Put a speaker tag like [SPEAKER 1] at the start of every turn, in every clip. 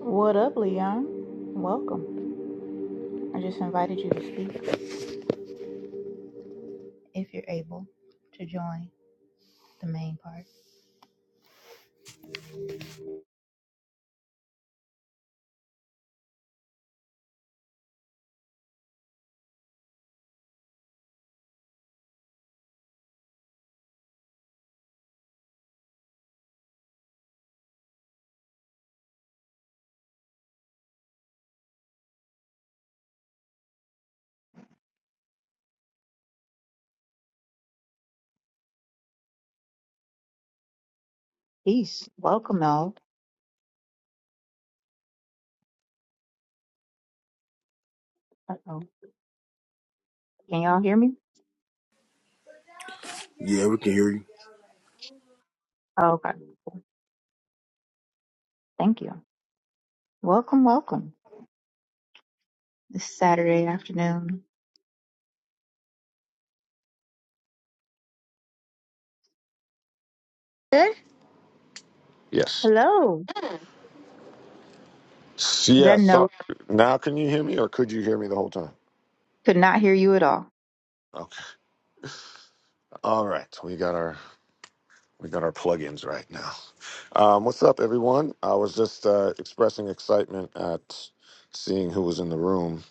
[SPEAKER 1] What up, Leon? Welcome. I just invited you to speak if you're able to join the main part. Peace. Welcome, all. Uh-oh. Can y'all hear me?
[SPEAKER 2] Yeah, we can hear you.
[SPEAKER 1] Oh, okay. Thank you. Welcome, welcome. This Saturday afternoon.
[SPEAKER 3] Sir? Yes.
[SPEAKER 1] Hello.
[SPEAKER 3] S-
[SPEAKER 1] Is that
[SPEAKER 3] Yeah.
[SPEAKER 1] a no?
[SPEAKER 3] So now, can you hear me, or could you hear me the whole time?
[SPEAKER 1] Could not hear you at all.
[SPEAKER 3] Okay. All right. We got our we got our plugins right now. Um, what's up, everyone? I was just uh, expressing excitement at seeing who was in the room.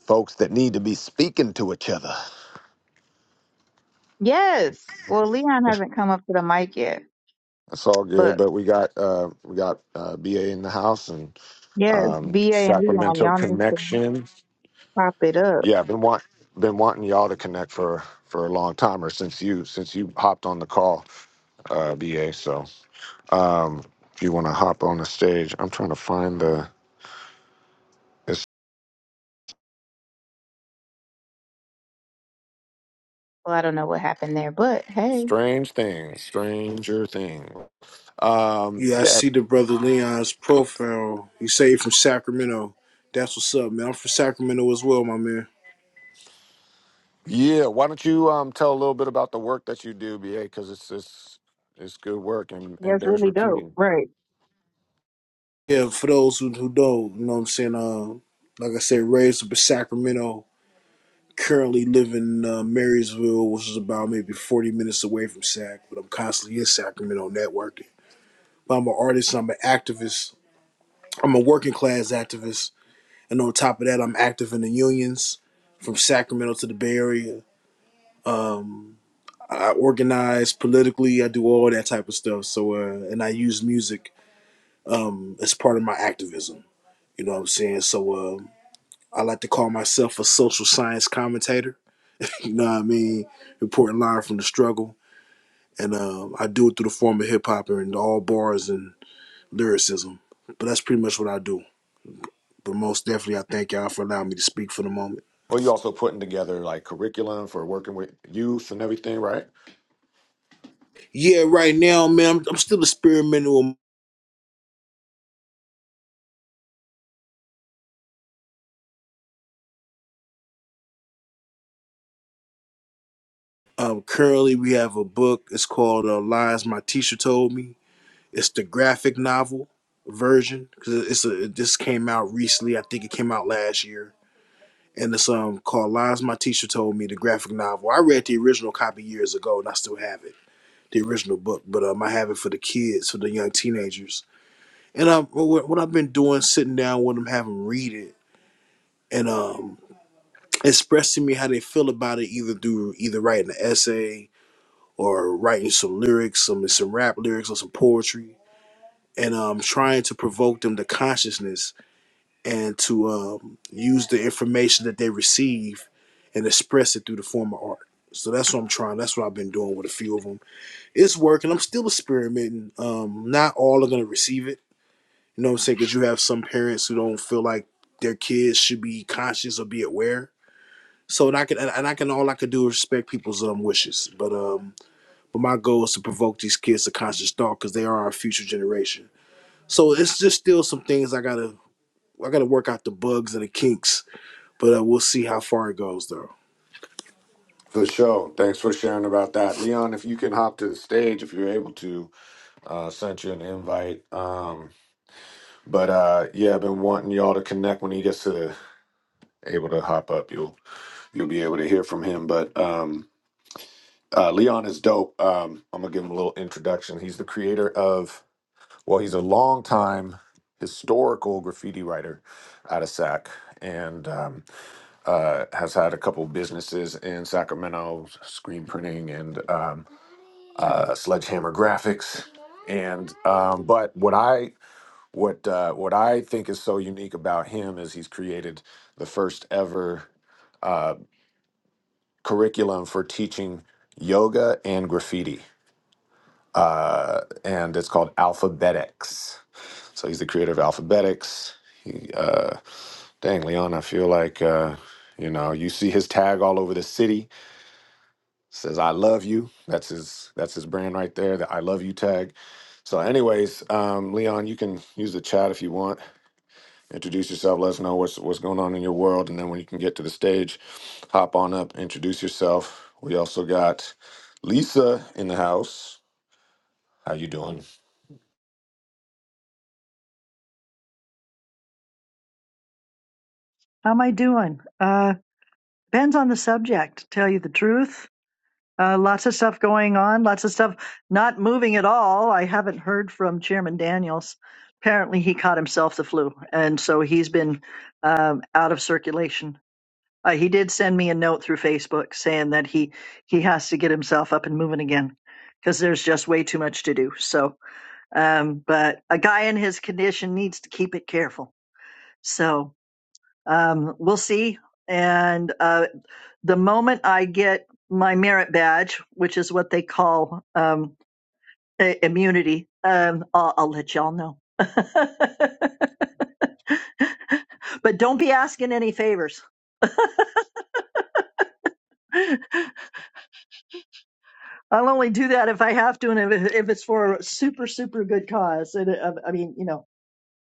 [SPEAKER 3] Folks that need to be speaking to each other.
[SPEAKER 1] Yes. Well, Leon hasn't come up to the mic yet,
[SPEAKER 3] It's all good,
[SPEAKER 1] but
[SPEAKER 3] but we got uh, we got uh, BA in the house and
[SPEAKER 1] yes,
[SPEAKER 3] um,
[SPEAKER 1] BA and Leon,
[SPEAKER 3] Sacramento
[SPEAKER 1] y'all need to
[SPEAKER 3] connection.
[SPEAKER 1] pop it up.
[SPEAKER 3] Yeah, I've been want been wanting y'all to connect for for a long time, or since you since you hopped on the call, uh, BA. So um, if you want to hop on the stage, I'm trying to find the it's
[SPEAKER 1] Well, I don't know what happened there, but hey,
[SPEAKER 3] strange thing, stranger thing. Um,
[SPEAKER 2] Yeah, I
[SPEAKER 3] yeah,
[SPEAKER 2] see the brother Leon's profile. He say he from Sacramento. That's what's up, man. I'm from Sacramento as well, my man.
[SPEAKER 3] yeah. Why don't you um tell a little bit about the work that you do, BA? Because it's it's it's good work and and
[SPEAKER 1] that's
[SPEAKER 3] bears
[SPEAKER 1] really dope.
[SPEAKER 3] repeating.
[SPEAKER 1] Right.
[SPEAKER 2] Yeah, for those who, who don't, you know what I'm saying? Uh, like I said, raised up in Sacramento. Currently living in uh, Marysville, which is about maybe 40 minutes away from Sac, but I'm constantly in Sacramento networking. But I'm an artist, I'm an activist, I'm a working class activist. And on top of that, I'm active in the unions from Sacramento to the Bay Area. I organize politically. I do all that type of stuff. So, uh, and I use music as part of my activism. You know what I'm saying? So, uh, I like to call myself a social science commentator. You know what I mean? Important line from the struggle, and um, I do it through the form of hip hop and all bars and lyricism. But that's pretty much what I do. But most definitely, I thank y'all for allowing me to speak for the moment.
[SPEAKER 3] Well, you also putting together like curriculum for working with youth and everything, right?
[SPEAKER 2] Yeah, right now, man, I'm, I'm still experimental. Um, currently, we have a book. It's called uh, "Lies My Teacher Told Me." It's the graphic novel version because it's a This came out recently. I think it came out last year, and it's um called "Lies My Teacher Told Me." The graphic novel. I read the original copy years ago, and I still have it, the original book. But um, I have it for the kids, for the young teenagers. And um, what what I've been doing, sitting down with them, having them read it, and um, expressing me how they feel about it, either through either writing an essay or writing some lyrics, some some rap lyrics or some poetry, and um, trying to provoke them to consciousness and to um, use the information that they receive and express it through the form of art. So that's what I'm trying. That's what I've been doing with a few of them. It's working. I'm still experimenting. Um, not all are going to receive it. You know what I'm saying? Because you have some parents who don't feel like their kids should be conscious or be aware. So and I can and I can all I can do is respect people's um wishes. But um, but my goal is to provoke these kids to conscious thought because they are our future generation. So it's just still some things I gotta I gotta work out the bugs and the kinks but uh, we'll see how far it goes, though.
[SPEAKER 3] For sure. Thanks for sharing about that. Leon, if you can hop to the stage if you're able to, uh sent you an invite. Um but uh yeah, I've been wanting y'all to connect when he gets to the, able to hop up. You'll you'll be able to hear from him. But um uh Leon is dope. Um I'm gonna give him a little introduction. He's the creator of well, he's a long time historical graffiti writer out of SAC and um, uh, has had a couple businesses in Sacramento, screen printing and um, uh, Sledgehammer Graphics, and um, but what I what uh, what I think is so unique about him is he's created the first ever uh, curriculum for teaching yoga and graffiti, uh, and it's called Alphabetics. So he's the creator of Alphabetics. He, uh, dang, Leon, I feel like uh, you know you see his tag all over the city says I love you. That's his that's his brand right there, the I love you tag. So anyways, um, Leon, you can use the chat if you want. Introduce yourself, let us know what's what's going on in your world, and then when you can get to the stage, hop on up, introduce yourself. We also got Lisa in the house. How you doing?
[SPEAKER 4] How am I doing? Uh, depends on the subject, to tell you the truth. Uh, lots of stuff going on, lots of stuff not moving at all. I haven't heard from Chairman Daniels. Apparently, he caught himself the flu, and so he's been um, out of circulation. Uh, he did send me a note through Facebook saying that he he has to get himself up and moving again because there's just way too much to do. So, um, but a guy in his condition needs to keep it careful. So um, we'll see and uh, the moment I get my merit badge, which is what they call um, i- immunity, um, I'll, I'll let y'all know. but don't be asking any favors. I'll only do that if I have to, and if, if it's for a super, super good cause. And uh, I mean, you know,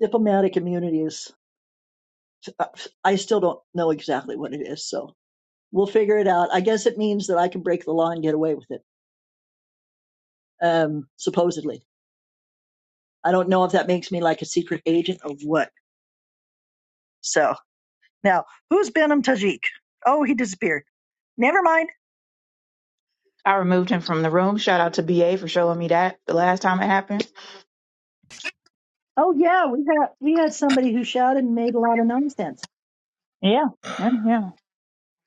[SPEAKER 4] diplomatic immunity is, I still don't know exactly what it is. So we'll figure it out. I guess it means that I can break the law and get away with it, um, supposedly. I don't know if that makes me like a secret agent or what. So Now, who's Benham Tajik? Oh, he disappeared. Never mind.
[SPEAKER 1] I removed him from the room. Shout out to BA for showing me that the last time it happened.
[SPEAKER 4] Oh yeah, we had we had somebody who shouted and made a lot of nonsense
[SPEAKER 1] Yeah, yeah, yeah.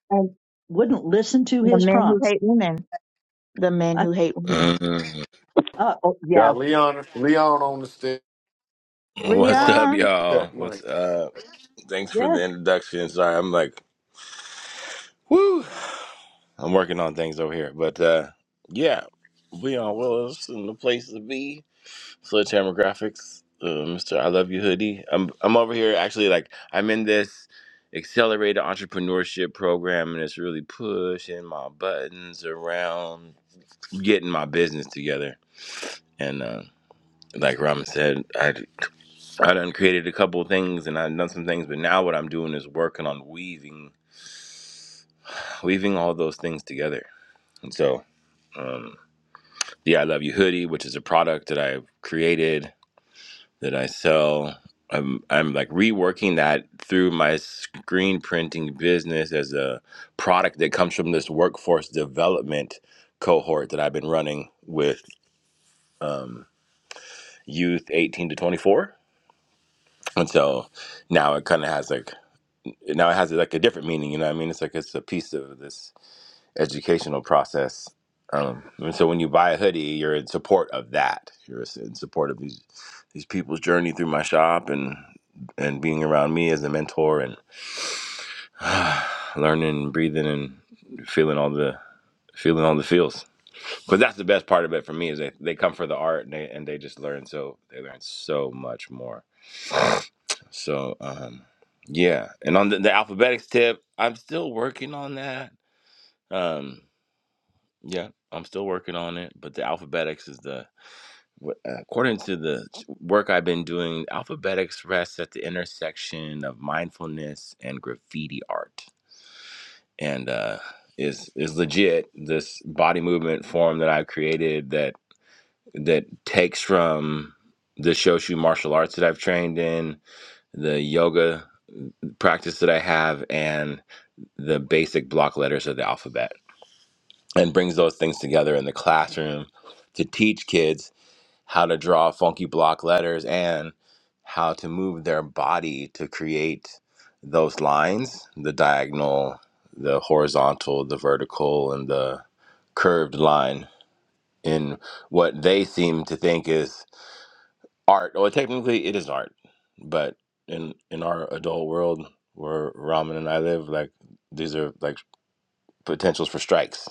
[SPEAKER 4] and wouldn't listen to
[SPEAKER 1] The
[SPEAKER 4] his
[SPEAKER 1] men who
[SPEAKER 4] prompts.
[SPEAKER 1] hate women. The men
[SPEAKER 4] I,
[SPEAKER 1] who hate women.
[SPEAKER 5] Uh,
[SPEAKER 4] uh, oh yeah,
[SPEAKER 3] Got Leon Leon on the stage.
[SPEAKER 5] what's
[SPEAKER 3] Mike
[SPEAKER 5] up,
[SPEAKER 1] Leon.
[SPEAKER 5] y'all?
[SPEAKER 3] check,
[SPEAKER 5] What's
[SPEAKER 3] Mike.
[SPEAKER 5] up? Thanks for
[SPEAKER 4] yeah,
[SPEAKER 5] the introduction. Sorry, I'm like, woo. I'm working on things over here, but uh, yeah, Leon Willis in the place to be. Sledgehammer Graphics, uh, Mr. I Love You hoodie. I'm I'm over here actually like I'm in this accelerated entrepreneurship program, and it's really pushing my buttons around getting my business together. And uh, like Ramen said, I I done created a couple of things and I've done some things, but now what I'm doing is working on weaving, weaving all those things together. And so, um, the I Love You hoodie, which is a product that I've created that I sell, I'm I'm like reworking that through my screen printing business as a product that comes from this workforce development cohort that I've been running with um, youth 18 to 24. And so now it kind of has like now it has like a different meaning. You know what I mean? It's like it's a piece of this educational process. Um, and so when you buy a hoodie, you're in support of that. You're in support of these these people's journey through my shop and and being around me as a mentor and learning, breathing, and feeling all the feeling all the feels. But that's the best part of it for me is they, they come for the art and they and they just learn so they learn so much more. So um, yeah, and on the, the alphabetics tip, I'm still working on that Um, yeah, I'm still working on it, but the Alphabetics is the wh- uh, according to the work I've been doing. Alphabetics rests at the intersection of mindfulness and graffiti art, and uh, is is legit this body movement form that I've created that that takes from the Shoshu martial arts that I've trained in, the yoga practice that I have, and the basic block letters of the alphabet and brings those things together in the classroom to teach kids how to draw funky block letters and how to move their body to create those lines the diagonal the horizontal the vertical and the curved line in what they seem to think is art well technically it is art but in in our adult world where ramen and i live like these are like potentials for strikes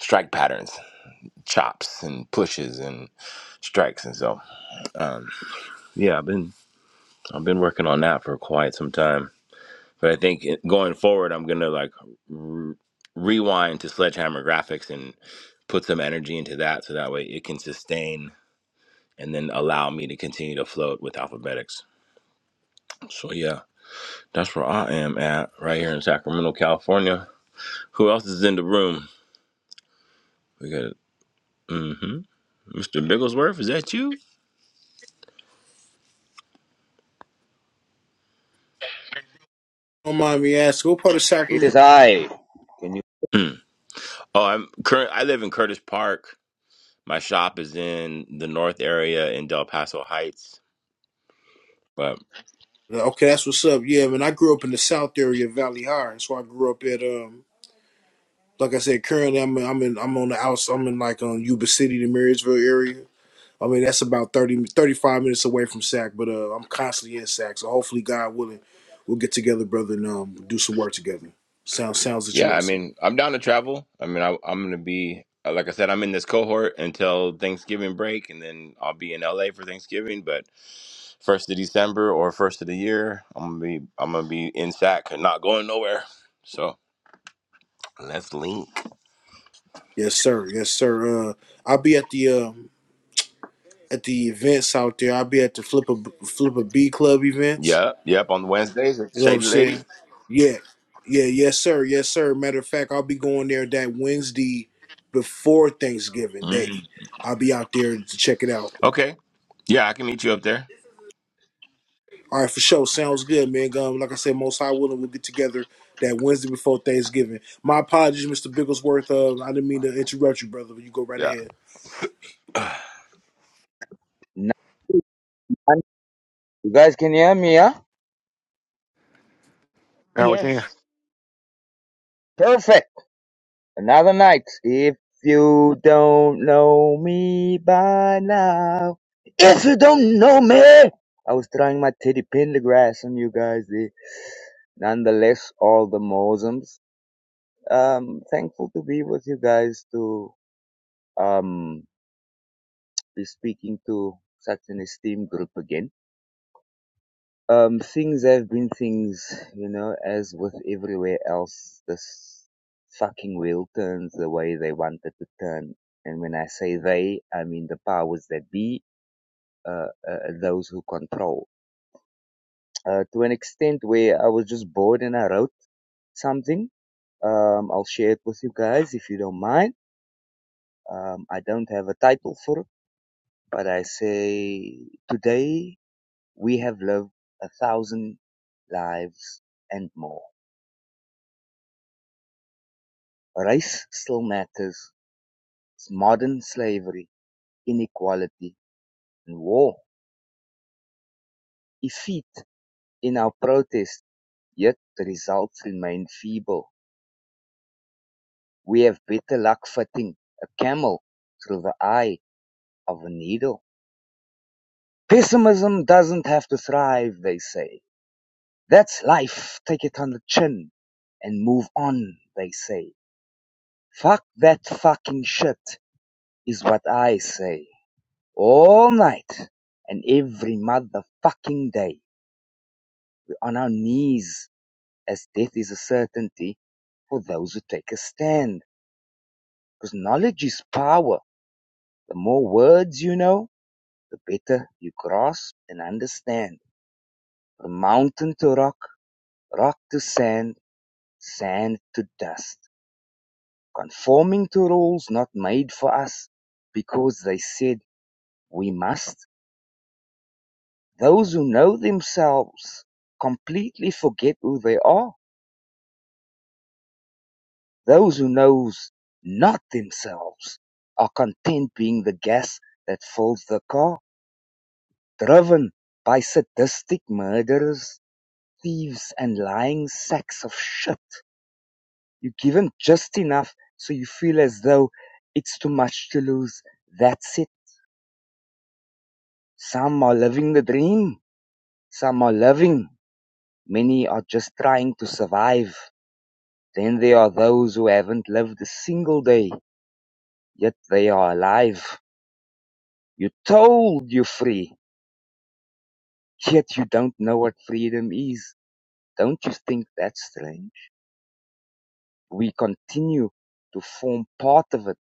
[SPEAKER 5] strike patterns chops and pushes and strikes and so um, yeah i've been i've been working on that for quite some time but i think it- going forward i'm gonna like r rewind to sledgehammer graphics and put some energy into that so that way it can sustain and then allow me to continue to float with alphabetics so yeah that's where i am at right here in sacramento california who else is in the room we got hmm mr bigglesworth is that you
[SPEAKER 2] Don't mind me asking, what part of
[SPEAKER 6] It
[SPEAKER 2] Sacramento?
[SPEAKER 6] is I. Can you?
[SPEAKER 5] Mm. oh i'm current i live in curtis park My shop is in the North area in Del Paso Heights. But
[SPEAKER 2] Okay, that's what's up. Yeah, man, I grew up in the South area of Valley High. That's where I grew up at. Um, like I said, currently I'm in, I'm in I'm on the outs. I'm in like um Yuba City, the Marysville area. I mean, that's about 30, 35 minutes away from Sac, but uh, I'm constantly in Sac. So hopefully, God willing, we'll get together, brother, and um, do some work together. Sounds sounds
[SPEAKER 5] yeah, I
[SPEAKER 2] interesting.
[SPEAKER 5] mean, I'm down to travel. I mean, I, I'm going to be, uh, like I said, I'm in this cohort until Thanksgiving break, and then I'll be in LA for Thanksgiving. But first of December or first of the year, I'm gonna be, I'm gonna be in SAC and not going nowhere. So let's link.
[SPEAKER 2] Yes, sir. Yes, sir. Uh, I'll be at the um at the events out there. I'll be at the Flip a Flip a B Club events.
[SPEAKER 5] Yep, yep. On Wednesdays, at
[SPEAKER 2] You know what I'm
[SPEAKER 5] Shady Lady.
[SPEAKER 2] saying? Yeah. Yeah, yes, sir. Yes, sir. Matter of fact, I'll be going there that Wednesday before Thanksgiving
[SPEAKER 5] Mhm.
[SPEAKER 2] Day. I'll be out there to check it out.
[SPEAKER 5] Okay. Yeah, I can meet you up there.
[SPEAKER 2] All right, for sure. Sounds good, man. Um, like I said, most high willing, we'll get together that Wednesday before Thanksgiving. My apologies, Mr. Bigglesworth. Uh, I didn't mean to interrupt you, brother. But you go right
[SPEAKER 5] Yeah.
[SPEAKER 2] ahead.
[SPEAKER 6] None? You guys can hear me, huh?
[SPEAKER 3] Now we can.
[SPEAKER 1] Yes.
[SPEAKER 6] Perfect. Another night. If you don't know me by now, if you don't know me, I was throwing my teddy pendergrass on you guys. eh. Nonetheless, all the Mosums. Um, thankful to be with you guys to um be speaking to such an esteemed group again. Um, things have been things, you know, as with everywhere else. This fucking wheel turns the way they want it to turn. And when I say they, I mean the powers that be, uh, uh those who control. Uh, to an extent where I was just bored and I wrote something. Um, I'll share it with you guys if you don't mind. Um, I don't have a title for it, but I say today we have lived a thousand lives and more. Race still matters, modern slavery, inequality, and war effete in our protest, yet the results remain feeble. We have better luck fitting a camel through the eye of a needle. Pessimism doesn't have to thrive, they say. That's life, take it on the chin and move on, they say. Fuck that fucking shit is what I say. All night and every motherfucking day. on our knees as death is a certainty for those who take a stand. Because knowledge is power. The more words you know, the better you grasp and understand. From mountain to rock, rock to sand, sand to dust. Conforming to rules not made for us because they said we must. Those who know themselves completely forget who they are Those who knows not themselves are content being the gas that fills the car, driven by sadistic murderers, thieves and lying sacks of shit. You give them just enough so you feel as though it's too much to lose. That's it. Some are living the dream. Some are living. Many are just trying to survive. Then there are those who haven't lived a single day, yet they are alive. You told you are free. Yet you don't know what freedom is. Don't you think that's strange? We continue to form part of it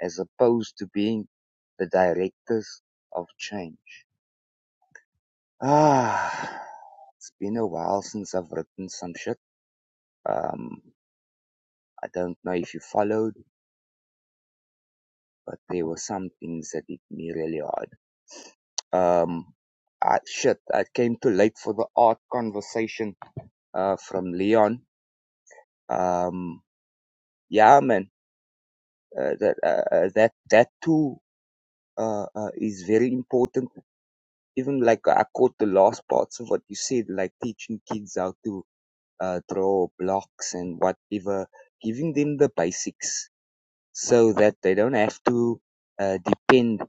[SPEAKER 6] as opposed to being the directors of change. Ah, it's been a while since I've written some shit. Um, I don't know if you followed, but there were some things that hit me really hard. Um, I, shit, I came too late for the art conversation, uh, from Leon. Um, yeah, man, uh, that, uh, uh, that, that too uh, uh, is very important. Even like I caught the last parts of what you said, like teaching kids how to uh, draw blocks and whatever, giving them the basics so that they don't have to uh, depend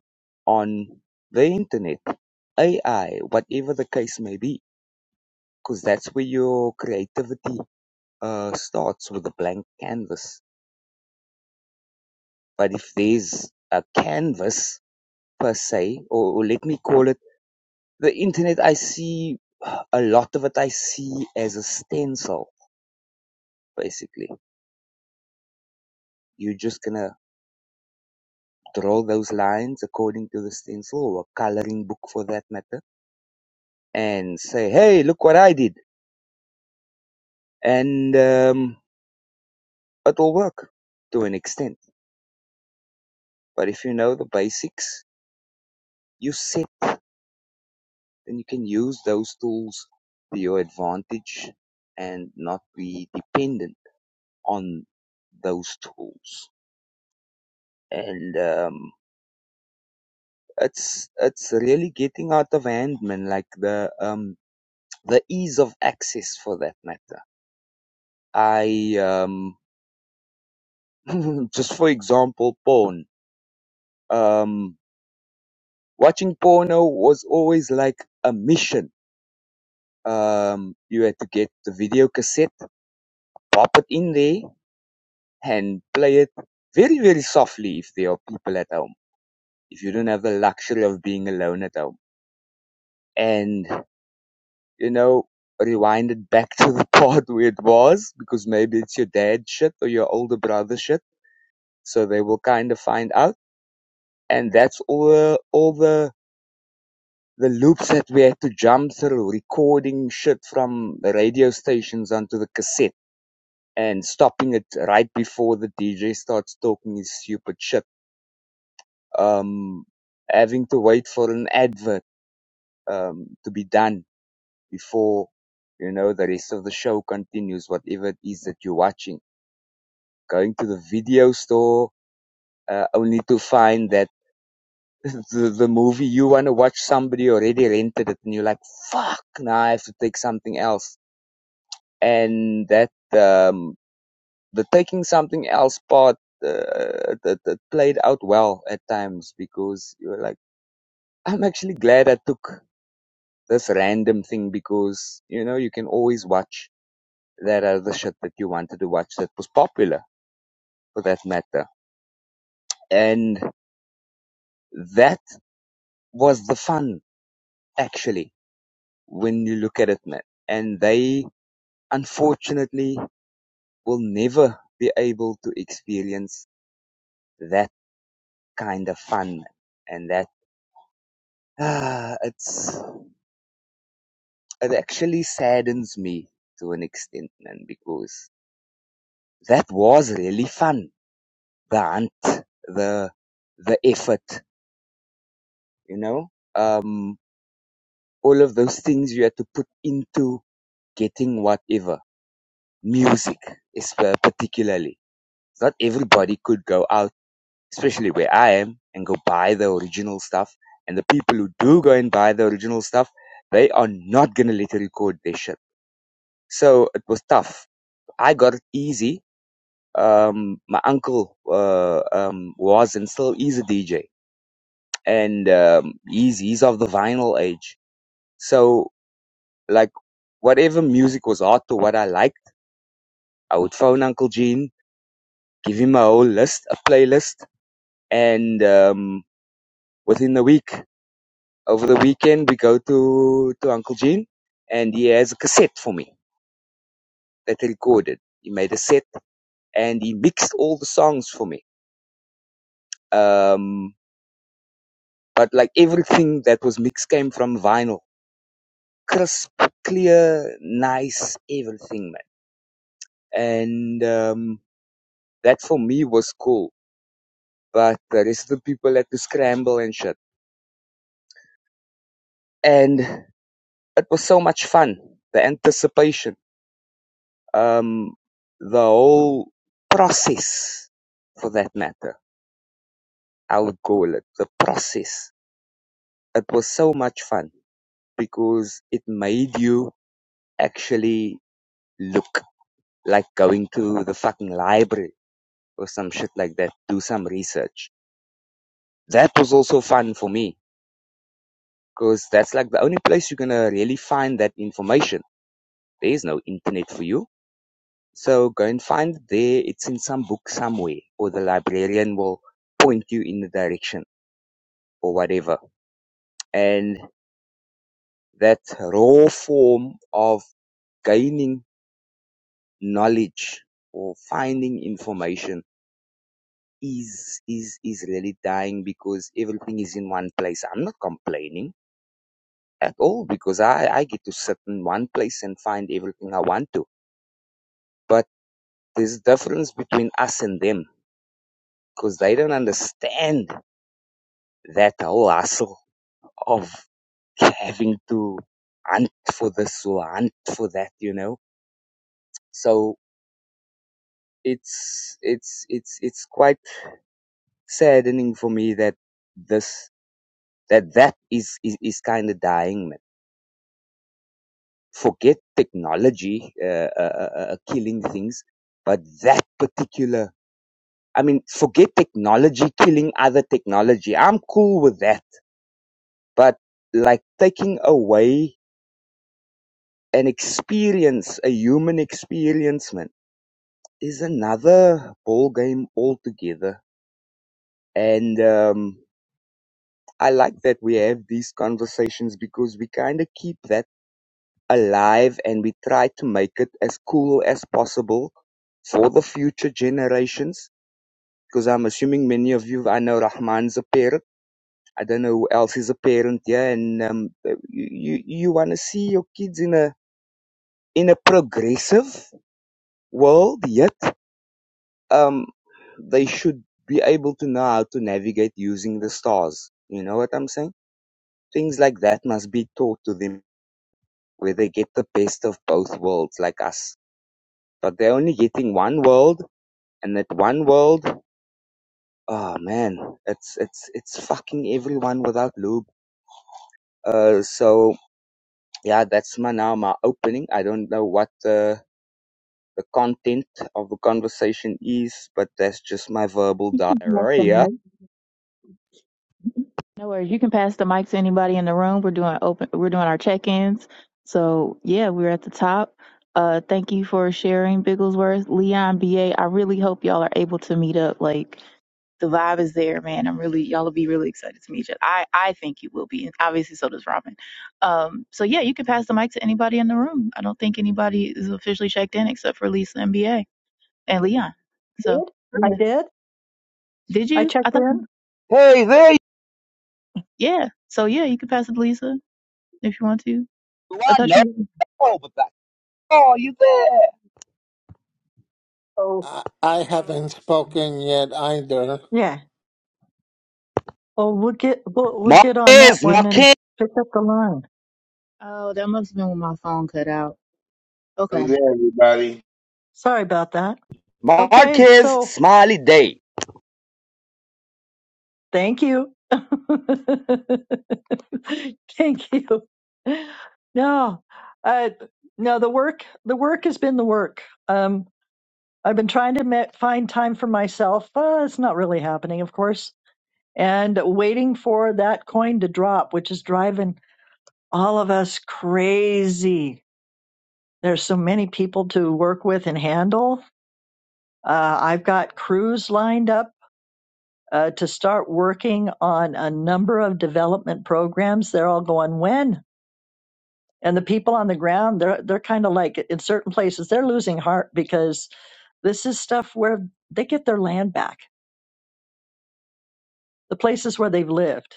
[SPEAKER 6] on the internet, AI, whatever the case may be, because that's where your creativity uh, starts with a blank canvas. But if there's a canvas per se, or, or let me call it The internet, I see a lot of it, I see as a stencil, basically. You're just gonna draw those lines according to the stencil or a coloring book for that matter and say, hey, look what I did. And um, it'll work to an extent. But if you know the basics, you set and you can use those tools to your advantage and not be dependent on those tools. And um, it's it's really getting out of hand, man. Like the um the ease of access for that matter. I um just for example, porn. Um, watching porno was always like a mission. Um, you had to get the video cassette, pop it in there, and play it very very softly if there are people at home. If you don't have the luxury of being alone at home, and you know, rewinded back to the part where it was because maybe it's your dad shit or your older brother shit. So they will kind of find out. And that's all the, all the, the loops that we had to jump through, recording shit from the radio stations onto the cassette and stopping it right before the DJ starts talking his stupid shit. Um, having to wait for an advert, um, to be done before, you know, the rest of the show continues, whatever it is that you're watching going to the video store uh, only to find that the, the movie you want to watch somebody already rented it and you're like fuck now i have to take something else and that um the taking something else part uh, that, that played out well at times because you were like i'm actually glad i took this random thing because you know you can always watch that other shit that you wanted to watch that was popular for that matter and that was the fun actually, when you look at it, man. And they, unfortunately, will never be able to experience that kind of fun. And that, ah, it's, it actually saddens me to an extent, man, because that was really fun. The hunt, the, the effort, you know, um, all of those things you had to put into getting whatever music, is uh, particularly. Not everybody could go out especially where I am, and go buy the original stuff. And the people who do go and buy the original stuff, they are not gonna let you record their shit. So it was tough. I got it easy. Um, my uncle uh, um, was and still is a DJ, and um, he's he's of the vinyl age. So like whatever music was hot or what I liked, I would phone Uncle Gene, give him a whole list, a playlist, and um, within the week Over the weekend, we go to, to Uncle Gene and he has a cassette for me that he recorded. He made a set and he mixed all the songs for me. Um, but like everything that was mixed came from vinyl. Crisp, clear, nice, everything, man. And, um, that for me was cool. But the rest of the people had to scramble and shit. And it was so much fun. The anticipation. um, the whole process, for that matter, I would call it the process. It was so much fun because it made you actually look like going to the fucking library or some shit like that, do some research. That was also fun for me because that's like the only place you're gonna really find that information. There is no internet for you. So go and find it there. It's in some book somewhere or the librarian will point you in the direction or whatever. And that raw form of gaining knowledge or finding information is is is really dying because everything is in one place. I'm not complaining at all because I, I get to sit in one place and find everything I want to. But there's a difference between us and them because they don't understand that whole hustle of having to hunt for this or hunt for that, you know. So it's it's it's it's quite saddening for me that this that that is is, is kind of dying man forget technology uh, uh, uh, uh, uh, killing things but that particular i mean forget technology killing other technology i'm cool with that but like taking away an experience a human experience man is another ball game altogether and um I like that we have these conversations because we kind of keep that alive and we try to make it as cool as possible for the future generations. Because I'm assuming many of you, I know Rahman's a parent. I don't know who else is a parent here, and um, uh, you you, you want to see your kids in a in a progressive world. Yet, um, they should be able to know how to navigate using the stars. You know what I'm saying? Things like that must be taught to them where they get the best of both worlds like us but they're only getting one world and that one world oh man it's it's it's fucking everyone without lube uh so yeah that's my now my opening i don't know what the the content of the conversation is but that's just my verbal
[SPEAKER 1] You can pass the
[SPEAKER 6] diarrhea
[SPEAKER 1] mic. No worries. You can pass the mic to anybody in the room. We're doing open. We're doing our check-ins. So yeah, we're at the top. Uh, thank you for sharing Bigglesworth, Leon, BA. I really hope y'all are able to meet up. Like the vibe is there, man. I'm really y'all will be really excited to meet you. I I think you will be, and obviously so does Robin. Um, so yeah, you can pass the mic to anybody in the room. I don't think anybody is officially checked in except for Lisa MBA and Leon. So
[SPEAKER 4] did I
[SPEAKER 1] yeah,
[SPEAKER 4] did
[SPEAKER 1] did
[SPEAKER 4] I
[SPEAKER 1] you? I
[SPEAKER 4] checked
[SPEAKER 1] thought
[SPEAKER 4] in?
[SPEAKER 6] hey there you
[SPEAKER 1] yeah. So yeah, you can pass it to Lisa if you want to. I
[SPEAKER 6] are
[SPEAKER 1] thought you.
[SPEAKER 6] no but that oh you there
[SPEAKER 4] Oh
[SPEAKER 7] I I haven't spoken yet either.
[SPEAKER 4] yeah. Oh, we'll get we'll, we'll get on that
[SPEAKER 6] marquez
[SPEAKER 4] one and
[SPEAKER 6] marquez
[SPEAKER 4] pick up the line.
[SPEAKER 1] Oh, that must have been when my phone cut out. Okay.
[SPEAKER 8] Happy day, everybody.
[SPEAKER 4] Sorry about that. Okay,
[SPEAKER 6] marquez
[SPEAKER 4] so
[SPEAKER 6] smiley day
[SPEAKER 4] Thank you. Thank you. No, uh, no, the work, the work has been the work. Um, I've been trying to ma- find time for myself. Uh, it's not really happening, of course, and waiting for that coin to drop, which is driving all of us crazy. There's so many people to work with and handle. Uh, I've got crews lined up uh, to start working on a number of development programs. They're all going when, and the people on the ground they're they're kind of like in certain places they're losing heart because this is stuff where they get their land back, the places where they've lived,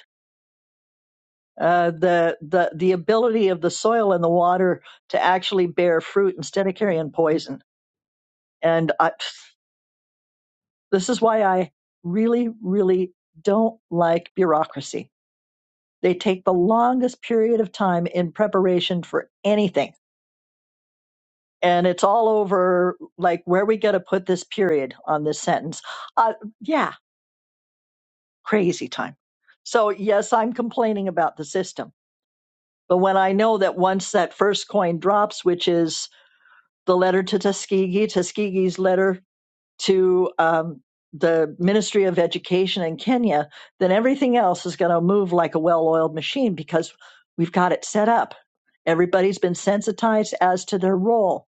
[SPEAKER 4] uh, the the the ability of the soil and the water to actually bear fruit instead of carrying poison. And I, this is why I really really don't like bureaucracy They take the longest period of time in preparation for anything. And it's all over like where we got to put this period on this sentence. Uh, yeah, crazy time. So, yes, I'm complaining about the system. But when I know that once that first coin drops, which is the letter to Tuskegee, Tuskegee's letter to um, the Ministry of Education in Kenya, then everything else is going to move like a well oiled machine because we've got it set up. Everybody's been sensitized as to their role.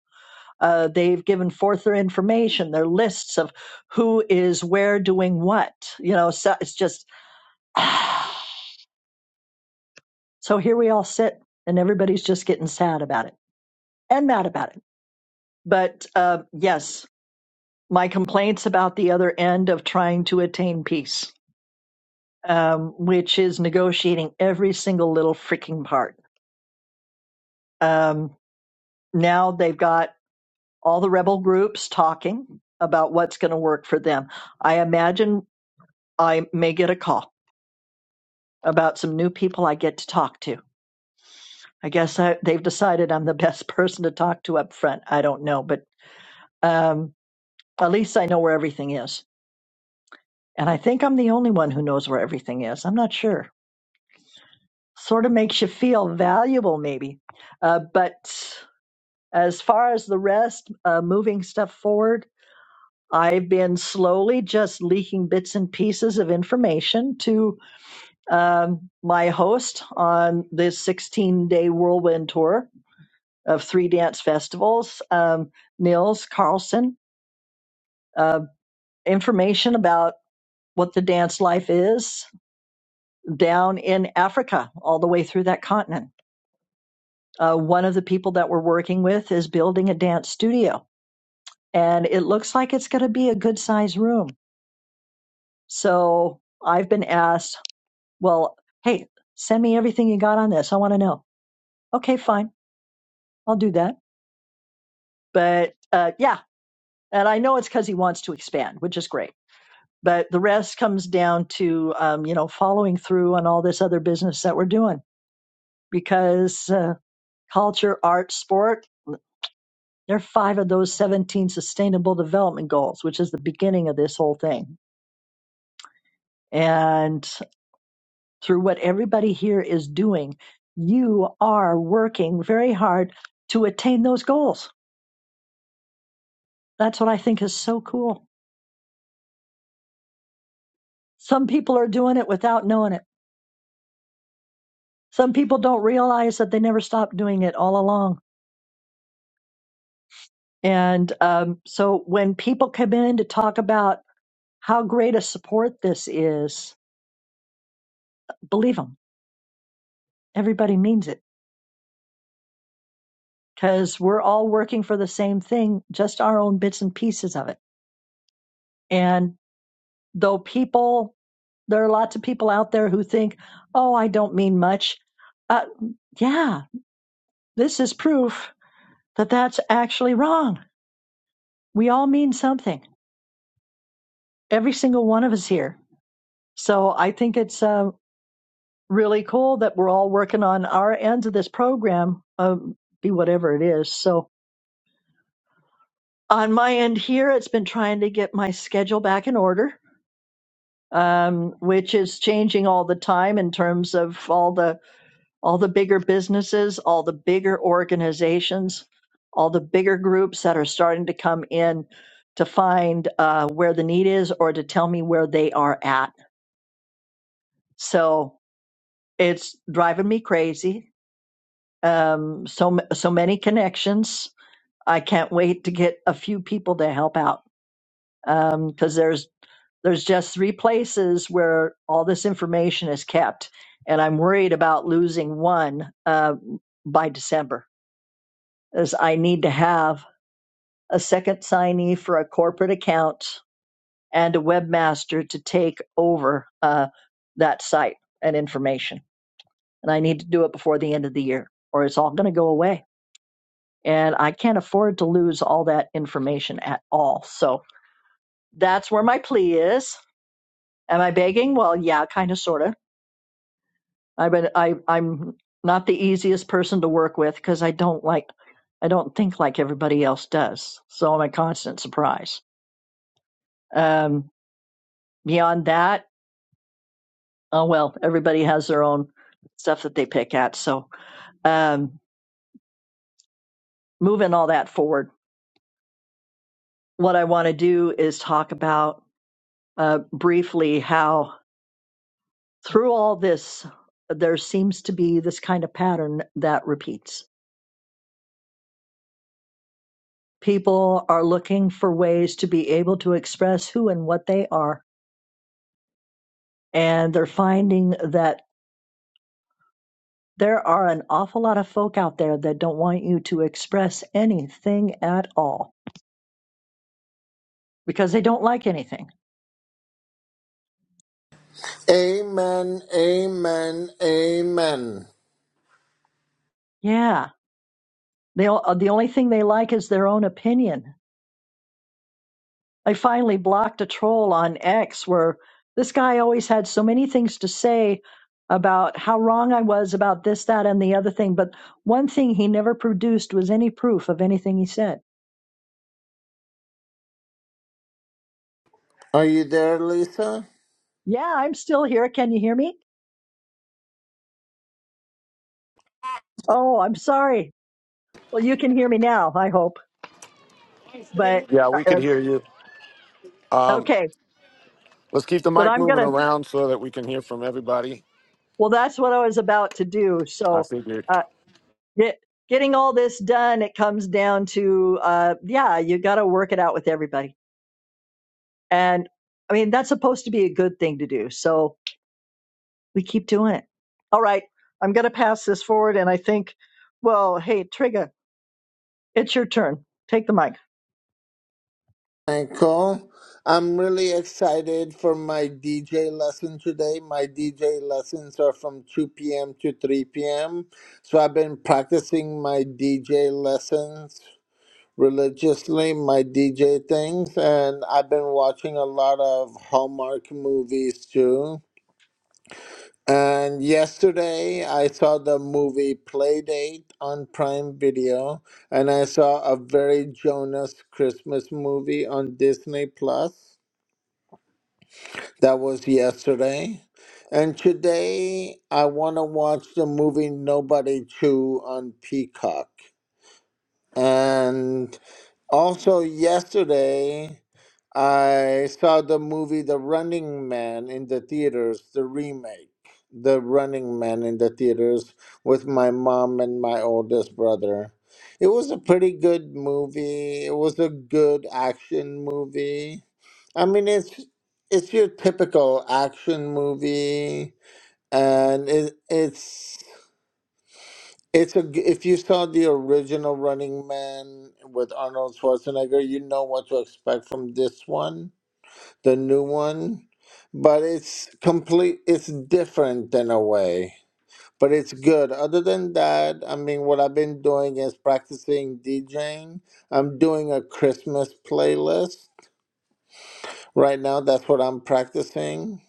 [SPEAKER 4] Uh, they've given forth their information, their lists of who is where doing what. You know, so it's just so here we all sit, and everybody's just getting sad about it and mad about it. But uh, yes, my complaints about the other end of trying to attain peace. um, which is negotiating every single little freaking part. Um, now they've got all the rebel groups talking about what's going to work for them. I imagine I may get a call about some new people I get to talk to. I guess I, they've decided I'm the best person to talk to up front. I don't know, but um, at least I know where everything is. And I think I'm the only one who knows where everything is. I'm not sure. Sort of makes you feel valuable, maybe. Uh, but As far as the rest, uh, moving stuff forward, I've been slowly just leaking bits and pieces of information to um, my host on this 16 day whirlwind tour of three dance festivals, um, Nils Carlson, uh, information about what the dance life is down in Africa, all the way through that continent. Uh, one of the people that we're working with is building a dance studio, and it looks like it's going to be a good size room So I've been asked, well, hey, send me everything you got on this. I want to know. Okay, fine. I'll do that. But uh, yeah, and I know it's because he wants to expand, which is great. But the rest comes down to, um, you know, following through on all this other business that we're doing because uh, culture, art, sport, they're five of those 17 sustainable development goals, which is the beginning of this whole thing. And through what everybody here is doing, you are working very hard to attain those goals. That's what I think is so cool. Some people are doing it without knowing it. Some people don't realize that they never stopped doing it all along. And um, so when people come in to talk about how great a support this is, believe them. Everybody means it because we're all working for the same thing, just our own bits and pieces of it. And though people There are lots of people out there who think, oh, I don't mean much. Uh, yeah, this is proof that that's actually wrong. We all mean something, every single one of us here. So I think it's uh, really cool that we're all working on our ends of this program, um, be whatever it is. So on my end here, it's been trying to get my schedule back in order, um, which is changing all the time in terms of all the all the bigger businesses, all the bigger organizations, all the bigger groups that are starting to come in to find uh, where the need is or to tell me where they are at. So it's driving me crazy. Um, so so many connections. I can't wait to get a few people to help out because there's there's just three places where all this information is kept, and I'm worried about losing one uh, by December is I need to have a second signee for a corporate account and a webmaster to take over uh, that site and information. And I need to do it before the end of the year or it's all going to go away. And I can't afford to lose all that information at all. So that's where my plea is. Am I begging? Well, yeah, kind of, sort of. I've been, I, I'm not the easiest person to work with because I don't like, I don't think like everybody else does. So I'm a constant surprise. Um, Beyond that, oh well, everybody has their own stuff that they pick at. So um, moving all that forward, what I want to do is talk about uh, briefly how through all this, there seems to be this kind of pattern that repeats. People are looking for ways to be able to express who and what they are, and they're finding that there are an awful lot of folk out there that don't want you to express anything at all because they don't like anything
[SPEAKER 7] Amen, amen, amen.
[SPEAKER 4] Yeah. They all- uh, the only thing they like is their own opinion. I finally blocked a troll on X where this guy always had so many things to say about how wrong I was about this, that, and the other thing. But one thing he never produced was any proof of anything he said.
[SPEAKER 7] Are you there, Lisa?
[SPEAKER 4] Yeah, I'm still here. Can you hear me? Oh, I'm sorry. Well, you can hear me now, I hope. But
[SPEAKER 3] Yeah, we could
[SPEAKER 4] uh,
[SPEAKER 3] hear you.
[SPEAKER 4] uh,
[SPEAKER 3] Um,
[SPEAKER 4] okay,
[SPEAKER 3] let's keep the
[SPEAKER 4] but
[SPEAKER 3] mic
[SPEAKER 4] I'm going
[SPEAKER 3] moving
[SPEAKER 4] to,
[SPEAKER 3] around so that we can hear from everybody.
[SPEAKER 4] well, that's what I was about to do.
[SPEAKER 3] I
[SPEAKER 4] So.
[SPEAKER 3] think.
[SPEAKER 4] uh, Get, getting all this done, it comes down to, uh, yeah, you got to work it out with everybody. And I mean, that's supposed to be a good thing to do. So we keep doing it. All right. I'm going to pass this forward. And I think, well, hey, Trigga, it's your turn. Take the mic.
[SPEAKER 7] Michael? I'm really excited for my DJ lesson today. My DJ lessons are from 2 p.m. to 3 p.m. So I've been practicing my DJ lessons religiously, my DJ things, and I've been watching a lot of Hallmark movies too. And yesterday I saw the movie Playdate on Prime Video, and I saw a very Jonas Christmas movie on Disney Plus. That was yesterday. And today I want to watch the movie Nobody Chew on Peacock. And also yesterday, I saw the movie The Running Man in the theaters, the remake, The Running Man in the theaters with my mom and my oldest brother. It was a pretty good movie. It was a good action movie. I mean, it's it's your typical action movie, and it, it's it's a g if you saw the original Running Man with Arnold Schwarzenegger, you know what to expect from this one, the new one. But it's complete, it's different in a way. But it's good. Other than that, I mean, what I've been doing is practicing DJing. I'm doing a Christmas playlist right now. That's what I'm practicing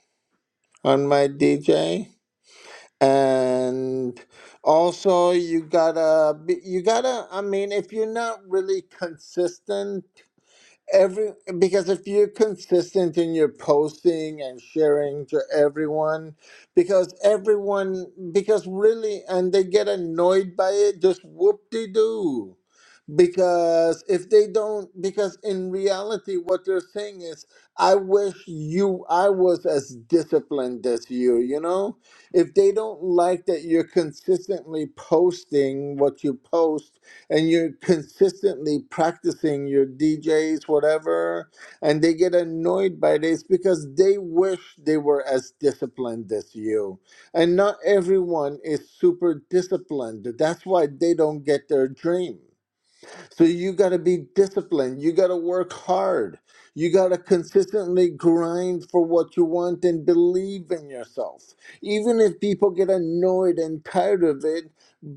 [SPEAKER 7] on my DJ. and also you gotta be- you gotta i mean if you're not really consistent every because if you're consistent in your posting and sharing to everyone because everyone because really and they get annoyed by it just whoop-de-doo because if they don't because in reality what they're saying is i wish you i was as disciplined as you you know if they don't like that you're consistently posting what you post and you're consistently practicing your djs whatever and they get annoyed by this because they wish they were as disciplined as you and not everyone is super disciplined that's why they don't get their dream so you got to be disciplined. You got to work hard. You got to consistently grind for what you want and believe in yourself. Even if people get annoyed and tired of it,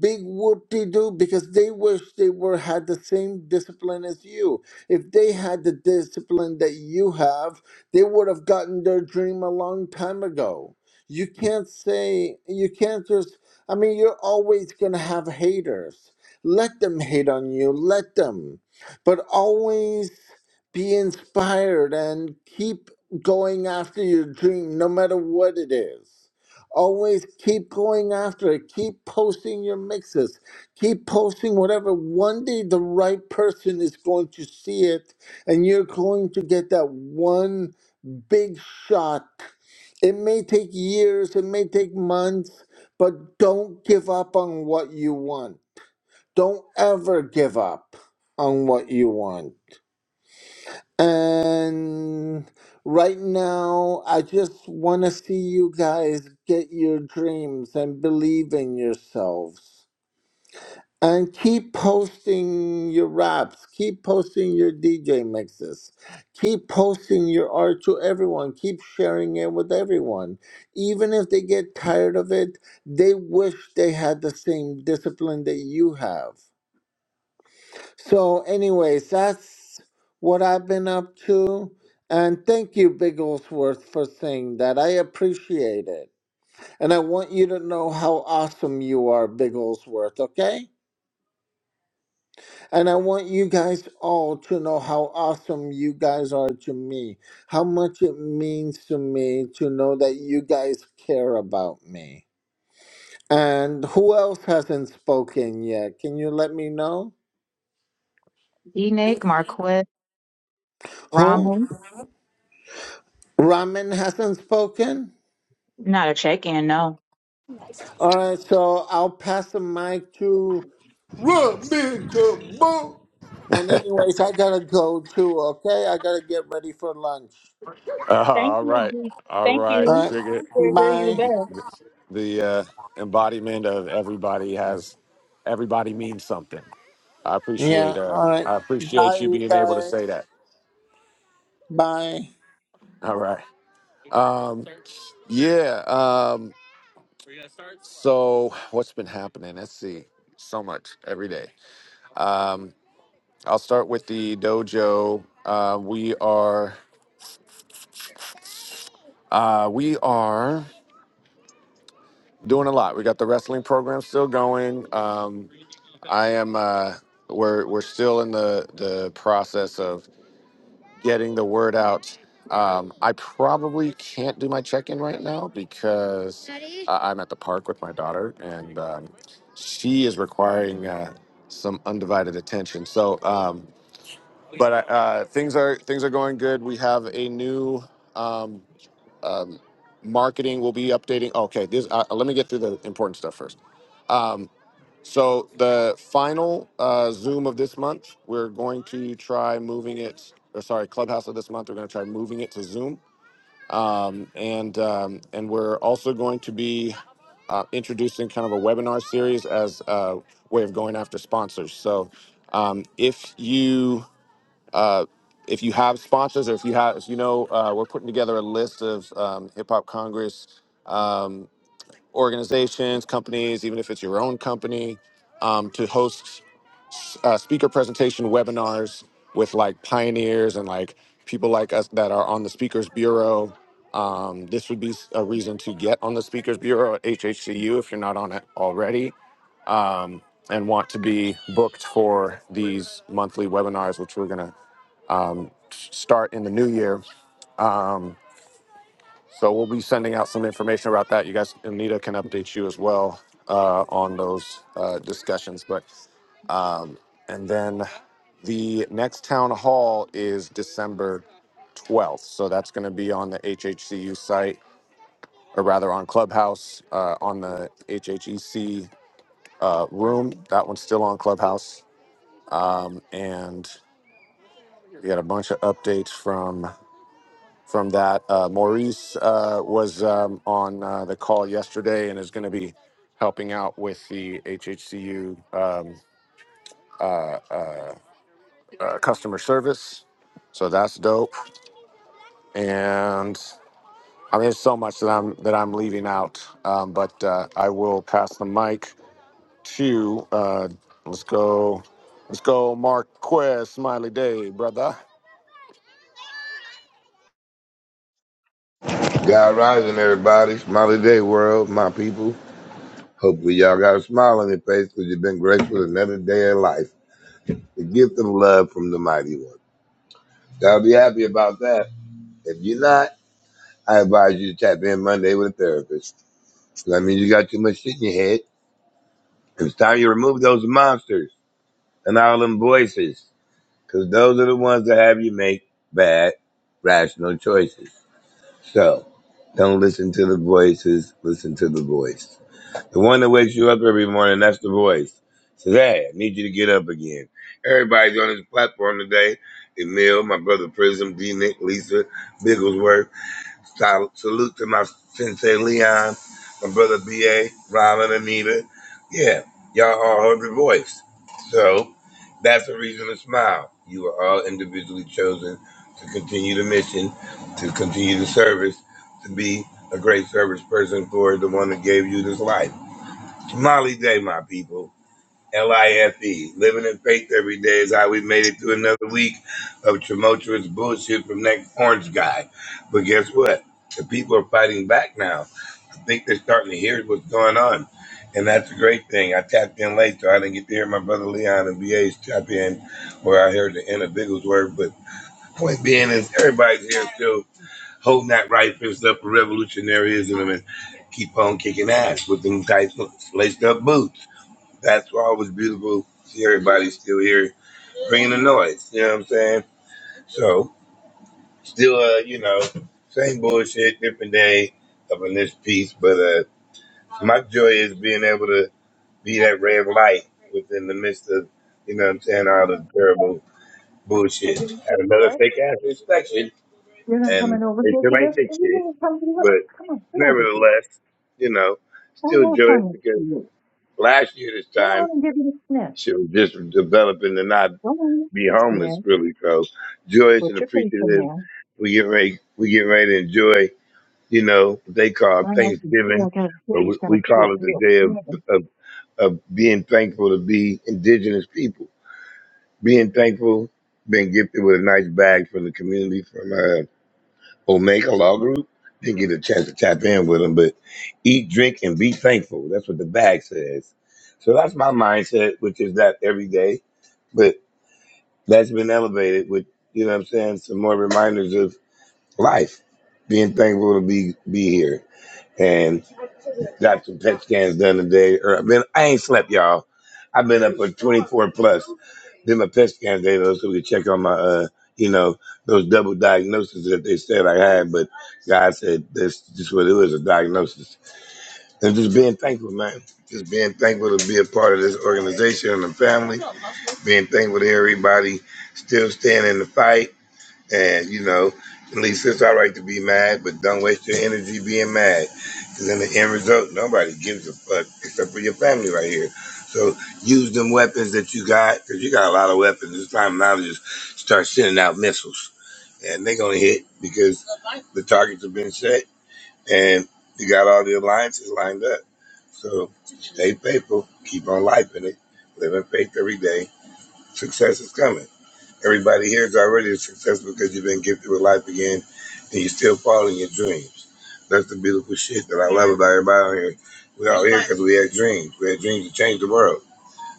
[SPEAKER 7] big whoop-de-doo because they wish they were had the same discipline as you. If they had the discipline that you have, they would have gotten their dream a long time ago. You can't say you can't just I mean, you're always going to have haters. Let them hate on you, let them. But always be inspired and keep going after your dream, no matter what it is. Always keep going after it. Keep posting your mixes. Keep posting whatever. One day the right person is going to see it, and you're going to get that one big shot. It may take years, it may take months, but don't give up on what you want don't ever give up on what you want. And right now, I just want to see you guys get your dreams and believe in yourselves. And keep posting your raps, keep posting your DJ mixes, keep posting your art to everyone, keep sharing it with everyone. Even if they get tired of it, they wish they had the same discipline that you have So, anyways, that's what I've been up to. And thank you, Bigglesworth, for saying that. I appreciate it. And I want you to know how awesome you are, Bigglesworth, okay? And I want you guys all to know how awesome you guys are to me, how much it means to me to know that you guys care about me. And who else hasn't spoken yet? Can you let me know?
[SPEAKER 1] D Nick, Marquette,
[SPEAKER 7] Who?
[SPEAKER 1] Rommel.
[SPEAKER 7] Ramen hasn't spoken?
[SPEAKER 1] Not a check in, no.
[SPEAKER 7] All right, so I'll pass the mic to Robin to Boo. And anyways, I gotta go too. Okay, I gotta get ready for lunch.
[SPEAKER 3] Uh,
[SPEAKER 1] Thank
[SPEAKER 3] all
[SPEAKER 1] you.
[SPEAKER 3] right,
[SPEAKER 1] D-
[SPEAKER 3] all
[SPEAKER 1] Thank
[SPEAKER 7] All
[SPEAKER 3] right,
[SPEAKER 1] you.
[SPEAKER 7] right,
[SPEAKER 3] sugar.
[SPEAKER 1] They're, they're you the
[SPEAKER 7] bye.
[SPEAKER 1] best.
[SPEAKER 3] The uh, embodiment of everybody has everybody means something. I
[SPEAKER 7] Yeah.
[SPEAKER 3] appreciate uh,
[SPEAKER 7] All right,
[SPEAKER 3] I
[SPEAKER 7] bye,
[SPEAKER 3] appreciate you
[SPEAKER 7] you
[SPEAKER 3] being able to
[SPEAKER 7] guys.
[SPEAKER 3] say that.
[SPEAKER 7] Bye.
[SPEAKER 3] All right. Um, yeah. Um, so what's been happening? Let's see. So much every day. Um, I'll start with the dojo. Uh, we are uh, we are doing a lot. We got the wrestling program still going. Um, I am. Uh, we're we're still in the the process of getting the word out. Um, I probably can't do my check in right now because uh, I'm at the park with my daughter, and um, she is requiring uh, some undivided attention. So, um, but uh, things are things are going good. We have a new. Um, um, marketing will be updating. Okay, this. Uh, let me get through the important stuff first. Um, so the final uh, Zoom of this month, we're going to try moving it. Or sorry, Clubhouse of this month, we're going to try moving it to Zoom, um, and um, and we're also going to be uh, introducing kind of a webinar series as a way of going after sponsors. So um, if you uh, if you have sponsors or if you have, if you know, uh, we're putting together a list of um, Hip Hop Congress um, organizations, companies, even if it's your own company, um, to host uh, speaker presentation webinars with like pioneers and like people like us that are on the Speakers Bureau. Um, this would be a reason to get on the Speakers Bureau at HHCU if you're not on it already um, and want to be booked for these monthly webinars, which we're going to um, start in the new year. Um, so we'll be sending out some information about that. You guys, Anita can update you as well uh, on those uh, discussions. But um, and then the next town hall is December 12th. So that's going to be on the HHCU site, or rather on Clubhouse, uh, on the HHEC uh, room. That one's still on Clubhouse. Um, and we got a bunch of updates from from that. Uh, Maurice uh, was um, on uh, the call yesterday and is going to be helping out with the HHCU um, uh, uh, uh, customer service. So that's dope. And I mean, there's so much that I'm that I'm leaving out, um, but uh, I will pass the mic to. Uh, let's go. Let's go, Marquez Smiley Day, brother.
[SPEAKER 8] God rising, everybody. Smiley day, world, my people. Hopefully, y'all got a smile on your face because you've been graced with another day of life. The gift of love from the mighty one. Y'all be happy about that. If you're not, I advise you to tap in Monday with a therapist. So That means you got too much shit in your head. It's time you remove those monsters and all them voices because those are the ones that have you make bad, rational choices. So, don't listen to the voices, listen to the voice. The one that wakes you up every morning, that's the voice. Says, hey, I need you to get up again. Everybody's on this platform today. Emil, my brother Prism, D Nick, Lisa, Bigglesworth. Sal- Salute to my sensei Leon, my brother BA, Robin, Anita. Yeah, y'all all heard the voice. So that's a reason to smile. You are all individually chosen to continue the mission, to continue the service, to be a great service person for the one that gave you this life. Molly Day, my people. L-I-F-E. Living in faith every day is how we made it through another week of tumultuous bullshit from that orange guy. But guess what? The people are fighting back now. I think they're starting to hear what's going on. And that's a great thing. I tapped in late, so I didn't get to hear my brother Leon and BA's tap in where I heard the end of Biggles word. But point being is everybody's here still holding that right fist up for revolutionaryism and keep on kicking ass with them tight laced up boots. That's why it was beautiful. See everybody's still here bringing the noise. You know what I'm saying? So still, uh, you know, same bullshit, different day up in this piece. But uh, my joy is being able to be that ray of light within the midst of, you know what I'm saying, all
[SPEAKER 4] I'm done.
[SPEAKER 8] the terrible
[SPEAKER 4] Are you
[SPEAKER 8] bullshit.
[SPEAKER 4] going to
[SPEAKER 8] Had
[SPEAKER 4] take the
[SPEAKER 8] another
[SPEAKER 4] floor?
[SPEAKER 8] fake ass inspection,
[SPEAKER 4] You're not
[SPEAKER 8] and
[SPEAKER 4] coming over
[SPEAKER 8] they
[SPEAKER 4] here
[SPEAKER 8] still
[SPEAKER 4] for this?
[SPEAKER 8] ain't
[SPEAKER 4] If
[SPEAKER 8] fixed
[SPEAKER 4] you
[SPEAKER 8] shit.
[SPEAKER 4] going to come to the,
[SPEAKER 8] But
[SPEAKER 4] come on, get over here.
[SPEAKER 8] nevertheless, you know,
[SPEAKER 4] I
[SPEAKER 8] still
[SPEAKER 4] have
[SPEAKER 8] joyous
[SPEAKER 4] done this for
[SPEAKER 8] because
[SPEAKER 4] you.
[SPEAKER 8] last year this
[SPEAKER 4] Go
[SPEAKER 8] time,
[SPEAKER 4] on and give it a sniff.
[SPEAKER 8] shit was just developing the not.
[SPEAKER 4] Go on,
[SPEAKER 8] be homeless
[SPEAKER 4] sniff.
[SPEAKER 8] really. So joyous and
[SPEAKER 4] Put your face in
[SPEAKER 8] appreciative.
[SPEAKER 4] there.
[SPEAKER 8] We get ready, we get ready to enjoy, you know, what they call
[SPEAKER 4] I can see, I
[SPEAKER 8] Thanksgiving,
[SPEAKER 4] got a
[SPEAKER 8] but
[SPEAKER 4] kitty. It's
[SPEAKER 8] we,
[SPEAKER 4] got a
[SPEAKER 8] we
[SPEAKER 4] pee, a
[SPEAKER 8] call it
[SPEAKER 4] pee,
[SPEAKER 8] the
[SPEAKER 4] a
[SPEAKER 8] day of,
[SPEAKER 4] pee.
[SPEAKER 8] of, of being thankful to be indigenous people, being thankful, being gifted with a nice bag from the community from uh, Omega Law Group. Didn't get a chance to tap in with them, but eat, drink, and be thankful. That's what the bag says. So that's my mindset, which is that every day that's been elevated with you know what I'm saying some more reminders of life, being thankful to be be here, and got some PET scans done today. Or I've been I ain't slept, y'all. I've been up for 24 plus. Did my PET scans today though, so we could check on my uh you know those double diagnoses that they said I had, but God said that's just what it was a diagnosis. And just being thankful, man. Just being thankful to be a part of this organization and the family. Being thankful to everybody still staying in the fight and you know, at least it's all right to be mad, but don't waste your energy being mad. Because in the end result, nobody gives a fuck except for your family right here. So use them weapons that you got, because you got a lot of weapons. It's time now to just start sending out missiles. And they're going to hit because the targets have been set and you got all the alliances lined up. So stay faithful, keep on life in it, live in faith every day. Success is coming. Everybody here is already a success because you've been gifted with life again and you're still following your dreams. That's the beautiful shit that I love about everybody on here. We're all here because we had dreams. We had dreams to change the world.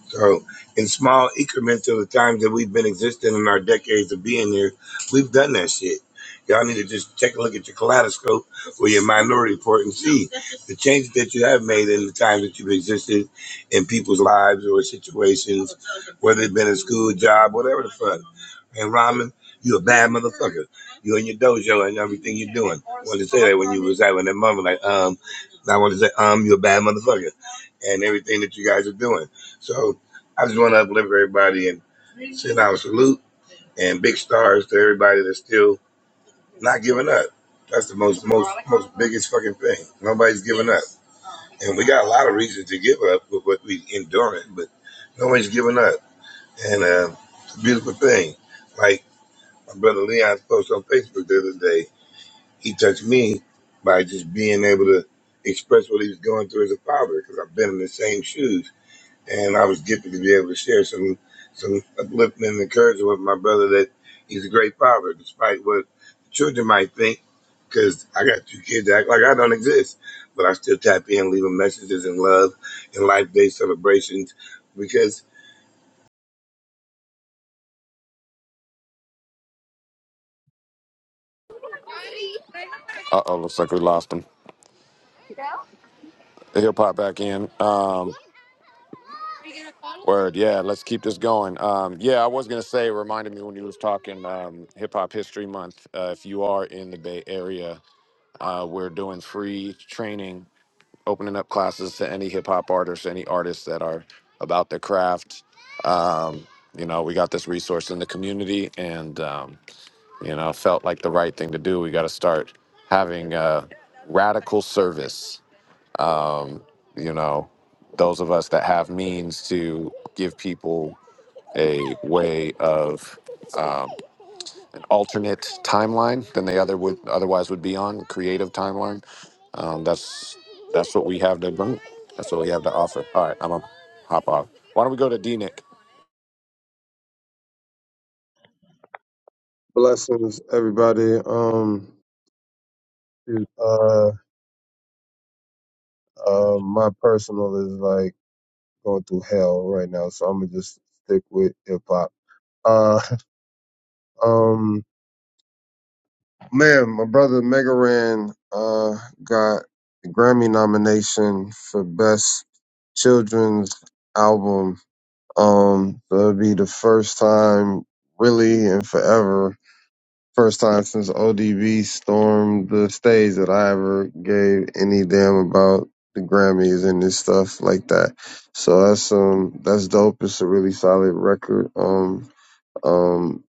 [SPEAKER 8] So, in small increments of the times that we've been existing in our decades of being here, we've done that shit. Y'all need to just take a look at your kaleidoscope or your minority report and see the changes that you have made in the time that you've existed in people's lives or situations, whether it's been a school, job, whatever the fuck. And Ramen, you a bad motherfucker. You in your dojo and everything you're doing. I Wanted to say that when you was out in that moment, like, um, I want to say, um, you're a bad motherfucker, and everything that you guys are doing. So I just want to uplift everybody and send out a salute and big stars to everybody that's still not giving up. That's the most, most, most biggest fucking thing. Nobody's giving up, and we got a lot of reasons to give up with what we enduring, but nobody's giving up, and uh, it's a beautiful thing. Like my brother Leon posted on Facebook the other day. He touched me by just being able to express what he was going through as a father, because I've been in the same shoes, and I was gifted to be able to share some some uplifting and encouragement with my brother that he's a great father, despite what the children might think. Because I got two kids that act like I don't exist, but I still tap in, leaving messages in love and life day celebrations because
[SPEAKER 3] Uh oh, looks like we lost him. He'll pop back in. Um, Word, yeah. Let's keep this going. Um, yeah, I was gonna say, it reminded me when you was talking um, Hip Hop History Month. Uh, if you are in the Bay Area, uh, we're doing free training, opening up classes to any hip hop artists, any artists that are about their craft. Um, you know, we got this resource in the community, and um, you know, felt like the right thing to do. We got to start having uh, radical service. Um, you know, those of us that have means to give people a way of um, an alternate timeline than they other would otherwise would be on creative timeline. Um, that's that's what we have to bring. That's what we have to offer. All right, I'm gonna hop off. Why don't we go to D Nick?
[SPEAKER 9] Blessings, everybody. Um, dude, uh, uh, my personal is like going through hell right now, so I'm gonna just stick with hip hop. Uh, um, man, my brother Megaran uh got the Grammy nomination for best children's album. Um, so it'll be the first time really and forever First time since ODB stormed the stage that I ever gave any damn about the Grammys and this stuff like that. So that's um that's dope. It's a really solid record. Um um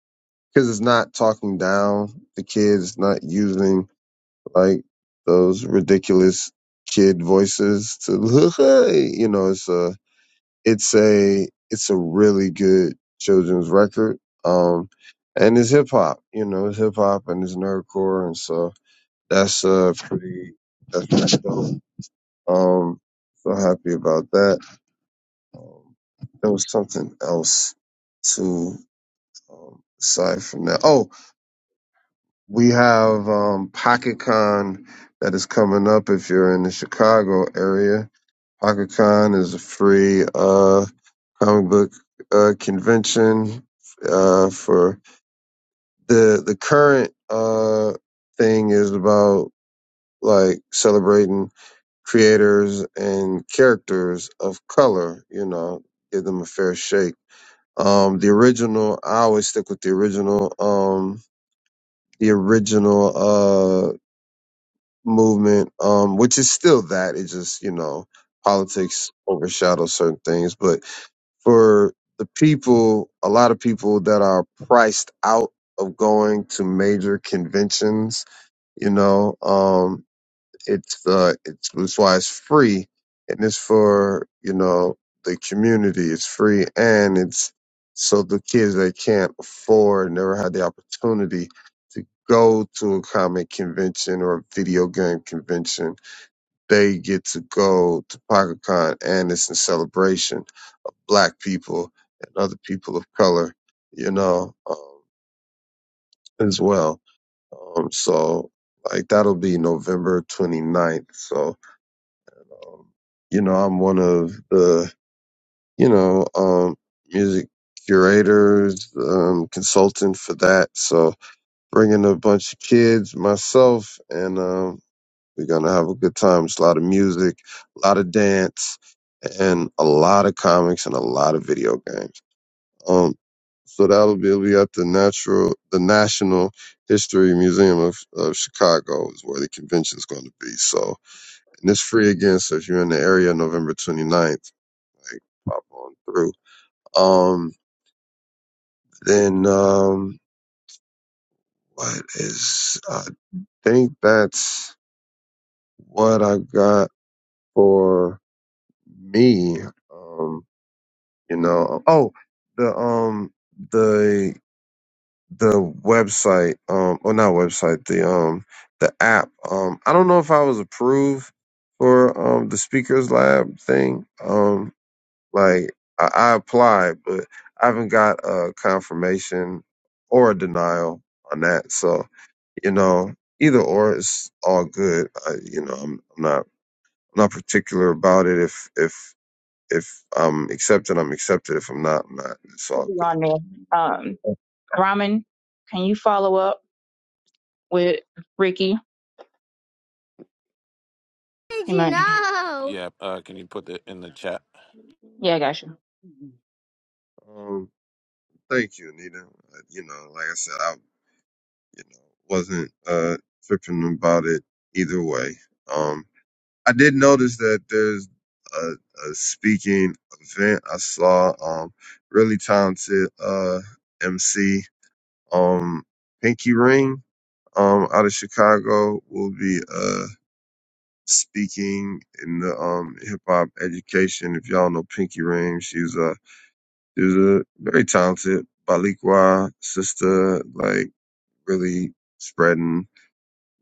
[SPEAKER 9] because it's not talking down the kids, not using like those ridiculous kid voices to you know it's uh it's a it's a really good children's record. Um, and it's hip hop, you know, it's hip hop and it's nerdcore, and so that's uh pretty that's pretty dope. Um, so happy about that. Um, there was something else to um, aside from that. Oh, we have um PocketCon that is coming up if you're in the Chicago area. PocketCon is a free. uh comic book uh, convention uh, for the the current uh, thing is about like celebrating creators and characters of color. You know, give them a fair shake. Um, the original, I always stick with the original. Um, the original uh, movement, um, which is still that. It just you know politics overshadows certain things, but for the people, a lot of people that are priced out of going to major conventions, you know, um, it's, uh, it's, it's why it's free and it's for, you know, the community. It's free and it's so the kids that can't afford, never had the opportunity to go to a comic convention or a video game convention, they get to go to PocketCon and it's in celebration black people and other people of color, you know, um, as well. Um, so like that'll be November 29th. So, um, you know, I'm one of the, you know, um, music curators, um, consultant for that. So bringing a bunch of kids, myself, and, um, we're going to have a good time. It's a lot of music, a lot of dance, and a lot of comics and a lot of video games. Um, so that'll be, it'll be at the natural, the National History Museum of, of Chicago is where the convention's going to be. So, and it's free again. So if you're in the area, November 29th, like pop on through. Um, then, um, what is, I think that's what I got for me. Um, you know, oh, the, um, the the website, um, or not website, the um, the app. Um, I don't know if I was approved for um the speakers lab thing. Um, like I, I applied, but I haven't got a confirmation or a denial on that. So you know, either or, it's all good. I, you know, I'm, I'm not I'm not particular about it. If if if I'm accepted, I'm accepted. If I'm not, I'm not. It's
[SPEAKER 1] to
[SPEAKER 9] all
[SPEAKER 1] be on there. Um.
[SPEAKER 9] good.
[SPEAKER 1] Ramen, can you follow up with Ricky?
[SPEAKER 3] Did
[SPEAKER 1] He
[SPEAKER 3] you
[SPEAKER 1] might.
[SPEAKER 3] know? Yeah, uh, can you put it in the chat?
[SPEAKER 1] Yeah, I got you.
[SPEAKER 4] Mm.
[SPEAKER 9] Um, Thank you, Anita. Uh, You know, like I said, I you know wasn't uh tripping about it either way. Um, I did notice that there's a, a speaking event I saw. Um, really talented uh MC um Pinky Ring um out of Chicago will be uh speaking in the um hip hop education. If y'all know Pinky Ring, she's a she's a very talented Balikwa sister like really spreading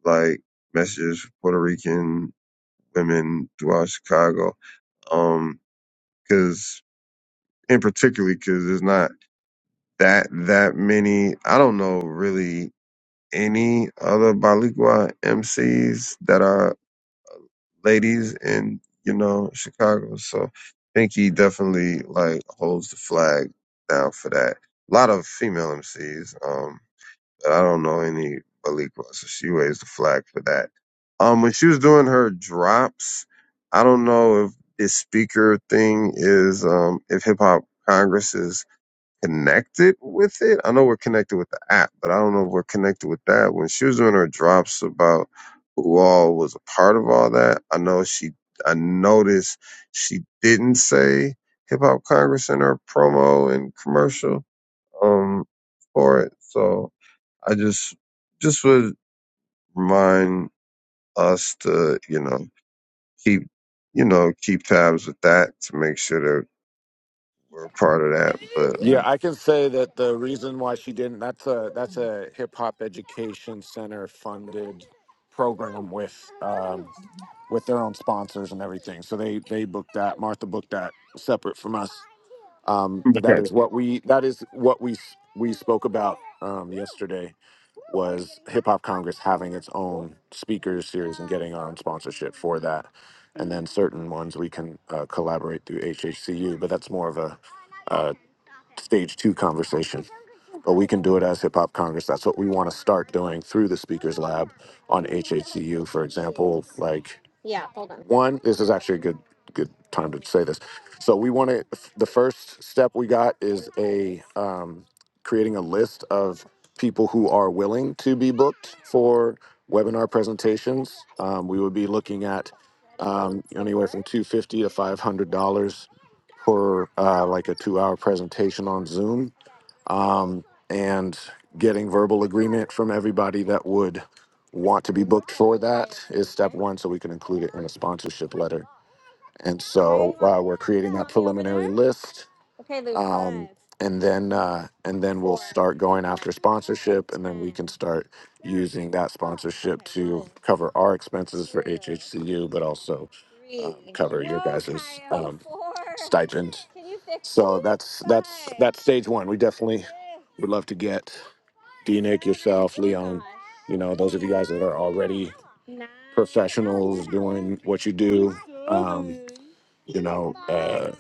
[SPEAKER 9] like messages for Puerto Rican women throughout Chicago. Um, cause in particularly, cause there's not that, that many, I don't know really any other Baligua MCs that are ladies in, you know, Chicago. So I think he definitely like holds the flag down for that. A lot of female MCs. Um, I don't know any Malik so She raised the flag for that. Um, when she was doing her drops, I don't know if this speaker thing is um if Hip Hop Congress is connected with it. I know we're connected with the app, but I don't know if we're connected with that. When she was doing her drops about who all was a part of all that, I know she I noticed she didn't say Hip Hop Congress in her promo and commercial um for it. So I just just would remind us to, you know, keep you know, keep tabs with that to make sure that we're a part of that. But
[SPEAKER 3] Yeah,
[SPEAKER 9] um,
[SPEAKER 3] I can say that the reason why she didn't that's a that's a hip hop education center funded program with um with their own sponsors and everything. So they they booked that. Martha booked that separate from us. Um but that
[SPEAKER 9] okay,
[SPEAKER 3] is what we that is what we s- we spoke about um yesterday was Hip Hop Congress having its own speakers series and getting our own sponsorship for that. And then certain ones we can uh, collaborate through HHCU, but that's more of a stage two conversation. But we can do it as Hip Hop Congress. That's what we want to start doing through the Speakers Lab on HHCU, for example. Like one, this is actually a good good time to say this. So we want to. The first step we got is a um, creating a list of people who are willing to be booked for webinar presentations. Um, we would be looking at um, anywhere from two fifty to five hundred dollars for uh, like a two hour presentation on Zoom um, and getting verbal agreement from everybody that would want to be booked for that is step one so we can include it in a sponsorship letter and so uh, we're creating that preliminary list um, and then uh, and then we'll start going after sponsorship and then we can start using that sponsorship to cover our expenses for hhcu but also um, cover your guys's um, stipend so that's that's that's stage one we definitely would love to get D Nick, yourself, Leon, you know, those of you guys that are already professionals doing what you do. Um, you know, uh,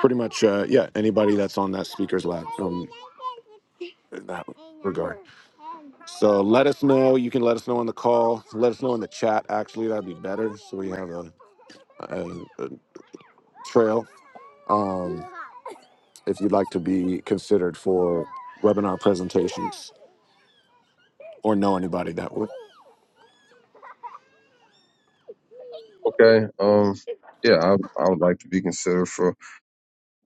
[SPEAKER 3] pretty much, uh, yeah, anybody that's on that speaker's lab from in that regard. So let us know. You can let us know on the call. Let us know in the chat. Actually, that'd be better. So we have a, a, a trail. Um, if you'd like to be considered for webinar presentations or know anybody that would
[SPEAKER 9] okay, um, yeah, I, I would like to be considered for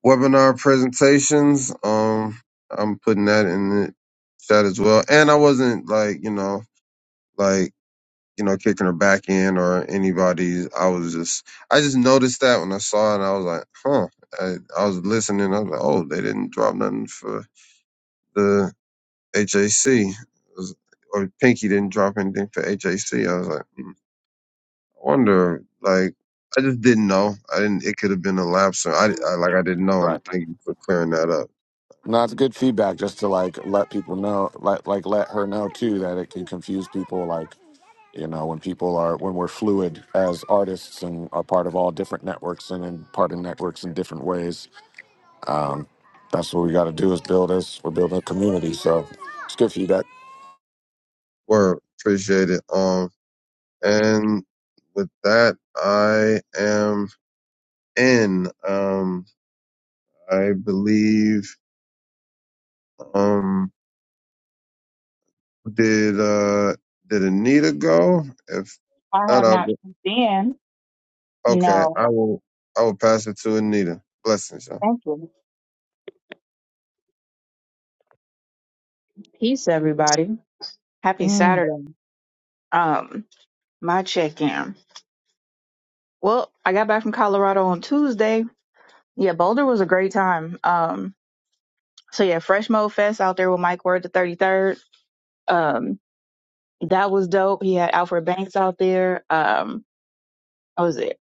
[SPEAKER 9] webinar presentations. Um, I'm putting that in the chat as well. And I wasn't like, you know, like you know, kicking her back in or anybody's. I was just, I just noticed that when I saw it, and I was like, huh. I, I was listening. I was like, oh, they didn't drop nothing for the HAC, was- or Pinky didn't drop anything for HAC. I was like, I wonder, like, I just didn't know. I didn't. It could have been a lapse. I, I like, I didn't know.
[SPEAKER 3] Right.
[SPEAKER 9] And thank you for clearing that up.
[SPEAKER 3] No, it's good feedback just to like let people know, like like let her know too that it can confuse people. Like you know, when people are when we're fluid as artists and are part of all different networks and in part of networks in different ways. Um, that's what we got to do is build us. We're building a community, so it's good feedback.
[SPEAKER 9] Word, appreciate it. Um, and with that, I am in. Um, I believe Um, did uh did Anita go? If
[SPEAKER 1] I
[SPEAKER 9] not,
[SPEAKER 1] have
[SPEAKER 9] I'll
[SPEAKER 1] not
[SPEAKER 9] go.
[SPEAKER 1] been.
[SPEAKER 9] Okay,
[SPEAKER 1] No,
[SPEAKER 9] I will. I will pass it to Anita. Blessings, y'all.
[SPEAKER 1] thank you. Peace, everybody. Happy
[SPEAKER 4] Mm.
[SPEAKER 1] Saturday. Um, my check-in. Well, I got back from Colorado on Tuesday. Yeah, Boulder was a great time. Um, so yeah, Fresh Mo Fest out there with Mike Ward the 33rd. Um, that was dope. He had Alfred Banks out there. Um, what was it?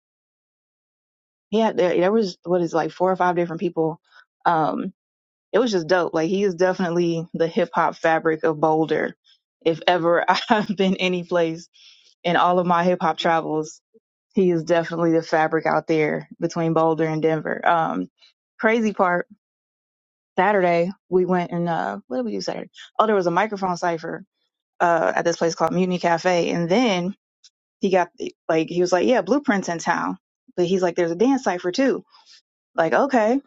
[SPEAKER 1] He had there, there was what is it, like four or five different people. Um. it was just dope. Like he is definitely the hip hop fabric of Boulder. If ever I've been any place in all of my hip hop travels, he is definitely the fabric out there between Boulder and Denver. Um, crazy part, Saturday we went and uh, what did we do Saturday? Oh, there was a microphone cipher uh, at this place called Mutiny Cafe, and then he got like he was like, yeah, Blueprints in town, but he's like, there's a dance cipher too. Like, okay.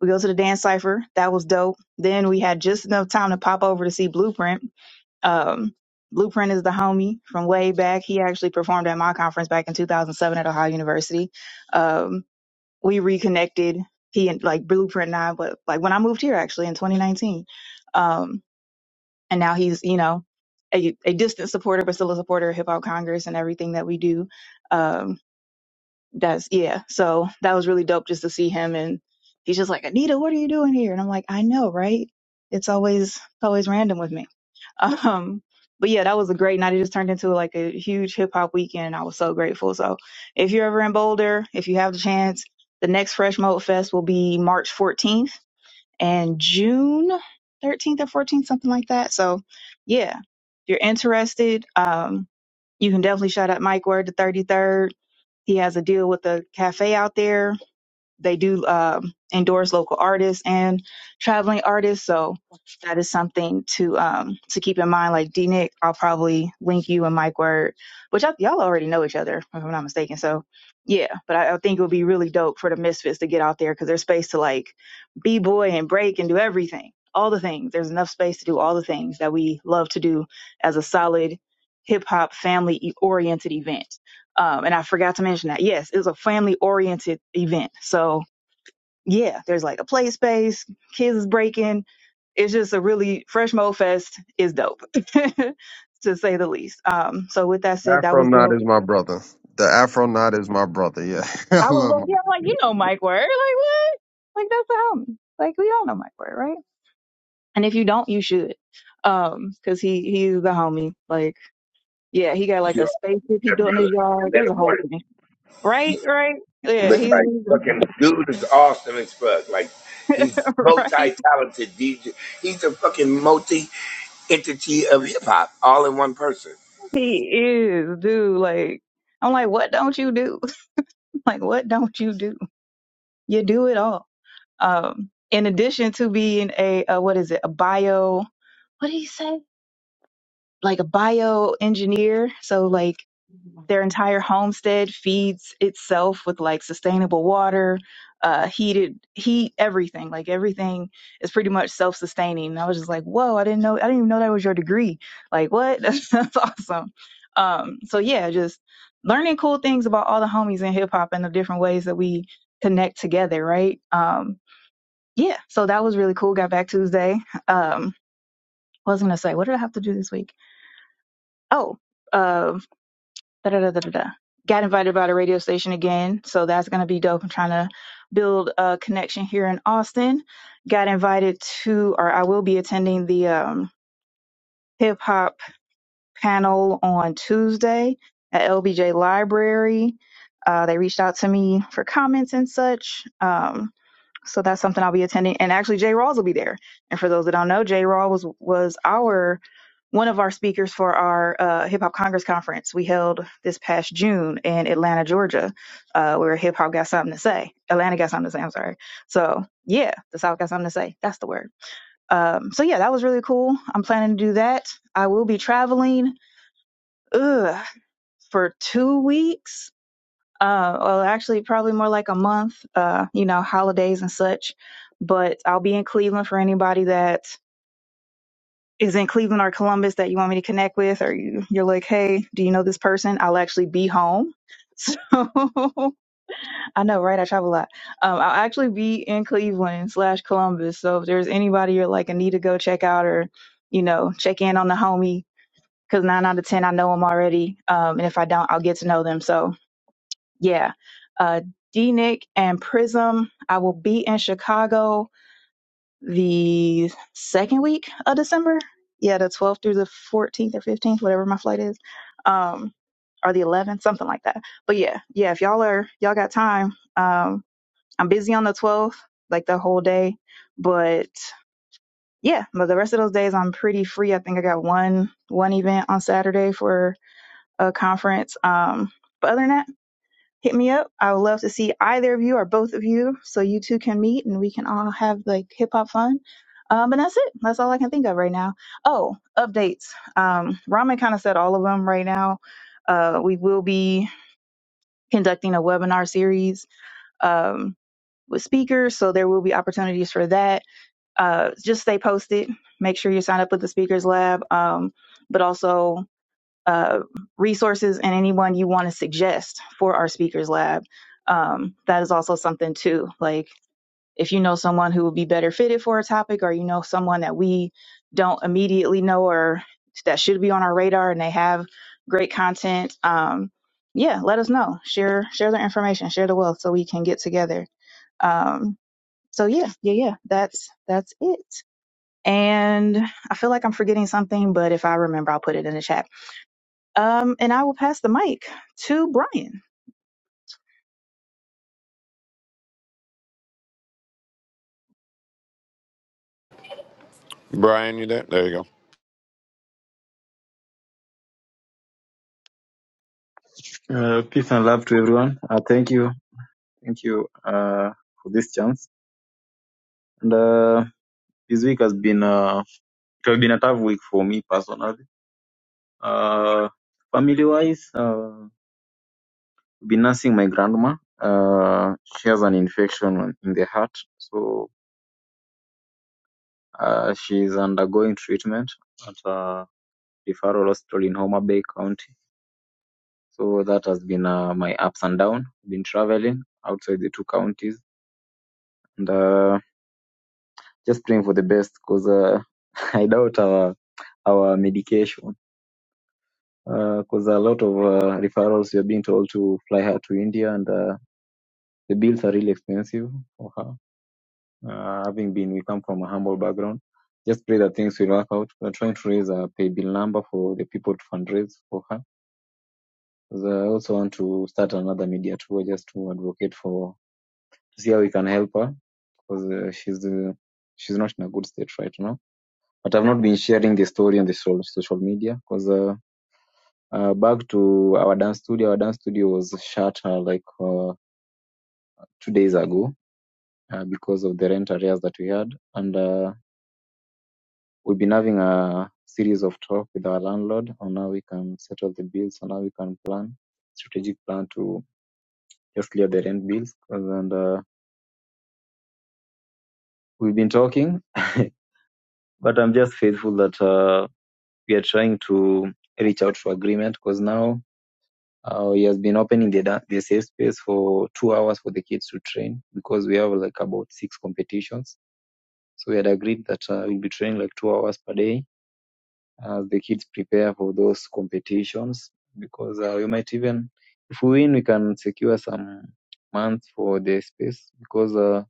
[SPEAKER 1] We go to the dance cipher. That was dope. Then we had just enough time to pop over to see Blueprint. Um, Blueprint is the homie from way back. He actually performed at my conference back in 2007 at Ohio University. Um, we reconnected. He and like Blueprint and I, but like when I moved here actually in 2019. Um, and now he's, you know, a, a distant supporter, but still a supporter of Hip Hop Congress and everything that we do. Um, does yeah. So that was really dope just to see him and he's just like, Anita, what are you doing here? And I'm like, I know, right? It's always it's always random with me. Um but yeah, that was a great night. It just turned into like a huge hip hop weekend. I was so grateful. So if you're ever in Boulder, if you have the chance, the next Fresh Mode Fest will be March 14th and June 13th or 14th, something like that. So yeah, if you're interested, um, you can definitely shout out Mike Word the 33rd he has a deal with a cafe out there. They do um, endorse local artists and traveling artists, so that is something to um, to keep in mind. Like D Nick, I'll probably link you and Mike Word, which y'all y'all already know each other, if I'm not mistaken. So yeah, but I, I think it would be really dope for the Misfits to get out there because there's space to like b boy and break and do everything, all the things. There's enough space to do all the things that we love to do as a solid hip hop family oriented event. Um, and I forgot to mention that. Yes, it was a family oriented event. So yeah, there's like a play space, kids is breaking. It's just a really fresh mo fest is dope, to say the least. Um, so with that
[SPEAKER 9] The
[SPEAKER 1] said, that
[SPEAKER 9] Afro
[SPEAKER 1] was
[SPEAKER 9] Knot
[SPEAKER 1] dope.
[SPEAKER 9] is my brother. The Afro Knot is my brother. Yeah, I
[SPEAKER 1] I was
[SPEAKER 9] love my.
[SPEAKER 1] like, yeah, I'm like you know Mike Word, like what? Like that's the homie. Like we all know Mike Word, right? And if you don't, you should, um, cause he he's the homie. Like yeah, he got like
[SPEAKER 8] you
[SPEAKER 1] a
[SPEAKER 8] are
[SPEAKER 1] spaceship he
[SPEAKER 8] that
[SPEAKER 1] built in his
[SPEAKER 8] brother.
[SPEAKER 1] yard.
[SPEAKER 8] Man
[SPEAKER 1] There's
[SPEAKER 8] of
[SPEAKER 1] a whole
[SPEAKER 8] war.
[SPEAKER 1] thing, right? Right? Yeah,
[SPEAKER 8] But
[SPEAKER 1] he's
[SPEAKER 8] like fucking dude is awesome as fuck. Like he's
[SPEAKER 1] right.
[SPEAKER 8] multi-talented DJ. He's a fucking multi-entity of hip hop, all in one person.
[SPEAKER 1] He is, dude. Like, I'm like, what don't you do? like, what don't you do? You do it all. Um, in addition to being a, uh what is it, a bio, what did he say? Like a bio engineer. So like their entire homestead feeds itself with like sustainable water uh heated heat everything like everything is pretty much self-sustaining and i was just like whoa i didn't know i didn't even know that was your degree like what that's, that's awesome um so yeah just learning cool things about all the homies in hip-hop and the different ways that we connect together right um yeah so that was really cool got back tuesday um what was I gonna say what did i have to do this week oh uh, da da da da da. Got invited by the radio station again, so that's gonna be dope. I'm trying to build a connection here in Austin. Got invited to, or I will be attending the um, hip hop panel on Tuesday at LBJ Library. Uh, they reached out to me for comments and such. Um, so that's something I'll be attending. And actually, Jay Rawls will be there. And for those that don't know, Jay Rawls was was our one of our speakers for our uh, Hip Hop Congress conference we held this past June in Atlanta, Georgia, uh, where hip hop got something to say. Atlanta got something to say. I'm sorry. So yeah, the South got something to say. That's the word. Um, so yeah, that was really cool. I'm planning to do that. I will be traveling ugh, for two weeks uh, well, actually, probably more like a month, uh, you know, holidays and such. But I'll be in Cleveland for anybody that is in Cleveland or Columbus that you want me to connect with, or you, you're like, hey, do you know this person? I'll actually be home. So I know, right? I travel a lot. Um, I'll actually be in Cleveland slash Columbus. So if there's anybody you're like, I need to go check out or, you know, check in on the homie, because nine out of 10, I know them already. Um, and if I don't, I'll get to know them. So yeah, uh, DNIC and Prism. I will be in Chicago the second week of December. Yeah, the 12th through the 14th or 15th, whatever my flight is, um, or the 11th, something like that. But yeah, yeah, if y'all are y'all got time, um, I'm busy on the 12th, like the whole day. But yeah, but the rest of those days I'm pretty free. I think I got one one event on Saturday for a conference. Um, but other than that hit me up. I would love to see either of you or both of you so you two can meet and we can all have like hip hop fun. Um, and that's it. That's all I can think of right now. Oh, updates. Um, Ramen kind of said all of them right now. Uh, we will be conducting a webinar series um, with speakers, so there will be opportunities for that. Uh, just stay posted. Make sure you sign up with the Speakers Lab, um, but also uh, resources and anyone you want to suggest for our speakers lab. Um, that is also something too. Like if you know someone who would be better fitted for a topic, or you know someone that we don't immediately know or that should be on our radar, and they have great content. Um, yeah, let us know. Share share their information. Share the wealth so we can get together. Um, so yeah, yeah, yeah. That's that's it. And I feel like I'm forgetting something, but if I remember, I'll put it in the chat. Um, and I will pass the mic to Brian.
[SPEAKER 3] Brian, you there? There you
[SPEAKER 10] Uh, peace and love to everyone. Uh, thank you, thank you uh, for this chance. And uh, this week has been uh, it has been a tough week for me personally. Uh, family wise, uh, I've been nursing my grandma. Uh, she has an infection on- in the heart, so uh, she's undergoing treatment at a referral hospital in Homa Bay County. So that has been uh, my ups and downs. Been traveling outside the two counties and. Uh, just praying for the best because uh, I doubt our our medication because a lot of uh, referrals we are being told to fly her to India and uh, the bills are really expensive for her. Uh, having been, we come from a humble background. Just pray that things will work out. We're trying to raise a pay bill number for the people to fundraise for her. 'Cause I also want to start another media tour just to advocate for to see how we can help her because uh, she's uh, she's not in a good state right now but I've not been sharing the story on the social social media because uh, uh, back to our dance studio, our dance studio was shut uh, like uh, two days ago uh, because of the rent arrears that we had, and uh, we've been having a series of talk with our landlord on how we can settle the bills, on how we can plan strategic plan to just clear the rent bills, and uh, we've been talking, but I'm just faithful that uh, we are trying to reach out for agreement because now Uh, he has been opening the, da- the safe space for two hours for the kids to train because we have like about six competitions. So we had agreed that uh, we'll be training like two hours per day as the kids prepare for those competitions because uh, we might even, if we win, we can secure some months for the space because uh,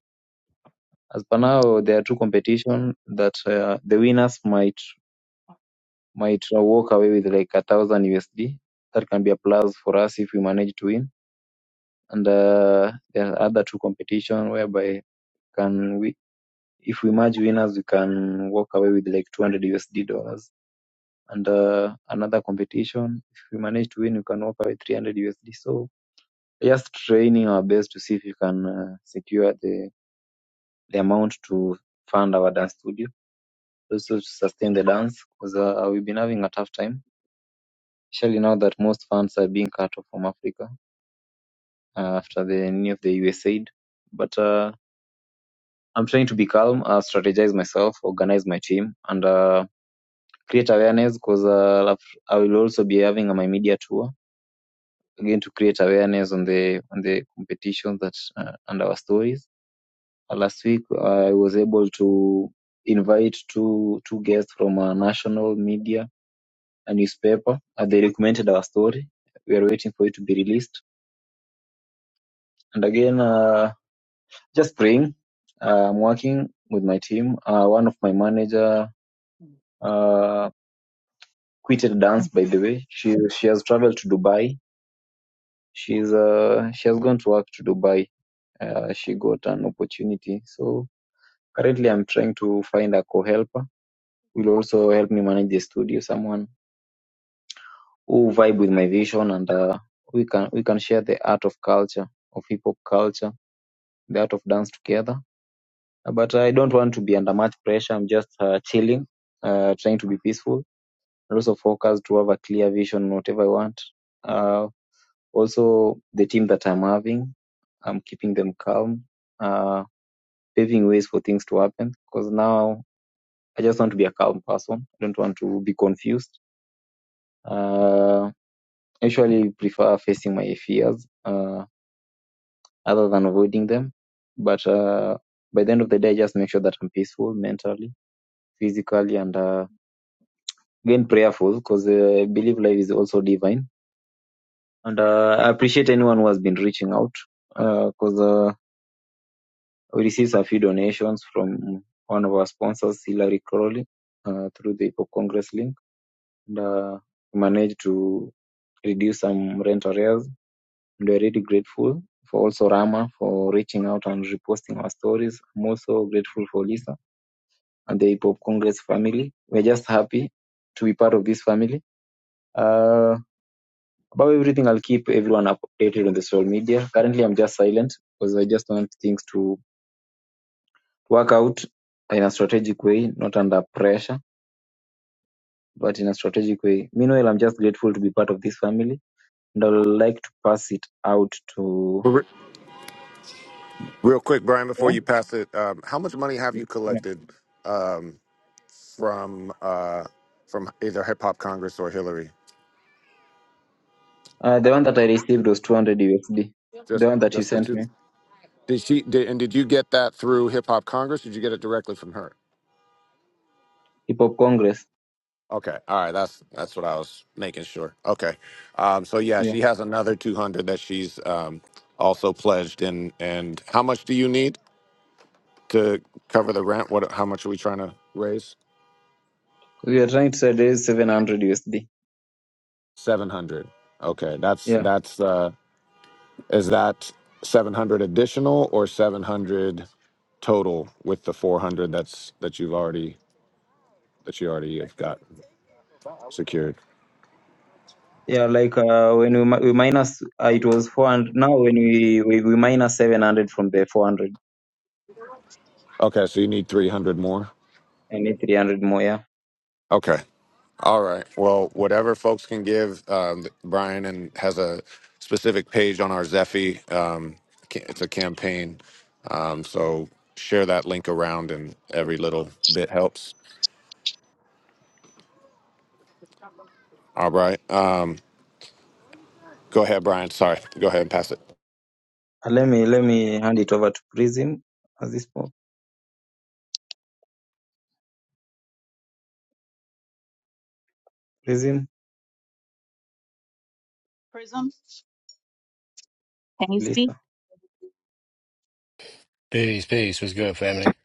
[SPEAKER 10] as per now there are two competitions that uh, the winners might might walk away with like a thousand USD. That can be a plus for us if we manage to win and uh, there are other two competition whereby can we if we merge winners we can walk away with like 200 usd dollars and uh, another competition if we manage to win we can walk away 300 usd so just training our best to see if we can uh, secure the the amount to fund our dance studio also to sustain the dance because uh, we've been having a tough time especially now that most funds are being cut off from africa uh, after the new of the usaid but uh, I'm trying to be calm, uh, strategize myself, organize my team, and uh, create awareness because uh, i will also be having my media tour again to create awareness on the on the competitions that uh, and our stories. Uh, last week, I was able to invite two two guests from a national media, a newspaper. Uh, they recommended our story. We are waiting for it to be released. And again, uh, just praying. Uh, I'm working with my team. Uh, one of my manager. Uh, quitted dance by the way she she has traveled to dubai she's uh she has gone to work to dubai uh, she got an opportunity so currently i'm trying to find a co-helper who will also help me manage the studio someone who vibe with my vision and uh, we can we can share the art of culture of hip-hop culture the art of dance together Uh, but i don't want to be under much pressure i'm just uh, chilling uh, trying to be peaceful and also focused to have a clear vision on whatever i want Uh. Also, the team that I'm having, I'm keeping them calm, uh, paving ways for things to happen. Because now I just want to be a calm person. I don't want to be confused. Uh, I usually prefer facing my fears uh, other than avoiding them. But uh, by the end of the day, I just make sure that I'm peaceful mentally, physically, and uh, again prayerful because uh, I believe life is also divine. And uh, I appreciate anyone who has been reaching out because uh, We received a few donations from one of our sponsors, Hillary Crowley, uh, through the Hip Hop Congress link. And uh, we managed to reduce some rent arrears. And we're really grateful for also Rama for reaching out and reposting our stories. I'm also grateful for Lisa and the Hip Hop Congress family. We're just happy to be part of this family. Uh, about everything, I'll keep everyone updated on the social media. Currently, I'm just silent because I just want things to work out in a strategic way, not under pressure, but in a strategic way. Meanwhile, I'm just grateful to be part of this family, and I would like to pass it out to
[SPEAKER 3] go. Re- Real quick, Brian, before you
[SPEAKER 10] yeah,
[SPEAKER 3] pass it, um, how much money have you
[SPEAKER 10] yeah.
[SPEAKER 3] collected um, from uh, from either Hip Hop Congress or Hillary?
[SPEAKER 10] Uh, the one that I received was 200 USD. The
[SPEAKER 3] Just
[SPEAKER 10] one that you
[SPEAKER 3] just the
[SPEAKER 10] sent
[SPEAKER 3] two.
[SPEAKER 10] me,
[SPEAKER 3] Did she? Did, and did you get that through Hip Hop Congress? Did you get it directly from her?
[SPEAKER 10] Hip Hop Congress.
[SPEAKER 3] Okay, all right. That's that's what I was making sure. Okay, um, so yeah,
[SPEAKER 10] Yeah,
[SPEAKER 3] she has another two hundred that she's um, also pledged. And and how much do you need to cover the rent? What? How much are we trying to raise?
[SPEAKER 10] we are trying to say there is 700 USD.
[SPEAKER 3] Seven hundred. Okay, that's
[SPEAKER 10] Yeah.
[SPEAKER 3] that's uh, is that seven hundred additional or seven hundred total with the four hundred that's that you've already that you already have got secured?
[SPEAKER 10] Yeah, like uh, when we, mi- we minus, uh, it was 400. Now when we, we, we minus 700 from the 400,
[SPEAKER 3] Okay, so you need 300 more?
[SPEAKER 10] I need 300 more. Yeah.
[SPEAKER 3] Okay. All right. Well, whatever folks can give, um, Brian and has a specific page on our Zephy. Um, ca- it's a campaign. Um, so share that link around and every little bit helps. All right. Um, go ahead, Brian. Sorry. Go ahead and pass it.
[SPEAKER 10] Uh, let me let me hand it over to Prism at this point. presently
[SPEAKER 1] Prism, can you speak?
[SPEAKER 11] Peace, peace. What's good, family?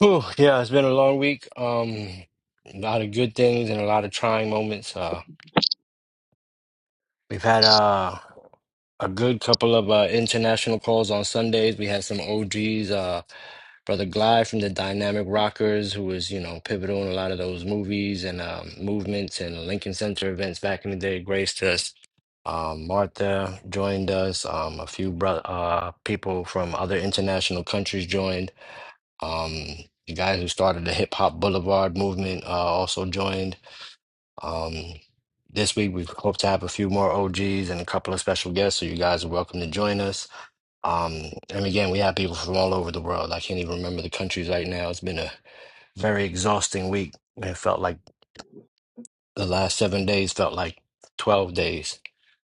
[SPEAKER 11] Whew, yeah, it's been a long week. Um, a lot of good things and a lot of trying moments. Uh, we've had uh, a good couple of uh, international calls on Sundays. We had some OGs, uh, Brother Glide from the Dynamic Rockers, who was, you know, pivotal in a lot of those movies and um, movements and Lincoln Center events back in the day, graced us. Um, Martha joined us. Um, a few bro- uh, people from other international countries joined. Um, the guy who started the Hip Hop Boulevard movement uh, also joined. Um, this week, we hope to have a few more OGs and a couple of special guests, so you guys are welcome to join us. Um, and again, we have people from all over the world. I can't even remember the countries right now. It's been a very exhausting week. It felt like the last seven days felt like 12 days.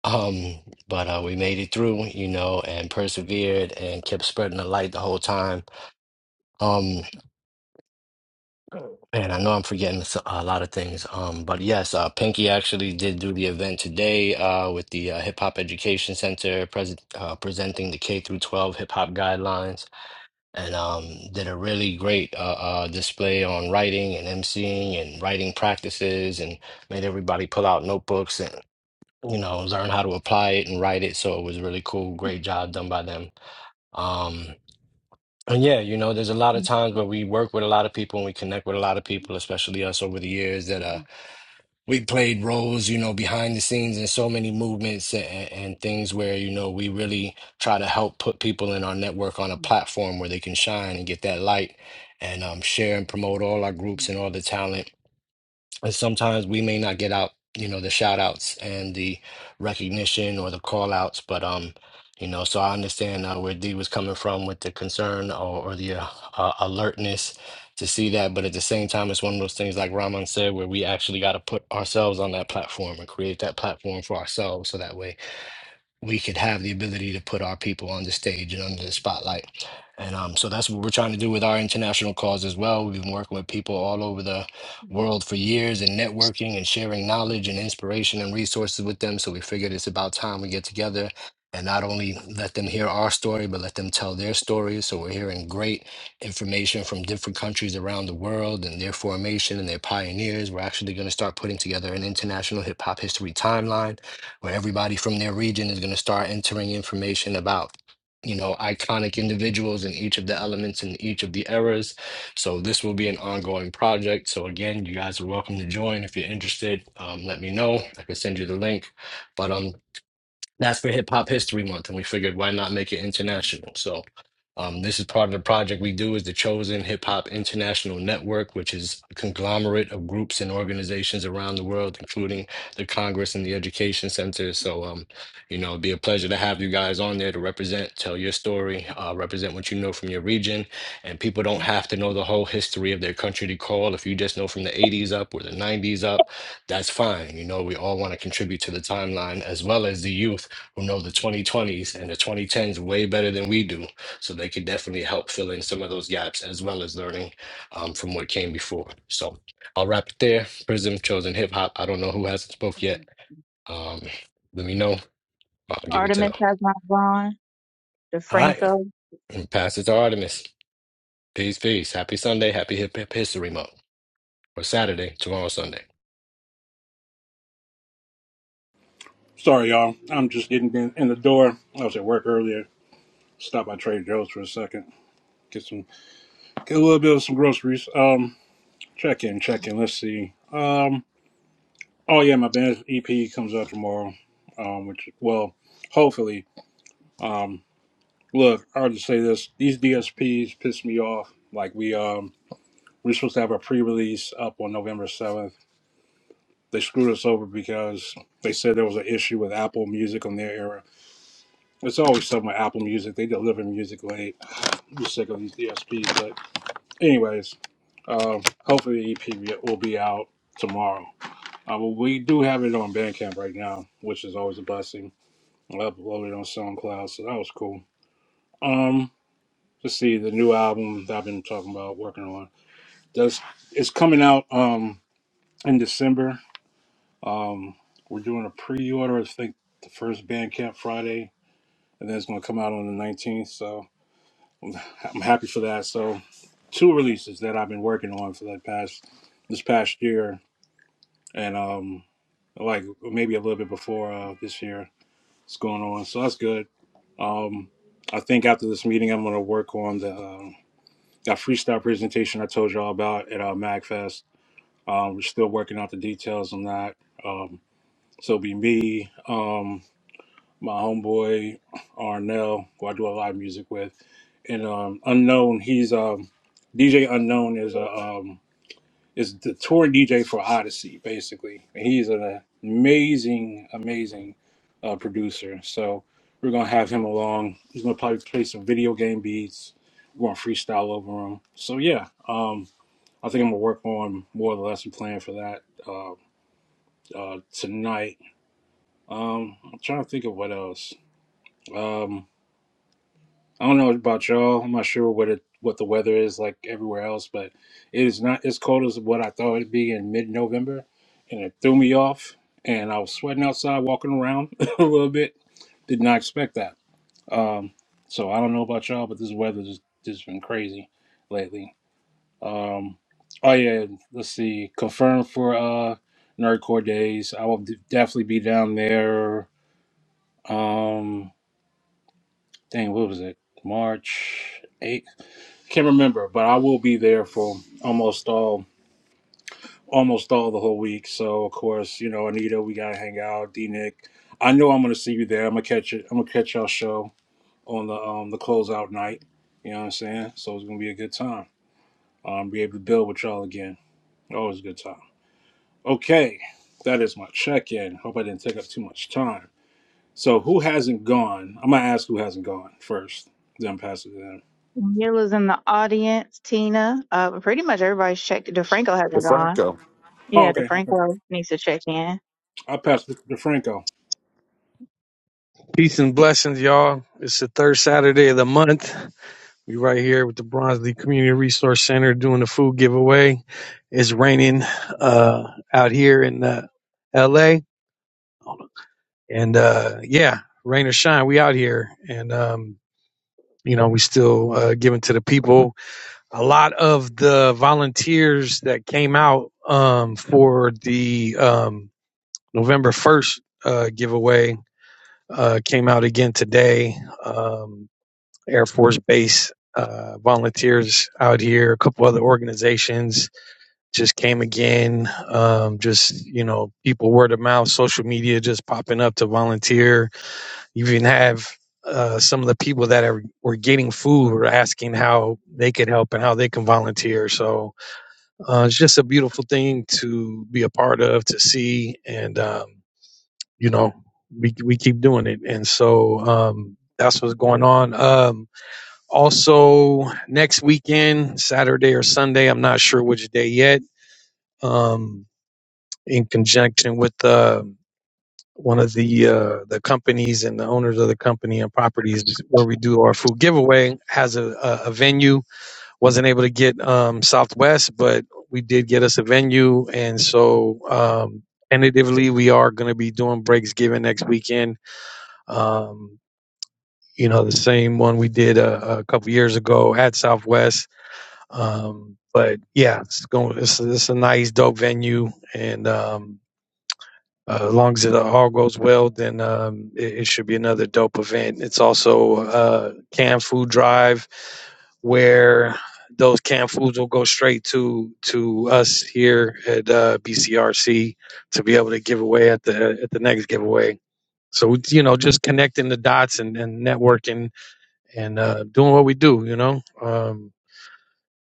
[SPEAKER 11] Um, but uh, we made it through, you know, and persevered and kept spreading the light the whole time. Um, Man, I know I'm forgetting s- a lot of things. Um, but yes, uh, Pinky actually did do the event today uh, with the uh, Hip Hop Education Center pres uh, presenting the K through 12 hip hop guidelines, and um, did a really great uh, uh, display on writing and emceeing and writing practices, and made everybody pull out notebooks and you know learn how to apply it and write it. So it was really cool. Great job done by them. Um, and yeah, you know, there's a lot of times where we work with a lot of people and we connect with a lot of people, especially us over the years that uh we played roles, you know, behind the scenes in so many movements and, and things where, you know, we really try to help put people in our network on a platform where they can shine and get that light and um share and promote all our groups and all the talent and sometimes we may not get out you know the shout outs and the recognition or the call outs but um you know so i understand uh, where d was coming from with the concern or, or the uh, uh, alertness to see that but at the same time it's one of those things like Rahman said where we actually got to put ourselves on that platform and create that platform for ourselves so that way we could have the ability to put our people on the stage and under the spotlight. And um, so that's what we're trying to do with our international cause as well. We've been working with people all over the world for years and networking and sharing knowledge and inspiration and resources with them. So we figured it's about time we get together and not only let them hear our story, but let them tell their stories. So we're hearing great information from different countries around the world and their formation and their pioneers. We're actually going to start putting together an international hip hop history timeline where everybody from their region is going to start entering information about you know iconic individuals in each of the elements and each of the eras so this will be an ongoing project so again you guys are welcome to join if you're interested um, let me know i can send you the link but um that's for Hip Hop History Month, and we figured why not make it international? So, um, this is part of the project we do is the Chosen Hip Hop International Network, which is a conglomerate of groups and organizations around the world, including the Congress and the Education Center. So, um, you know, it'd be a pleasure to have you guys on there to represent, tell your story, uh, represent what you know from your region. And people don't have to know the whole history of their country to call. If you just know from the 80s up or the 90s up, that's fine. You know, we all want to contribute to the timeline as well as the youth who know the 2020s and the 2010s way better than we do. So they could definitely help fill in some of those gaps as well as learning um, from what came before. So I'll wrap it there. Prism, Chosen Hip Hop. I don't know who hasn't spoke yet. Um, let me know. I'll give it to them.
[SPEAKER 1] Artemis has not gone.
[SPEAKER 11] All right.
[SPEAKER 1] DeFranco,
[SPEAKER 11] And pass it to Artemis. Peace, peace. Happy Sunday. Happy Hip Hip History Month. Or Saturday, tomorrow, Sunday.
[SPEAKER 12] Sorry, y'all. I'm just getting in, in the door. I was at work earlier. Stop by Trader Joe's for a second. Get some, get a little bit of some groceries. Um, check in, check in. Let's see. Um, oh yeah, my band EP comes out tomorrow. Um, which well, hopefully. Look, I'll just say this: these DSPs piss me off. Like we um, we're supposed to have a pre-release up on November seventh. They screwed us over because they said there was an issue with Apple Music on their era. It's always something with Apple Music. They deliver music late I'm sick of these DSPs. But anyways, um, hopefully the EP will be out tomorrow. Uh, but we do have it on Bandcamp right now, which is always a blessing. I uploaded on SoundCloud, so that was cool. Um, let's see the new album that I've been talking about working on. Does it's coming out um in December. Um, we're doing a pre-order. I think the first Bandcamp Friday, and then it's going to come out on the 19th. So I'm happy for that. So, two releases that I've been working on for the past this past year, and um, like maybe a little bit before uh, this year is going on. So that's good. Um, I think after this meeting, I'm going to work on the um that freestyle presentation I told y'all about at uh, MagFest. Um, we're still working out the details on that. Um, so it'll be me. Um, my homeboy Arnell, who I do a lot of music with, and um, Unknown. He's um, DJ Unknown is a um, is the tour DJ for Odyssey, basically, and he's an amazing, amazing uh, producer. So we're gonna have him along. He's gonna probably play some video game beats. We're gonna freestyle over him. So yeah, um, I think I'm gonna work on more of the lesson plan for that uh, uh, tonight. Um, I'm trying to think of what else. Um, I don't know about y'all. I'm not sure what it what the weather is like everywhere else, but it is not as cold as what I thought it'd be in mid November, and it threw me off. And I was sweating outside, walking around a little bit. Did not expect that. Um, so I don't know about y'all, but this weather's just, just been crazy lately. Um, oh yeah, let's see. Confirmed for uh, Nerdcore days. I will d- definitely be down there. Um, dang, what was it? March 8th Can't remember, but I will be there for almost all almost all the whole week. So of course, you know, Anita, we gotta hang out. D Nick, I know I'm gonna see you there. I'm gonna catch it. I'm gonna catch y'all show on the um the closeout night. You know what I'm saying? So it's gonna be a good time. Um, be able to build with y'all again. Always a good time. Okay, that is my check in. Hope I didn't take up too much time. So who hasn't gone? I'm gonna ask who hasn't gone first. Then pass it to them.
[SPEAKER 1] Mila's in the audience. Tina, uh, pretty much everybody's checked. DeFranco
[SPEAKER 3] To
[SPEAKER 1] hasn't gone.
[SPEAKER 3] Franco.
[SPEAKER 12] Oh,
[SPEAKER 1] Yeah,
[SPEAKER 12] okay. I'll pass
[SPEAKER 1] DeFranco needs to check in.
[SPEAKER 12] i pass it to Franco.
[SPEAKER 13] Peace and blessings, y'all. It's the third Saturday of the month. We right here with the Bronzeley Community Resource Center doing the food giveaway. It's raining uh, out here in uh, LA, and uh, yeah, rain or shine, we out here, and um, you know we still uh, giving to the people. A lot of the volunteers that came out um, for the um, November first uh, giveaway uh, came out again today. Um, Air Force Base uh, volunteers out here, a couple other organizations just came again. Um, just, you know, people word of mouth, social media just popping up to volunteer. You even have uh, some of the people that are were getting food were asking how they could help and how they can volunteer. So uh, it's just a beautiful thing to be a part of, to see, and um, you know, we we keep doing it. And so um, that's what's going on. Um, also, next weekend, Saturday or Sunday, I'm not sure which day yet, um, in conjunction with uh, one of the uh, the companies and the owners of the company and properties where we do our food giveaway has a, a, a venue. Wasn't able to get um, Southwest, but we did get us a venue, and so um, tentatively we are going to be doing breaks given next weekend. Um, you know, the same one we did a, a couple years ago at Southwest Um, but yeah, it's going. It's, it's a nice, dope venue, and um, uh, as long as it uh, all goes well, then um, it, it should be another dope event. It's also uh, canned food drive, where those canned foods will go straight to to us here at uh, BCRC to be able to give away at the at the next giveaway. So you know, just connecting the dots and, and networking and uh, doing what we do. You know. Um,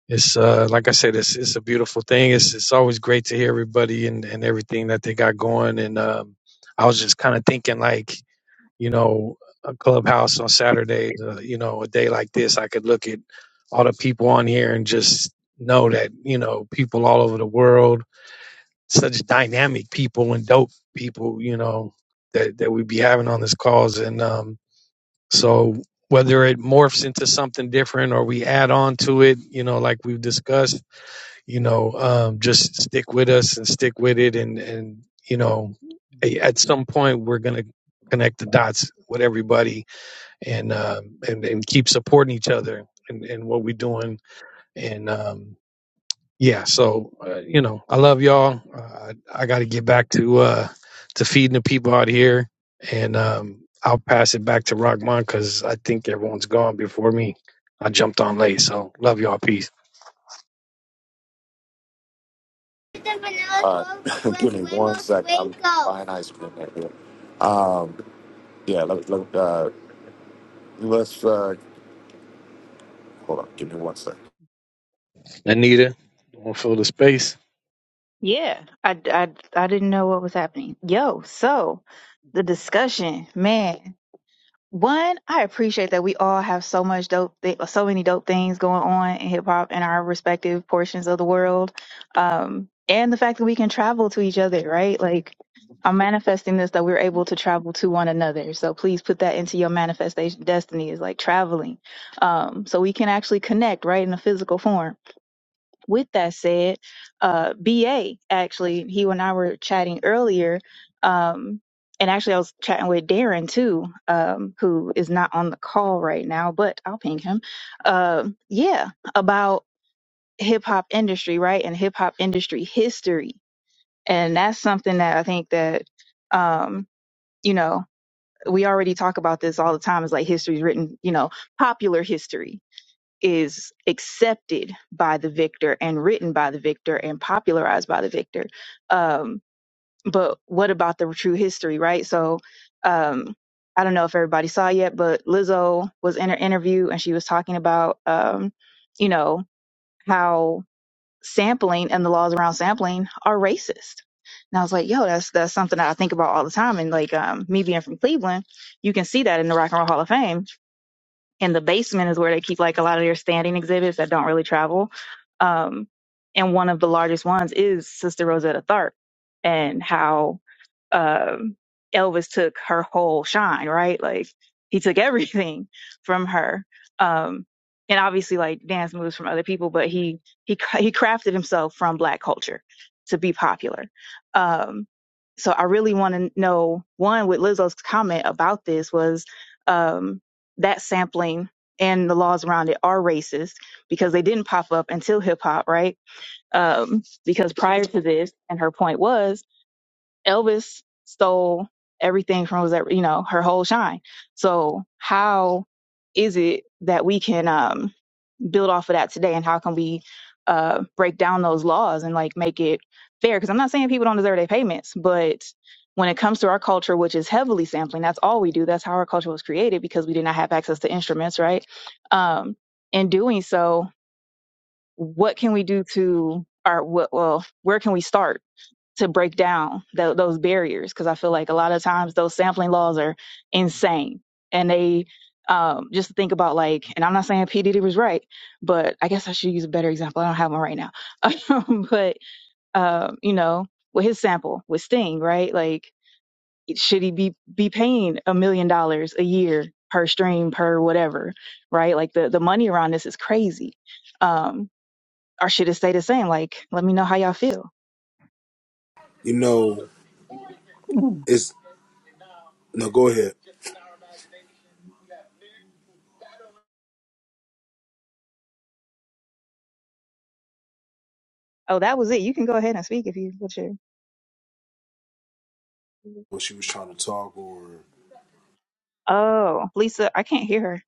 [SPEAKER 13] it's uh, like I said, it's it's a beautiful thing. It's it's always great to hear everybody and, and everything that they got going. And um, I was just kind of thinking, like you know, a clubhouse on Saturday, uh, you know, a day like this, I could look at all the people on here and just know that you know people all over the world, such dynamic people and dope people, you know, that that we be having on this calls. And um, so whether it morphs into something different or we add on to it, you know, like we've discussed you know um, just stick with us and stick with it and and you know at some point we're going to connect the dots with everybody and um, and and keep supporting each other and, and what we're doing And, um, yeah, so uh, you know, I love y'all. Uh, I, I got to get back to uh to feeding the people out here, and um, I'll pass it back to Rockman because I think everyone's gone before me. I jumped on late, so love y'all. Peace.
[SPEAKER 3] All right. Give me one sec. I'm buying ice cream right here. Um, yeah, let, let, uh, let's uh, hold on. Give me one sec.
[SPEAKER 13] Anita, don't fill the space.
[SPEAKER 1] Yeah, I, I, I didn't know what was happening. Yo, so the discussion, man. One, I appreciate that we all have so much dope, th- so many dope things going on in hip hop in our respective portions of the world, um, and the fact that we can travel to each other, right? Like, I'm manifesting this that we're able to travel to one another. So please put that into your manifestation destiny is like traveling, um, so we can actually connect, right, in a physical form with that said, uh, BA actually, he and I were chatting earlier, um, and actually I was chatting with Darren too, um, who is not on the call right now, but I'll ping him. Uh, yeah, about hip hop industry, right, and hip hop industry history, and that's something that I think that, um, you know, we already talk about this all the time. Is like history is written, you know, popular history, is accepted by the victor and written by the victor and popularized by the victor. Um, but what about the true history, right? So um, I don't know if everybody saw yet, but Lizzo was in her interview and she was talking about, um, you know, how sampling and the laws around sampling are racist. And I was like, yo, that's that's something that I think about all the time. And like um, me being from Cleveland, you can see that in the Rock and Roll Hall of Fame and the basement is where they keep like a lot of their standing exhibits that don't really travel. Um, and one of the largest ones is Sister Rosetta Tharpe, and how um, Elvis took her whole shine, right? Like he took everything from her. Um, and obviously like dance moves from other people, but he, he, he crafted himself from black culture to be popular. Um, so I really want to know one with Lizzo's comment about this was, um, that sampling and the laws around it are racist because they didn't pop up until hip hop, right? Um, because prior to this, and her point was Elvis stole everything from Rosette, you know, her whole shine. So how is it that we can um, build off of that today, and how can we uh, break down those laws and like make it fair? Because I'm not saying people don't deserve their payments, but when it comes to our culture, which is heavily sampling, that's all we do. That's how our culture was created because we did not have access to instruments, right? Um, in doing so, what can we do to our what? Well, where can we start? to break down tho- those barriers because I feel like a lot of times those sampling laws are insane and they um, just think about like, and I'm not saying PDD was right, but I guess I should use a better example. I don't have one right now, but um, you know, with his sample with Sting, right? Like, should he be be paying a million dollars a year per stream per whatever, right? Like the the money around this is crazy. Um, or should it stay the same? Like, let me know how y'all feel.
[SPEAKER 2] You know, it's no. Go ahead.
[SPEAKER 1] Oh, that was it. You can go ahead and speak if you want to.
[SPEAKER 2] When she was trying to talk, or
[SPEAKER 1] Oh, Lisa, I can't hear her.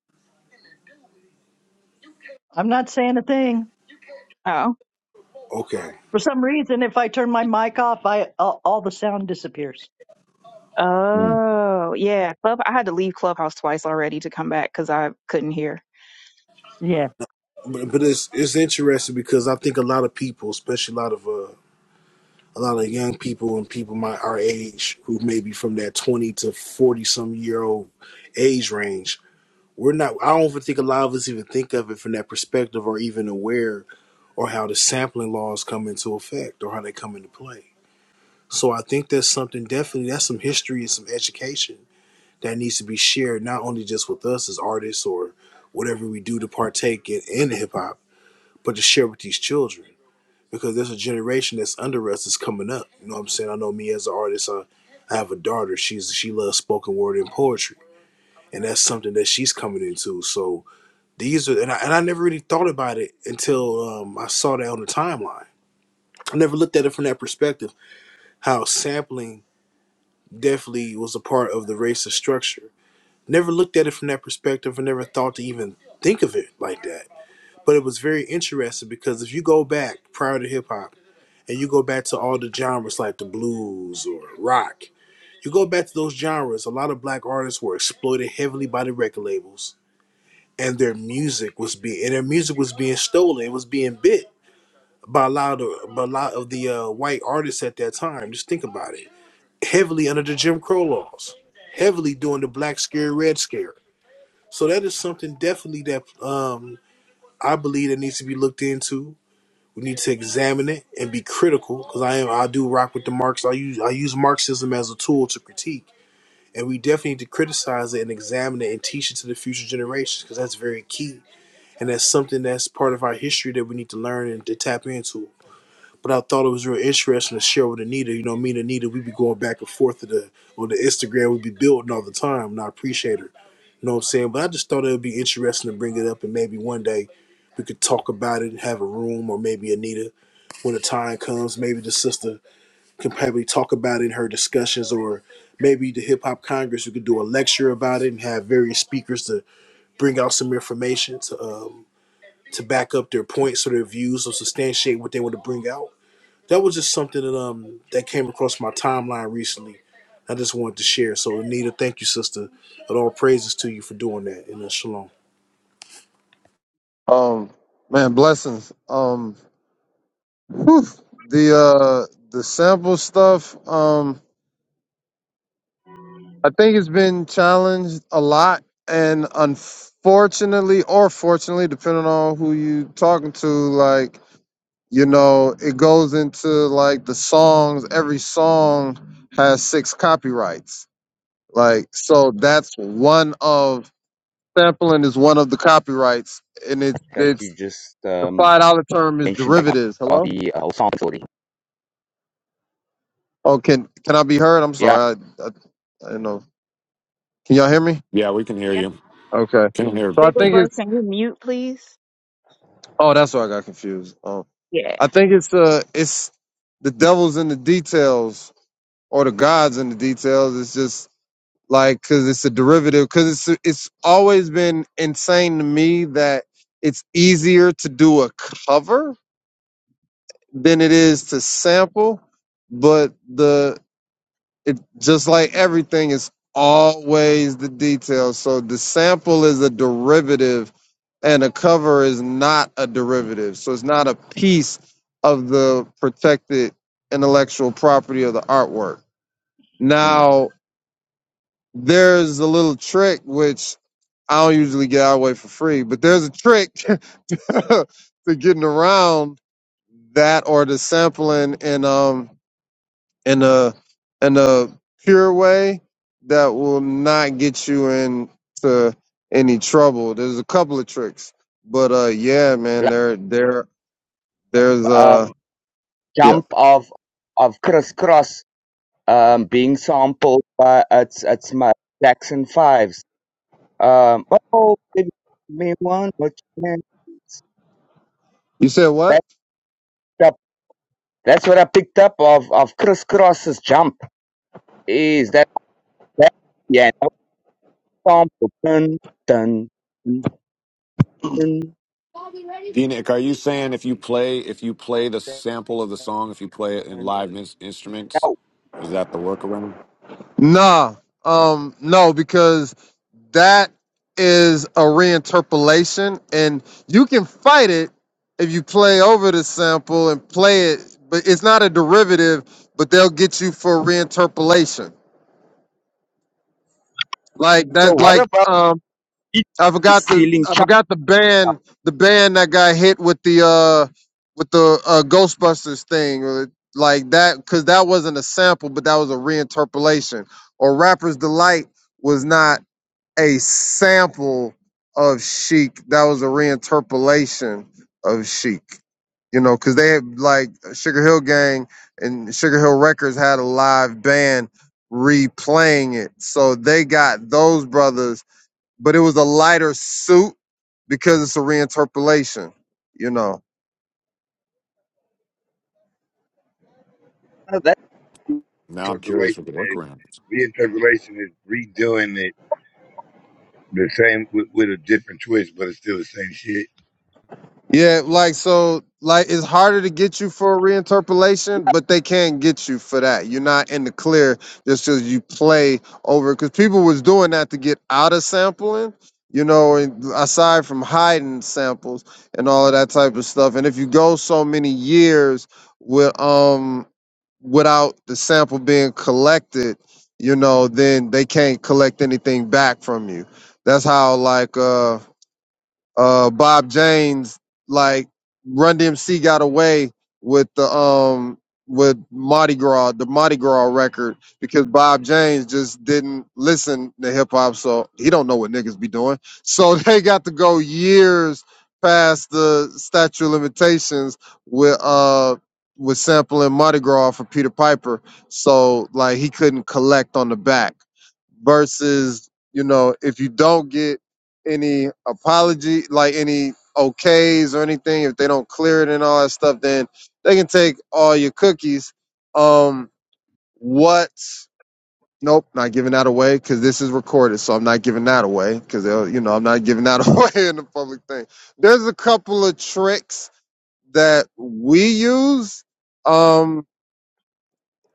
[SPEAKER 4] I'm not saying a thing.
[SPEAKER 1] Oh.
[SPEAKER 2] okay,
[SPEAKER 4] For some reason, if I turn my mic off, I all all the sound disappears.
[SPEAKER 1] Oh, yeah. Club, I had to leave Clubhouse twice already to come back because I couldn't hear.
[SPEAKER 4] Yeah.
[SPEAKER 2] but, but it's it's interesting because I think a lot of people, especially a lot of uh, a lot of young people and people my our age who may be from that 20 to 40 some year old age range we're not i don't even think a lot of us even think of it from that perspective or even aware or how the sampling laws come into effect or how they come into play so i think that's something definitely that's some history and some education that needs to be shared not only just with us as artists or whatever we do to partake in, in hip-hop but to share with these children because there's a generation that's under us that's coming up. You know what I'm saying? I know me as an artist, I, I have a daughter. She's she loves spoken word and poetry, and that's something that she's coming into. So these are, and I, and I never really thought about it until um, I saw that on the timeline. I never looked at it from that perspective. How sampling definitely was a part of the racist structure. Never looked at it from that perspective, and never thought to even think of it like that. But it was very interesting because if you go back prior to hip hop and you go back to all the genres like the blues or rock, you go back to those genres, a lot of black artists were exploited heavily by the record labels and their music was being and their music was being stolen, it was being bit by a lot of by a lot of the uh, white artists at that time. Just think about it. Heavily under the Jim Crow laws, heavily during the black scare, red scare. So that is something definitely that um I believe that needs to be looked into We need to examine it and be critical because I am I do rock with the Marx. I use I use Marxism as a tool to critique, and we definitely need to criticize it and examine it and teach it to the future generations because that's very key and that's something that's part of our history that we need to learn and to tap into. But I thought it was real interesting to share with Anita. You know, me and Anita, we be going back and forth to the on the Instagram. We be building all the time, and I appreciate her. You know what I'm saying? But I just thought it would be interesting to bring it up, and maybe one day we could talk about it and have a room, or maybe Anita when the time comes, maybe the sister can probably talk about it in her discussions, or maybe the Hip Hop Congress, we could do a lecture about it and have various speakers to bring out some information to um, to back up their points or their views or substantiate what they want to bring out. That was just something that um that came across my timeline recently. I just wanted to share. So Anita, thank you, sister. And all praises to you for doing that. And uh, shalom.
[SPEAKER 9] Um, man, blessings. Um, whew, the uh the sample stuff. Um, I think it's been challenged a lot, and unfortunately, or fortunately, depending on who you talking to, like you know, it goes into like the songs, every song has six copyrights. Like, so that's one of sampling is one of the copyrights, and it's
[SPEAKER 6] that you
[SPEAKER 9] it's
[SPEAKER 6] just
[SPEAKER 9] the
[SPEAKER 6] um
[SPEAKER 9] five dollar term is
[SPEAKER 6] mentioned that
[SPEAKER 9] derivatives.
[SPEAKER 6] about
[SPEAKER 9] Hello?
[SPEAKER 6] the uh, Osama bin
[SPEAKER 9] Oh, can can I be heard? I'm
[SPEAKER 6] Yeah.
[SPEAKER 9] sorry, I, I, I don't know. Can y'all hear me?
[SPEAKER 3] Yeah, we can hear
[SPEAKER 1] Yeah.
[SPEAKER 3] you.
[SPEAKER 9] Okay.
[SPEAKER 3] Can hear.
[SPEAKER 9] So I
[SPEAKER 3] Yeah.
[SPEAKER 9] think
[SPEAKER 1] Bigglesworth,
[SPEAKER 9] it's
[SPEAKER 1] can you mute, please?
[SPEAKER 9] oh, that's why I got confused. Um,
[SPEAKER 1] Yeah.
[SPEAKER 9] I think it's uh, it's the devil's in the details or the gods in the details. It's just like because it's a derivative because it's it's always been insane to me that it's easier to do a cover than it is to sample but the it just like everything is always the details so the sample is a derivative and a cover is not a derivative so it's not a piece of the protected intellectual property of the artwork
[SPEAKER 6] Mm.
[SPEAKER 9] now there's a little trick which I don't usually get out of the way for free, but there's a trick to getting around that or the sampling in um in a in a pure way that will not get you into any trouble. There's a couple of tricks. But uh yeah, man,
[SPEAKER 6] Like,
[SPEAKER 9] there there there's uh
[SPEAKER 6] um,
[SPEAKER 9] yeah.
[SPEAKER 6] jump of of Criss Cross um, being sampled by it's it's my Jackson Fives. Um, oh, give me one more chance.
[SPEAKER 9] You said what?
[SPEAKER 6] That's up. That's what I picked up of of Criss Cross's jump. Is that that yeah? no Sample. Dun, dun, dun,
[SPEAKER 3] D-Nick, are you saying if you play if you play the
[SPEAKER 6] dun,
[SPEAKER 3] sample of the song, if you play it in
[SPEAKER 6] dun.
[SPEAKER 3] live ins- instruments,
[SPEAKER 6] Now,
[SPEAKER 3] is that the workaround?
[SPEAKER 9] Nah, um, no, because that is a reinterpolation, and you can fight it if you play over the sample and play it, but it's not a derivative. But they'll get you for reinterpolation, like
[SPEAKER 6] so
[SPEAKER 9] that.
[SPEAKER 6] what
[SPEAKER 9] Like
[SPEAKER 6] about
[SPEAKER 9] um,
[SPEAKER 6] Did
[SPEAKER 9] I
[SPEAKER 6] you
[SPEAKER 9] forgot the I
[SPEAKER 6] China
[SPEAKER 9] forgot the band the band that got hit with the uh with the uh, Ghostbusters thing, uh, like that, because that wasn't a sample, but that was a reinterpolation. Or Rapper's Delight was not. a sample of Chic. That was a reinterpolation of Chic. You know, because they had like Sugar Hill Gang and Sugar Hill Records had a live band replaying it. So they got those brothers, but it was a lighter suit because it's a reinterpolation, you know.
[SPEAKER 6] that
[SPEAKER 3] Now I'm
[SPEAKER 8] Relation-
[SPEAKER 3] curious what the workaround is.
[SPEAKER 8] Reinterpolation is redoing it the same with, with a different twist, but it's still the same shit.
[SPEAKER 9] Yeah, like so, like it's harder to get you for a reinterpolation, but they can't get you for that. You're not in the clear just because you play over. Because people was doing that to get out of sampling, you know, and aside from hiding samples and all of that type of stuff. And if you go so many years with um without the sample being collected, you know, then they can't collect anything back from you. That's how like uh uh Bob James, like Run DMC got away with the um with Mardi Gras, the Mardi Gras record, because Bob James just didn't listen to hip hop, so he don't know what niggas be doing. So they got to go years past the statute of limitations with uh with sampling Mardi Gras for Peter Piper. So like he couldn't collect on the back versus, you know, if you don't get any apology, like any okays or anything, if they don't clear it and all that stuff, then they can take all your cookies. Um, what? Nope, not giving that away because this is recorded, so I'm not giving that away because you know I'm not giving that away in the public thing. There's a couple of tricks that we use. Um,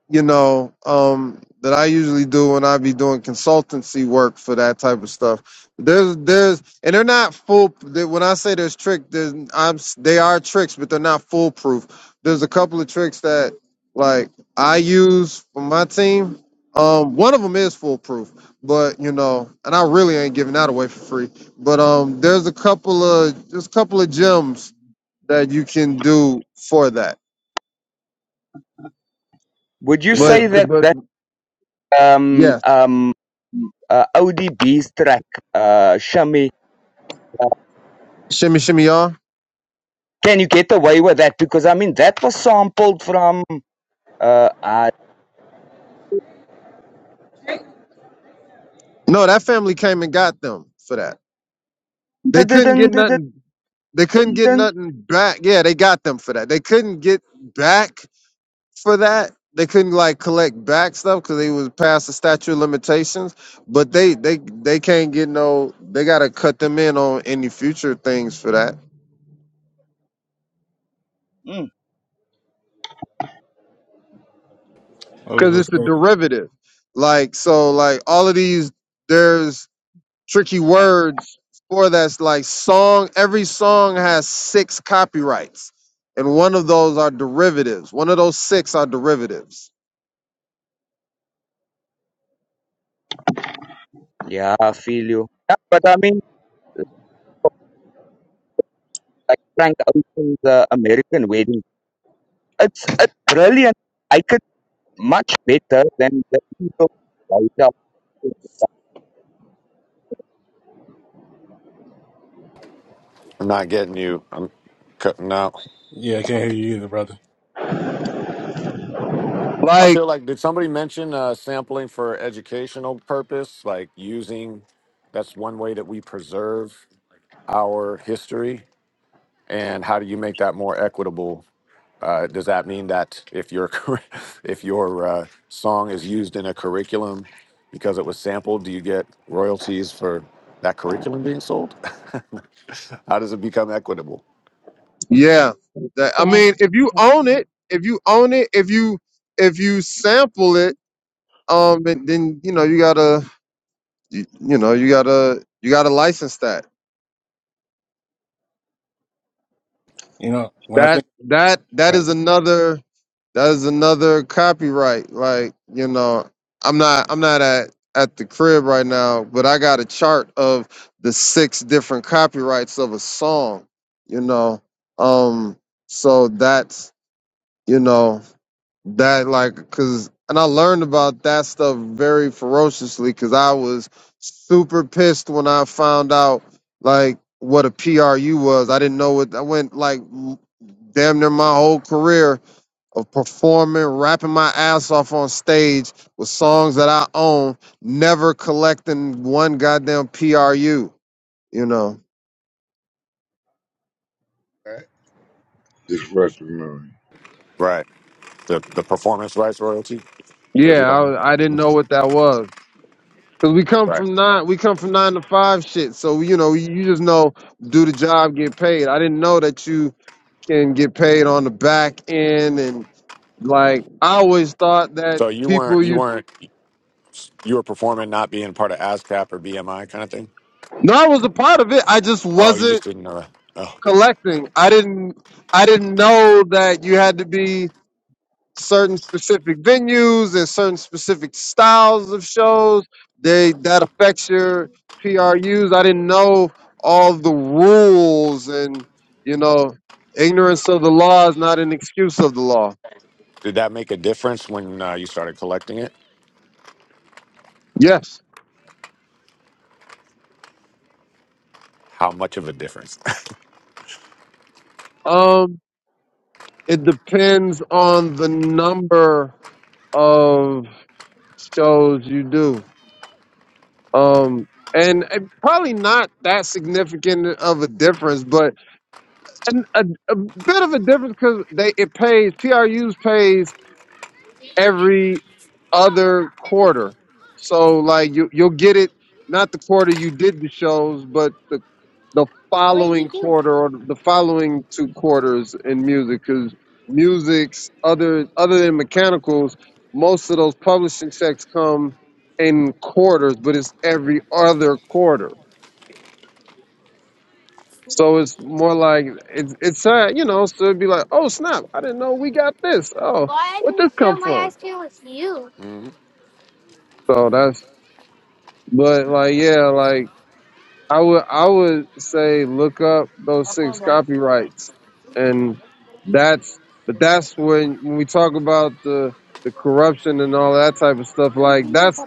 [SPEAKER 9] you know, um, that I usually do when I be doing consultancy work for that type of stuff. There's, there's, and they're not full. They, when I say there's trick, there's, I'm, s- they are tricks, but they're not foolproof. There's a couple of tricks that like I use for my team. Um, one of them is foolproof, but you know, and I really ain't giving that away for free. But um, there's a couple of there's a couple of gems that you can do for that.
[SPEAKER 6] would you
[SPEAKER 9] But
[SPEAKER 12] Yeah,
[SPEAKER 6] say that
[SPEAKER 9] but
[SPEAKER 6] that um
[SPEAKER 9] yeah,
[SPEAKER 6] um uh, ODB's track uh Shami
[SPEAKER 9] shimmy shimmy y'all.
[SPEAKER 6] can you get away with that because I mean that was sampled from uh, uh
[SPEAKER 9] No, that family came and got them for that. They
[SPEAKER 6] dun, dun,
[SPEAKER 9] couldn't
[SPEAKER 6] dun,
[SPEAKER 9] get
[SPEAKER 6] dun, dun,
[SPEAKER 9] nothing. They couldn't get
[SPEAKER 6] dun.
[SPEAKER 9] nothing back. Yeah, they got them for that. They couldn't get back for that. They couldn't like collect back stuff because they was past the statute of limitations. But they they they can't get no. They gotta cut them in on any future things for that
[SPEAKER 6] Mm.
[SPEAKER 12] I was
[SPEAKER 9] because it's
[SPEAKER 12] just
[SPEAKER 9] a derivative. Like so, like all of these. There's tricky words for that's like song every song has six copyrights and one of those are derivatives one of those six are derivatives
[SPEAKER 6] yeah I feel you yeah, but I mean like Frank Ocean's uh, American Wedding it's it's brilliant I could much better than the people right
[SPEAKER 3] I'm not getting you. I'm cutting out.
[SPEAKER 12] Yeah, I can't hear you either, brother.
[SPEAKER 3] I
[SPEAKER 9] like
[SPEAKER 3] feel like did somebody mention uh, sampling for educational purpose, like using? That's one way that we preserve our history. And how do you make that more equitable Uh, does that mean that if your curri- if your uh, song is used in a curriculum because it was sampled, do you get royalties for that curriculum being sold? How does it become equitable?
[SPEAKER 9] yeah that, i
[SPEAKER 1] Dang.
[SPEAKER 9] mean if you own it if you own it if you if you sample it um and then you know you gotta you, you know you gotta you gotta license that
[SPEAKER 12] You know, when I think
[SPEAKER 9] That that that
[SPEAKER 12] right,
[SPEAKER 9] is another that is another copyright. Like, you know, I'm not I'm not at at the crib right now, but I got a chart of the six different copyrights of a song, you know. Um so that's you know that like because and i learned about that stuff very ferociously because i was super pissed when i found out like what a pru was i didn't know what i went like m- damn near my whole career of performing rapping my ass off on stage with songs that i own never collecting one goddamn pru you know
[SPEAKER 8] Right? Just for us to remember.
[SPEAKER 3] Right. The the performance rights royalty. Those
[SPEAKER 9] yeah
[SPEAKER 3] you talking
[SPEAKER 9] i, I
[SPEAKER 3] about?
[SPEAKER 9] didn't
[SPEAKER 3] Mhm.
[SPEAKER 9] know what that was Cause we come
[SPEAKER 3] Right.
[SPEAKER 9] from nine, we come from nine to five shit. So you know, you just know do the job, get paid. I didn't know that you can get paid on the back end, and like I always thought that
[SPEAKER 3] So you weren't
[SPEAKER 9] people
[SPEAKER 3] you
[SPEAKER 9] used.
[SPEAKER 3] weren't you were performing not being part of ASCAP or BMI kind of thing.
[SPEAKER 9] No, I was a part of it. I just
[SPEAKER 3] Oh, you
[SPEAKER 9] wasn't
[SPEAKER 3] just didn't know that. Oh,
[SPEAKER 9] collecting. I didn't, I didn't know that you had to be. certain specific venues and certain specific styles of shows they that affects your prus i didn't know all the rules and you know ignorance of the law is not an excuse of the law
[SPEAKER 3] did that make a difference when uh, you started collecting it?
[SPEAKER 9] yes
[SPEAKER 3] How much of a difference?
[SPEAKER 9] um it depends on the number of shows you do um and, and probably not that significant of a difference but And a, a bit of a difference because they it pays PRU's pays every other quarter, so like you you'll get it not the quarter you did the shows, but the the
[SPEAKER 3] What did
[SPEAKER 9] following
[SPEAKER 3] you do?
[SPEAKER 9] quarter or the following two quarters in music because music's other other than mechanicals, most of those publishing checks come in quarters, but it's every other quarter. So it's more like it's it's sad, you know. So it'd be like, oh snap, I didn't know we got this. Oh,
[SPEAKER 3] Why I
[SPEAKER 9] where'd
[SPEAKER 3] didn't
[SPEAKER 9] this come
[SPEAKER 3] share my
[SPEAKER 9] from?
[SPEAKER 3] ice cream with you? hmm
[SPEAKER 9] So that's but like yeah, like I would I would say look up those six copyrights, and that's but that's when when we talk about the the corruption and all that type of stuff. Like that's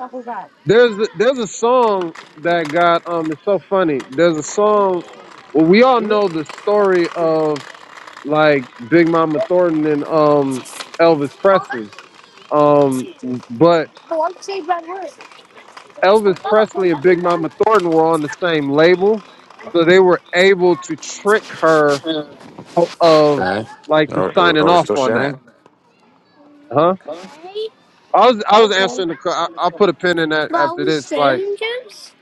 [SPEAKER 9] there's there's a song that got um it's so funny. There's a song. Well, we all know the story of like Big Mama Thornton and um Elvis Presley. Um but
[SPEAKER 3] But I'm saying by word.
[SPEAKER 9] Elvis
[SPEAKER 3] not going
[SPEAKER 9] Presley and Big Mama Thornton were on the same label, so they were able to trick her out of
[SPEAKER 3] Okay.
[SPEAKER 9] like to
[SPEAKER 3] Are, are,
[SPEAKER 9] signing
[SPEAKER 3] are we
[SPEAKER 9] off
[SPEAKER 3] still
[SPEAKER 9] on that.
[SPEAKER 3] sharing?
[SPEAKER 9] Huh?
[SPEAKER 3] Hey,
[SPEAKER 9] I was I was answering the que- I, I'll put a pin in that
[SPEAKER 3] but are
[SPEAKER 9] after
[SPEAKER 3] we
[SPEAKER 9] this like
[SPEAKER 3] sharing juice?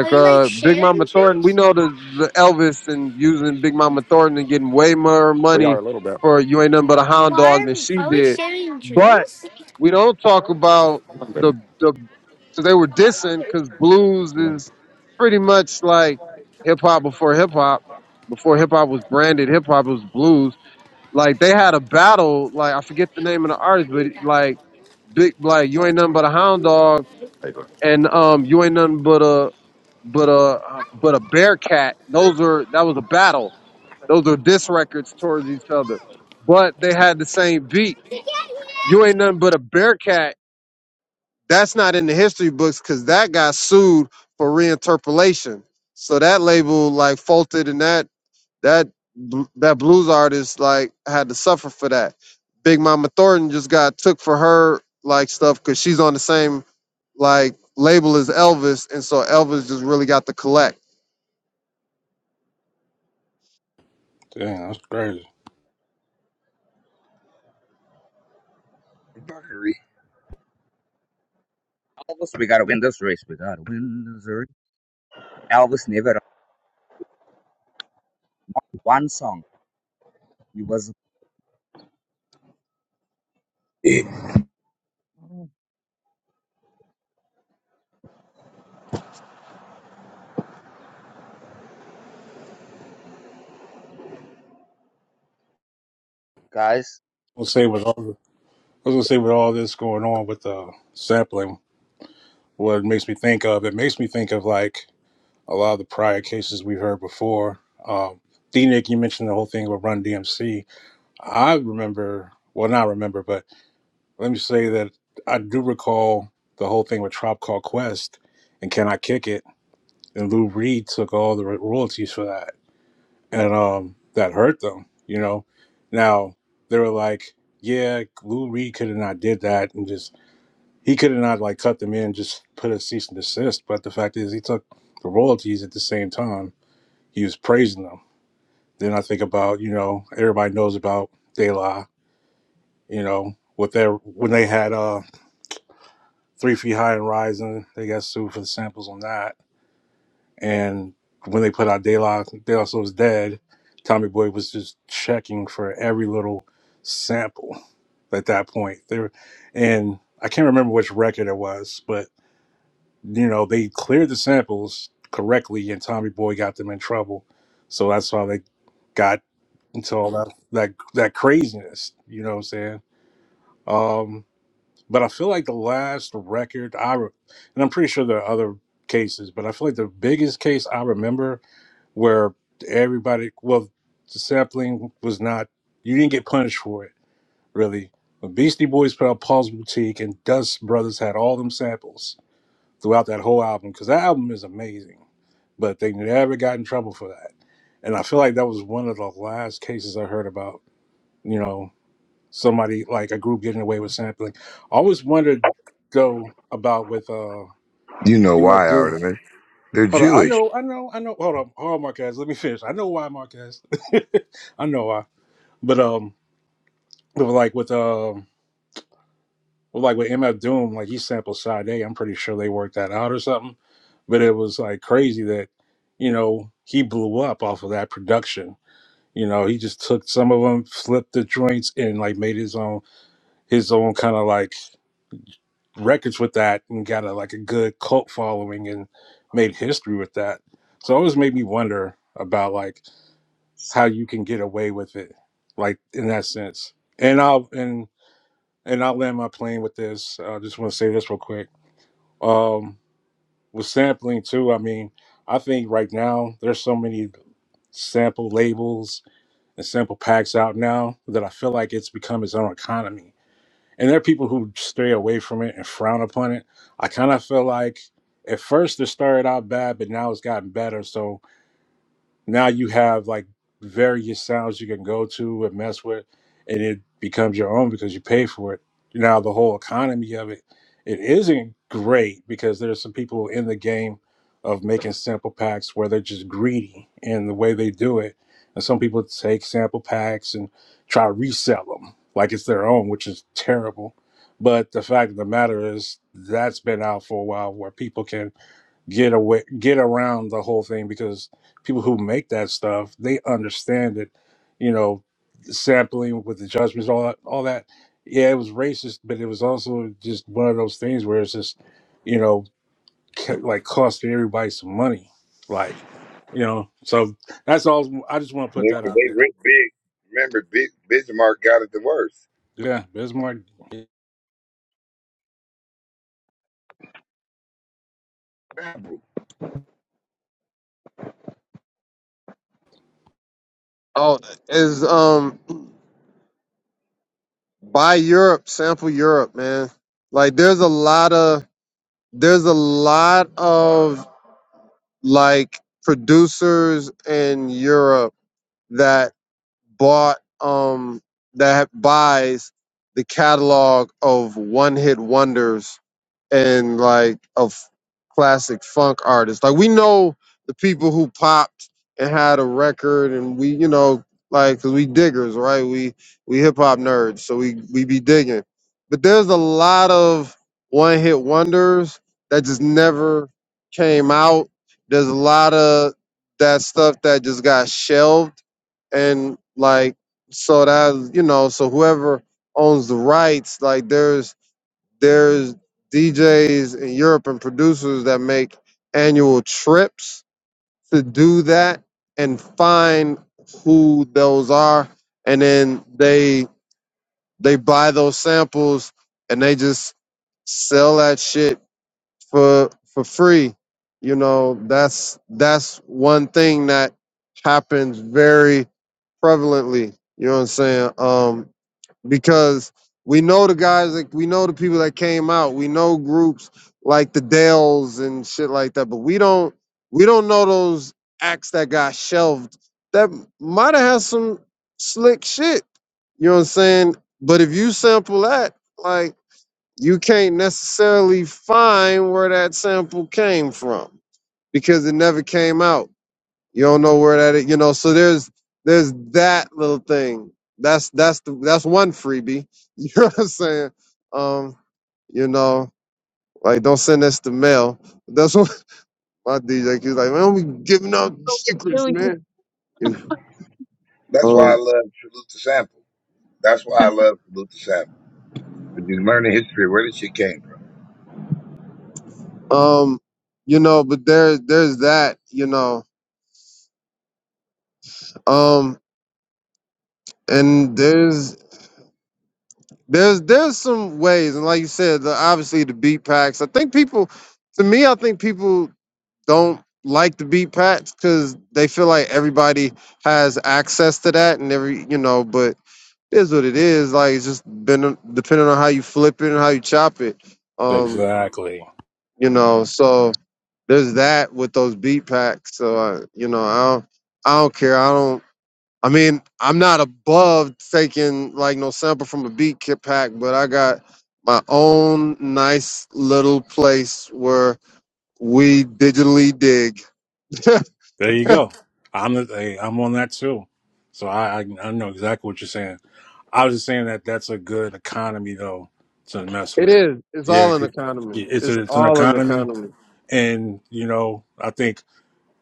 [SPEAKER 3] Are you like
[SPEAKER 9] uh Big Mama
[SPEAKER 3] sharing
[SPEAKER 9] Thornton, we
[SPEAKER 3] juice?
[SPEAKER 9] know the the Elvis and using Big Mama Thornton and getting way more
[SPEAKER 3] We are
[SPEAKER 9] money
[SPEAKER 3] a little bit.
[SPEAKER 9] for you ain't nothing but a hound dog than
[SPEAKER 3] Why
[SPEAKER 9] she
[SPEAKER 3] are, are we
[SPEAKER 9] did.
[SPEAKER 3] sharing
[SPEAKER 9] but.
[SPEAKER 3] juice?
[SPEAKER 9] We don't talk about the
[SPEAKER 3] Good.
[SPEAKER 9] the so they were dissing because blues is
[SPEAKER 3] How
[SPEAKER 9] pretty much like hip hop before hip hop. Before hip hop was branded hip hop, it was blues. Like they had a battle. Like I forget the name of the artist, but like big like you ain't nothing but a hound dog,
[SPEAKER 3] you
[SPEAKER 9] and um you ain't nothing but a but a uh, but a bear cat. Those are that was a battle. Those are diss records towards each other, but they had the same beat.
[SPEAKER 3] doing?
[SPEAKER 9] You ain't nothing but a bear cat that's not in the history books because that got sued for reinterpolation. So that label like faulted, and that that bl- that blues artist like had to suffer for that. Big Mama Thornton just got took for her like stuff because she's on the same like label as Elvis, and so Elvis just really got to collect.
[SPEAKER 12] damn, that's crazy.
[SPEAKER 8] Fuckery.
[SPEAKER 6] Elvis, we gotta win this race. We gotta win this race. Elvis never wrote one song. He was guys
[SPEAKER 12] I'll say with all the, I was gonna say with all this going on with the sampling, what it makes me think of, it makes me think of like a lot of the prior cases we heard before. Um, D Nick, you mentioned the whole thing with Run DMC. I remember, well, not remember, but let me say that I do recall the whole thing with Trop Call Quest and Can I Kick It? And Lou Reed took all the royalties for that and um that hurt them you know now they were like yeah lou reed could have not did that and just he could have not like cut them in just put a cease and desist but the fact is he took the royalties at the same time he was praising them then i think about you know everybody knows about de la you know with their when they had uh three feet high and rising they got sued for the samples on that And when they put out De La, De La Soul's Dead, Tommy Boy was just checking for every little sample at that point. There, and I can't remember which record it was, but you know they cleared the samples correctly, and Tommy Boy got them in trouble. So that's how they got into all that that that craziness. You know what I'm saying? Um, but I feel like the last record I, re- and I'm pretty sure there are other cases, but I feel like the biggest case I remember where everybody well the sampling was not you didn't get punished for it really when beastie boys put out paul's boutique and dust brothers had all them samples throughout that whole album because that album is amazing but they never got in trouble for that and i feel like that was one of the last cases i heard about you know somebody like a group getting away with sampling i always wondered though about with uh
[SPEAKER 8] You know why?
[SPEAKER 12] mf doom
[SPEAKER 8] They're
[SPEAKER 12] Hold on. I
[SPEAKER 8] Jewish.
[SPEAKER 12] know, I know, I know. Hold on. Hold on, Marquez. Let me finish. I know why, Marquez. I know why. But um but like with um well, like with MF Doom, like he sampled Side A, I'm pretty sure they worked that out or something. But it was like crazy that, you know, he blew up off of that production. You know, he just took some of them, flipped the joints, and like made his own his own kind of like records with that, and got a like a good cult following, and made history with that. So it always made me wonder about like how you can get away with it, like in that sense. And I'll and and I'll land my plane with this. I just want to say this real quick. Um, with sampling too, I mean, I think right now there's so many sample labels and sample packs out now that I feel like it's become its own economy. And there are people who stray away from it and frown upon it. I kind of feel like at first it started out bad, but now it's gotten better. So now you have like various sounds you can go to and mess with and it becomes your own because you pay for it now the whole economy of it it isn't great because there's some people in the game of making sample packs where they're just greedy in the way they do it and some people take sample packs and try to resell them like it's their own which is terrible but the fact of the matter is that's been out for a while where people can get away get around the whole thing because people who make that stuff they understand it you know sampling with the judgments all that all that yeah it was racist but it was also just one of those things where it's just you know ca- like costing everybody some money like you know so that's all i just want to put
[SPEAKER 8] Yeah,
[SPEAKER 12] that
[SPEAKER 8] 'cause
[SPEAKER 12] out
[SPEAKER 8] they
[SPEAKER 12] there
[SPEAKER 8] rent big. Remember, big Bismarck got it the worst.
[SPEAKER 12] yeah bismarck
[SPEAKER 8] Sample.
[SPEAKER 9] Oh, is um buy Europe, sample Europe, man. Like there's a lot of there's a lot of like producers in Europe that bought um that buys the catalog of one hit wonders and like of classic funk artists. Like we know the people who popped and had a record, and we you know like 'cause we diggers, right? We we hip hop nerds, so we we be digging. But there's a lot of one hit wonders that just never came out. There's a lot of that stuff that just got shelved, and like so that you know so whoever owns the rights, like there's there's DJs in Europe and producers that make annual trips to do that and find who those are, and then they they buy those samples and they just sell that shit for for free. You know, that's that's one thing that happens very prevalently. You know what I'm saying? Um, because we know the guys like we know the people that came out we know groups like the dales and shit like that but we don't we don't know those acts that got shelved that might have had some slick shit you know what i'm saying but if you sample that like you can't necessarily find where that sample came from because it never came out you don't know where that is, you know. So there's there's that little thing. That's that's the, that's one freebie. You know what I'm saying? Um, you know, like don't send this to mail. That's what my DJ he's like, man, we giving out
[SPEAKER 1] Oh, do
[SPEAKER 9] secrets,
[SPEAKER 1] you?
[SPEAKER 9] man. You
[SPEAKER 8] That's why I
[SPEAKER 9] know,
[SPEAKER 8] love Salute to Sample. That's why I love Salute to Sample. Because you learn the history of where this shit came from.
[SPEAKER 9] um, um, you know, but there there's that, you know. Um, and there's there's there's some ways, and like you said, the, obviously the beat packs. I think people, to me, I think people. don't like to beat Pats because they feel like everybody has access to that and every you know, but it is what it is. Like it's just been depending on how you flip it and how you chop it. Um,
[SPEAKER 12] exactly
[SPEAKER 9] you know, so there's that with those beat packs. So I, you know, I don't, I don't care. I don't. I mean, I'm not above taking like no sample from a beat kit pack, but I got my own nice little place where we digitally dig.
[SPEAKER 12] there you go i'm the, hey, i'm on that too so I, I i know exactly what you're saying I was just saying that that's a good economy though to mess
[SPEAKER 9] It
[SPEAKER 12] with.
[SPEAKER 9] is. It's
[SPEAKER 12] Yeah,
[SPEAKER 9] all an
[SPEAKER 12] 'cause
[SPEAKER 9] economy.
[SPEAKER 12] it's a,
[SPEAKER 9] It's
[SPEAKER 12] it's an
[SPEAKER 9] all an
[SPEAKER 12] economy,
[SPEAKER 9] economy.
[SPEAKER 12] and you know I think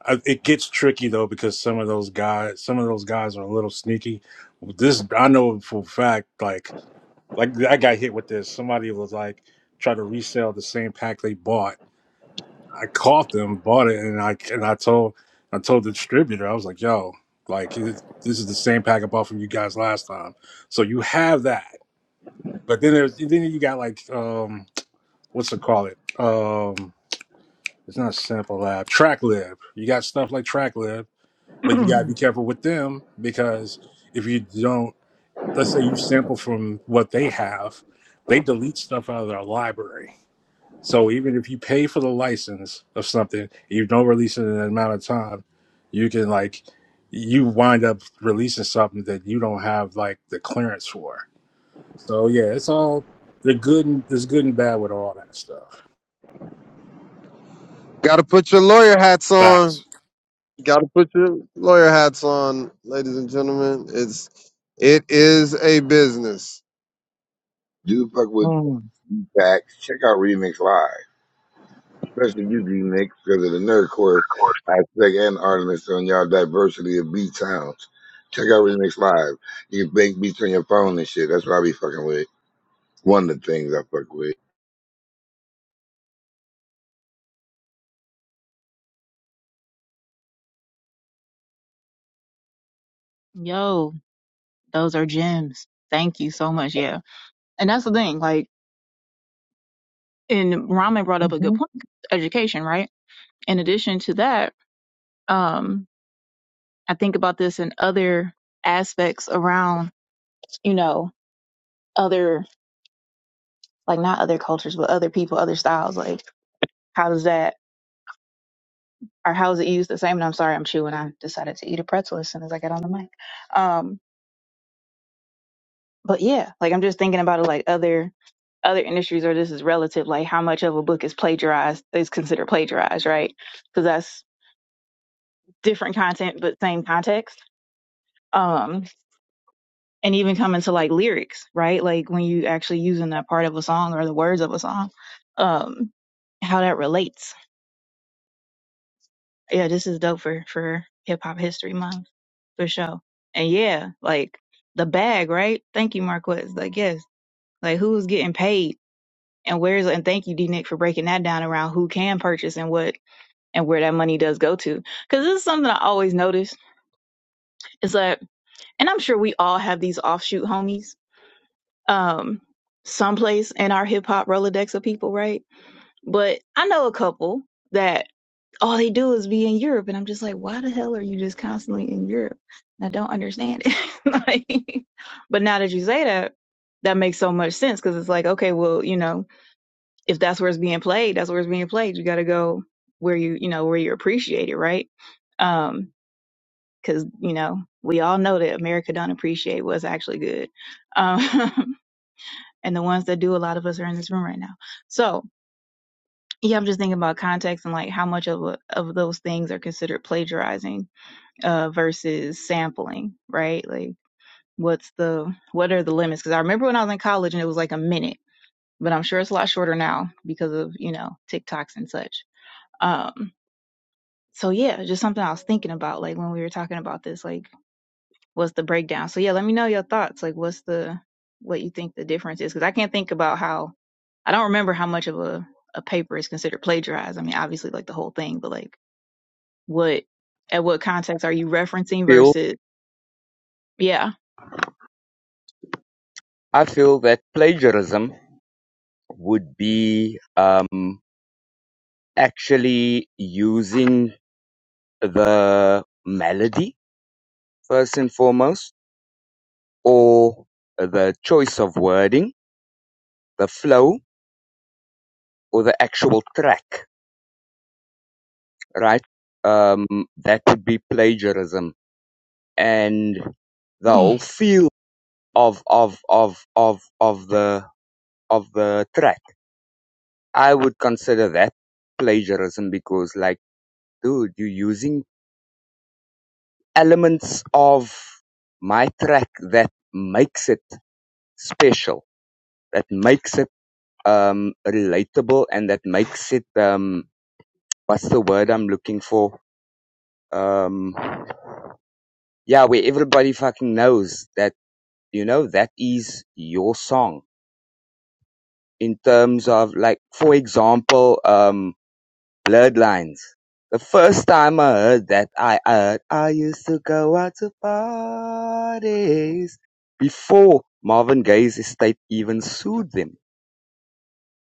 [SPEAKER 12] I, it gets tricky though because some of those guys, some of those guys are a little sneaky. This I know for a fact. Like like I got hit with this. Somebody was like trying to resell the same pack they bought. I caught them, bought it, and I and I told I told the distributor I was like, yo, like this this is the same pack I bought from you guys last time. So you have that. But then there's then you got like um what's it call it? Um it's not sample lab, track lab. You got stuff like track lab, but you gotta be careful with them because if you don't let's say you sample from what they have, they delete stuff out of their library. So even if you pay for the license of something, you don't release it in an amount of time, you can like you wind up releasing something that you don't have like the clearance for. So yeah, it's all the good and there's good and bad with all that stuff.
[SPEAKER 9] Got to put your lawyer hats on.
[SPEAKER 12] Facts.
[SPEAKER 9] Got to put your lawyer hats on, ladies and gentlemen. It's it is a business.
[SPEAKER 8] do fuck with
[SPEAKER 4] Mm.
[SPEAKER 8] that live, especially you, D Nick, because of course I expect an artist on y'all diversity of beat sounds. Check out Remix Live. You can bank me on this shit. That's what I be fucking with. One of the things I fuck with.
[SPEAKER 1] Yo, those are gems. Thank you so much. Yeah. And that's the thing, like, and Ramen brought
[SPEAKER 4] Mhm.
[SPEAKER 1] up a good point, education, right? In addition to that, um, I think about this in other aspects around, you know, other, like not other cultures, but other people, other styles. Like How does that, or how is it used the same? And I'm sorry, I'm chewing. I decided to eat a pretzel as soon as I got on the mic. Um, but yeah, like I'm just thinking about it, like other other industries, or this is relative, like how much of a book is plagiarized is considered plagiarized, right? Because that's different content, but same context. Um, and even coming to like lyrics, right? Like when you actually using that part of a song or the words of a song, um, how that relates. Yeah, this is dope for for Hip Hop History Month. for sure. And yeah, like the bag, right? Thank you, Marquez. Like, yes, like who's getting paid and where's, and thank you, D Nick, for breaking that down around who can purchase and what and where that money does go to. Cause this is something I always notice is that, and I'm sure we all have these offshoot homies, um, someplace in our hip hop Rolodex of people, right? But I know a couple that all they do is be in Europe. And I'm just like, why the hell are you just constantly in Europe? And I don't understand it. like, but now that you say that, that makes so much sense because it's like, okay, well, you know, if that's where it's being played, that's where it's being played. You got to go where you, you know, where you appreciate it, right? Um, because you know we all know that America don't appreciate what's actually good, um, and the ones that do, a lot of us are in this room right now. So yeah, I'm just thinking about context and like how much of a, of those things are considered plagiarizing uh, versus sampling, right? Like, what's the what are the limits? Because I remember when I was in college and it was like a minute, but I'm sure it's a lot shorter now because of you know TikToks and such. Um, so yeah, just something I was thinking about, like when we were talking about this, like what's the breakdown? So yeah, let me know your thoughts. Like, what's the what you think the difference is? Because I can't think about how I don't remember how much of a a paper is considered plagiarized. I mean, obviously, like the whole thing, but like what at what context are you referencing
[SPEAKER 6] feel
[SPEAKER 1] versus yeah
[SPEAKER 6] I feel that plagiarism would be um actually using the melody first and foremost or the choice of wording, the flow or the actual track, right? Um that would be plagiarism and the whole feel of of of of of the of the track I would consider that plagiarism because, like, dude, you're using elements of my track that makes it special, that makes it um, relatable, and that makes it um, what's the word I'm looking for? Um, yeah, where everybody fucking knows that you know that is your song. In terms of like, for example, um. Bloodlines: The first time I heard that I heard I used to go out to parties before Marvin Gaye's estate even sued them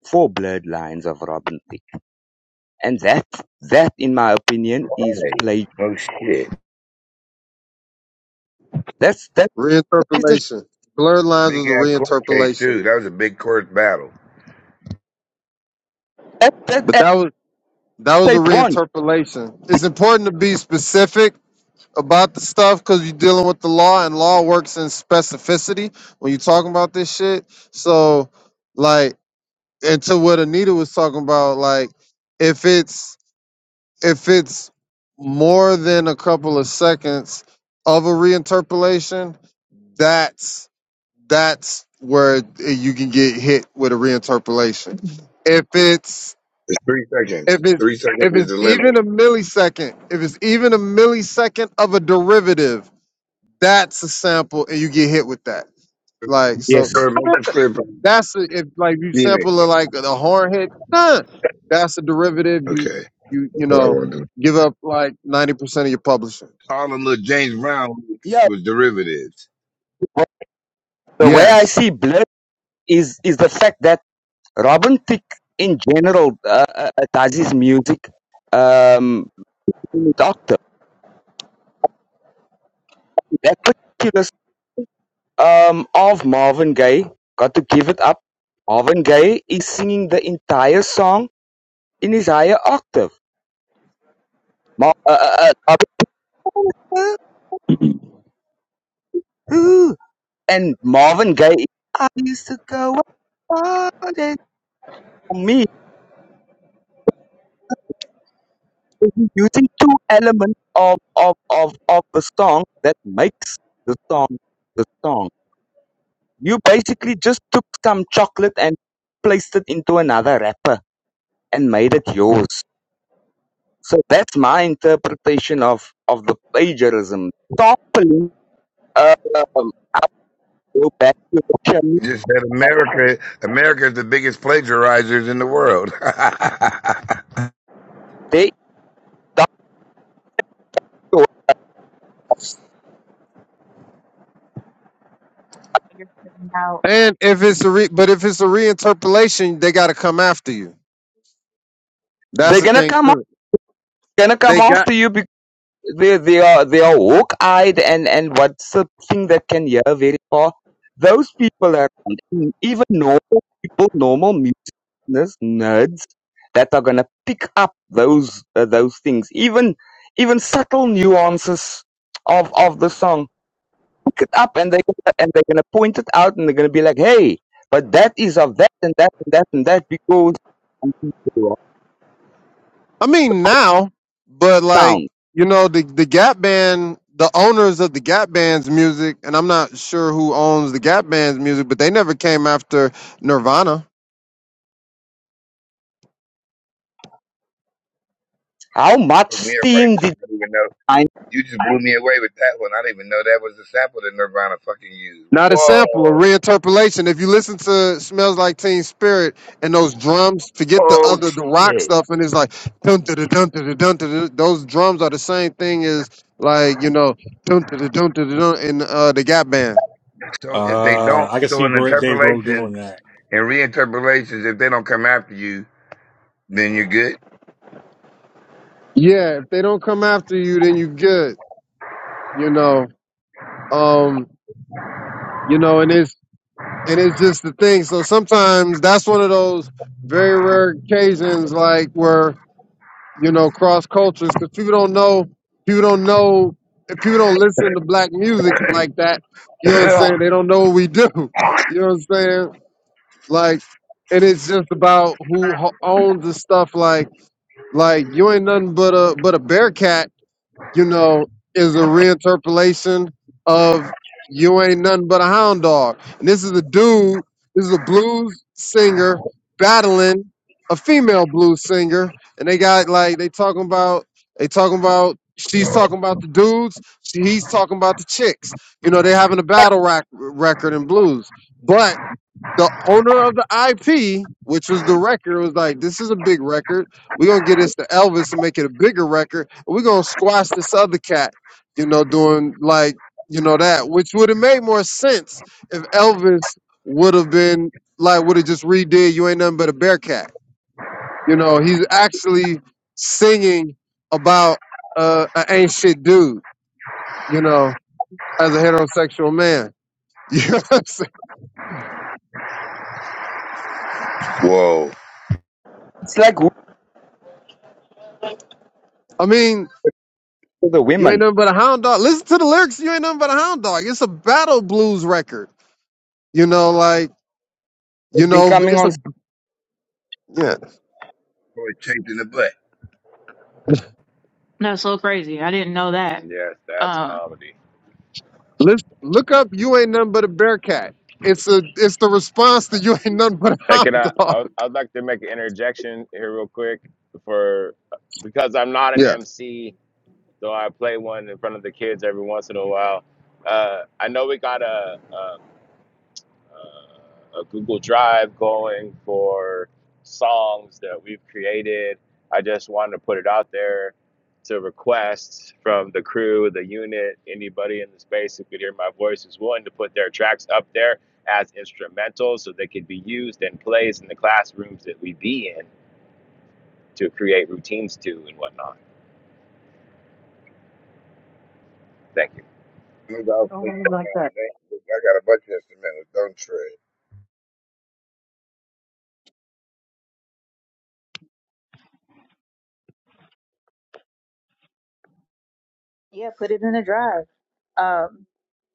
[SPEAKER 6] for Bloodlines of Robin Thicke. And that that in my opinion is
[SPEAKER 8] Right.
[SPEAKER 6] play
[SPEAKER 8] Oh shit.
[SPEAKER 6] that's that's a piece of sh-
[SPEAKER 9] Reinterpolation. Blurred lines
[SPEAKER 8] Big
[SPEAKER 9] was a
[SPEAKER 8] ass court case
[SPEAKER 9] reinterpolation,
[SPEAKER 8] too. That was a big court battle.
[SPEAKER 6] that that
[SPEAKER 9] but
[SPEAKER 6] that
[SPEAKER 9] that was that was a
[SPEAKER 6] estate won.
[SPEAKER 9] reinterpolation. It's important to be specific about the stuff because you're dealing with the law, and law works in specificity when you're talking about this shit. So, like. and to what Anita was talking about, like if it's if it's more than a couple of seconds of a reinterpolation, that's that's where you can get hit with a reinterpolation. If it's
[SPEAKER 8] It's three
[SPEAKER 9] if
[SPEAKER 8] seconds.
[SPEAKER 9] it
[SPEAKER 8] Three seconds
[SPEAKER 9] if
[SPEAKER 8] is
[SPEAKER 9] it's
[SPEAKER 8] the limit.
[SPEAKER 9] even a millisecond, if it's even a millisecond of a derivative, that's a sample, and you get hit with that. Like so.
[SPEAKER 8] Sure,
[SPEAKER 6] Yes.
[SPEAKER 8] make this clear for
[SPEAKER 9] That's a, if like you
[SPEAKER 8] D Nick.
[SPEAKER 9] sample a, like the hornhead, nah, that's a derivative.
[SPEAKER 8] Okay.
[SPEAKER 9] You you you
[SPEAKER 8] That's what I
[SPEAKER 9] know
[SPEAKER 8] want to do.
[SPEAKER 9] give up like ninety percent of your publishing.
[SPEAKER 8] All the little James Brown
[SPEAKER 6] Yeah.
[SPEAKER 8] was derivatives.
[SPEAKER 6] The way I
[SPEAKER 9] Yes,
[SPEAKER 6] see blood is is the fact that Robin Thicke in general uh, uh, uh, does his music um That particular um of Marvin Gaye, "Got to Give It Up", Marvin Gaye is singing the entire song in his higher octave. Ma- uh, uh, uh, uh, ooh, and Marvin Gaye, is, I used to go out and for me he's using two elements of, of, of, of the song that makes the song the song. You basically just took some chocolate and placed it into another wrapper and made it yours. So that's my interpretation of of the plagiarism. Properly, uh, um, go back to Russia
[SPEAKER 8] You Just said
[SPEAKER 6] and
[SPEAKER 8] America. America is the biggest plagiarizers in the world. Fuck
[SPEAKER 6] they
[SPEAKER 1] You're putting out-
[SPEAKER 9] and if it's a re, but if it's a reinterpolation, they got to come after you. That's
[SPEAKER 6] they're
[SPEAKER 9] the
[SPEAKER 6] gonna
[SPEAKER 9] thing
[SPEAKER 6] come up,
[SPEAKER 9] too.
[SPEAKER 6] gonna come
[SPEAKER 9] They got.
[SPEAKER 6] after you because they they are they are hawk eyed and and what's the thing that can hear very far. Those people around, even normal people, normal mutinous nerds that are gonna pick up those uh, those things, even even subtle nuances of of the song it up and they and they're gonna point it out and they're gonna be like, hey, but that is of that and that and that and that because
[SPEAKER 9] I mean now, but like
[SPEAKER 6] sound.
[SPEAKER 9] you know the the Gap Band, the owners of the Gap Band's music, and I'm not sure who owns the Gap Band's music, but they never came after Nirvana.
[SPEAKER 6] How much
[SPEAKER 8] me up right
[SPEAKER 6] steam
[SPEAKER 8] now.
[SPEAKER 6] did
[SPEAKER 8] I don't even know.
[SPEAKER 6] I
[SPEAKER 8] You just blew me away with that one. I didn't even know that was the sample that Nirvana fucking used.
[SPEAKER 9] Not a sample, a
[SPEAKER 8] Whoa.
[SPEAKER 9] reinterpolation. If you listen to Smells Like Teen Spirit and those drums, forget the
[SPEAKER 8] Oh
[SPEAKER 9] other the rock
[SPEAKER 8] shit.
[SPEAKER 9] stuff, and it's like dun dun dun dun dun dun. Those drums are the same thing as like you know dun dun dun dun dun in uh, the Gap Band.
[SPEAKER 8] So if they
[SPEAKER 12] Uh,
[SPEAKER 8] don't,
[SPEAKER 12] I can
[SPEAKER 8] so
[SPEAKER 12] see
[SPEAKER 8] in
[SPEAKER 12] Gro- Dave Grohl
[SPEAKER 8] interpolations
[SPEAKER 12] doing that.
[SPEAKER 8] and reinterpolations, if they don't come after you, then you're good.
[SPEAKER 9] Yeah, if they don't come after you, then you good. You know, um, you know, and it's and it's just the thing. So sometimes that's one of those very rare occasions, like where you know, cross cultures. Because people don't know, people don't know, if people don't listen to black music like that, you know what I'm
[SPEAKER 8] Whoa.
[SPEAKER 9] saying? They don't know what we do. You know what I'm saying? Like, and it's just about who ho- owns the stuff. Like, like you ain't nothing but a but a bear cat you know, is a reinterpolation of You Ain't Nothing But a Hound Dog. And this is a dude, this is a blues singer battling a female blues singer. And they got like they talking about they talking about she's talking about the dudes, she, he's talking about the chicks. You know, they having a battle rack record in blues. But the owner of the IP, which was the record, was like, "This is a big record. We're gonna get this to Elvis and make it a bigger record. And We're gonna squash this other cat, you know, doing like you know that, which would have made more sense if Elvis would have been like would have just redid "You Ain't Nothing But a Bear Cat." You know, he's actually singing about uh, an ain't shit dude. You know, as a heterosexual man. You know what I'm saying?
[SPEAKER 6] it's like who
[SPEAKER 9] I mean,
[SPEAKER 6] for the
[SPEAKER 9] You ain't
[SPEAKER 6] women.
[SPEAKER 9] nothing but a hound dog. Listen to the lyrics. You ain't nothing but a hound dog. It's a battle blues record. You know, like
[SPEAKER 6] It's
[SPEAKER 9] you
[SPEAKER 6] been
[SPEAKER 9] know,
[SPEAKER 6] coming
[SPEAKER 9] it's
[SPEAKER 6] on
[SPEAKER 9] a yeah.
[SPEAKER 8] Boy, chafed in the butt.
[SPEAKER 1] That's so crazy. I didn't know that. Uh,
[SPEAKER 9] Listen, look up. You ain't nothing but a bear cat. It's a it's the response to you ain't nothing but a hound dog.
[SPEAKER 5] action here real quick for because I'm not
[SPEAKER 9] Yeah.
[SPEAKER 5] see. so I play one in front of the kids every once in a while. Uh, I know we got a, um, uh, a Google Drive going for songs that we've created. I just wanted to put it out there to requests from the crew, the unit, anybody in the space who could hear my voice is willing to put their tracks up there as instrumentals so they could be used and plays in the classrooms that we be in to create routines to and whatnot. Thank you.
[SPEAKER 8] I got a
[SPEAKER 4] Oh, I like that.
[SPEAKER 8] bunch of instrumentals. Don't trip.
[SPEAKER 1] yeah, put it in a drive. Um,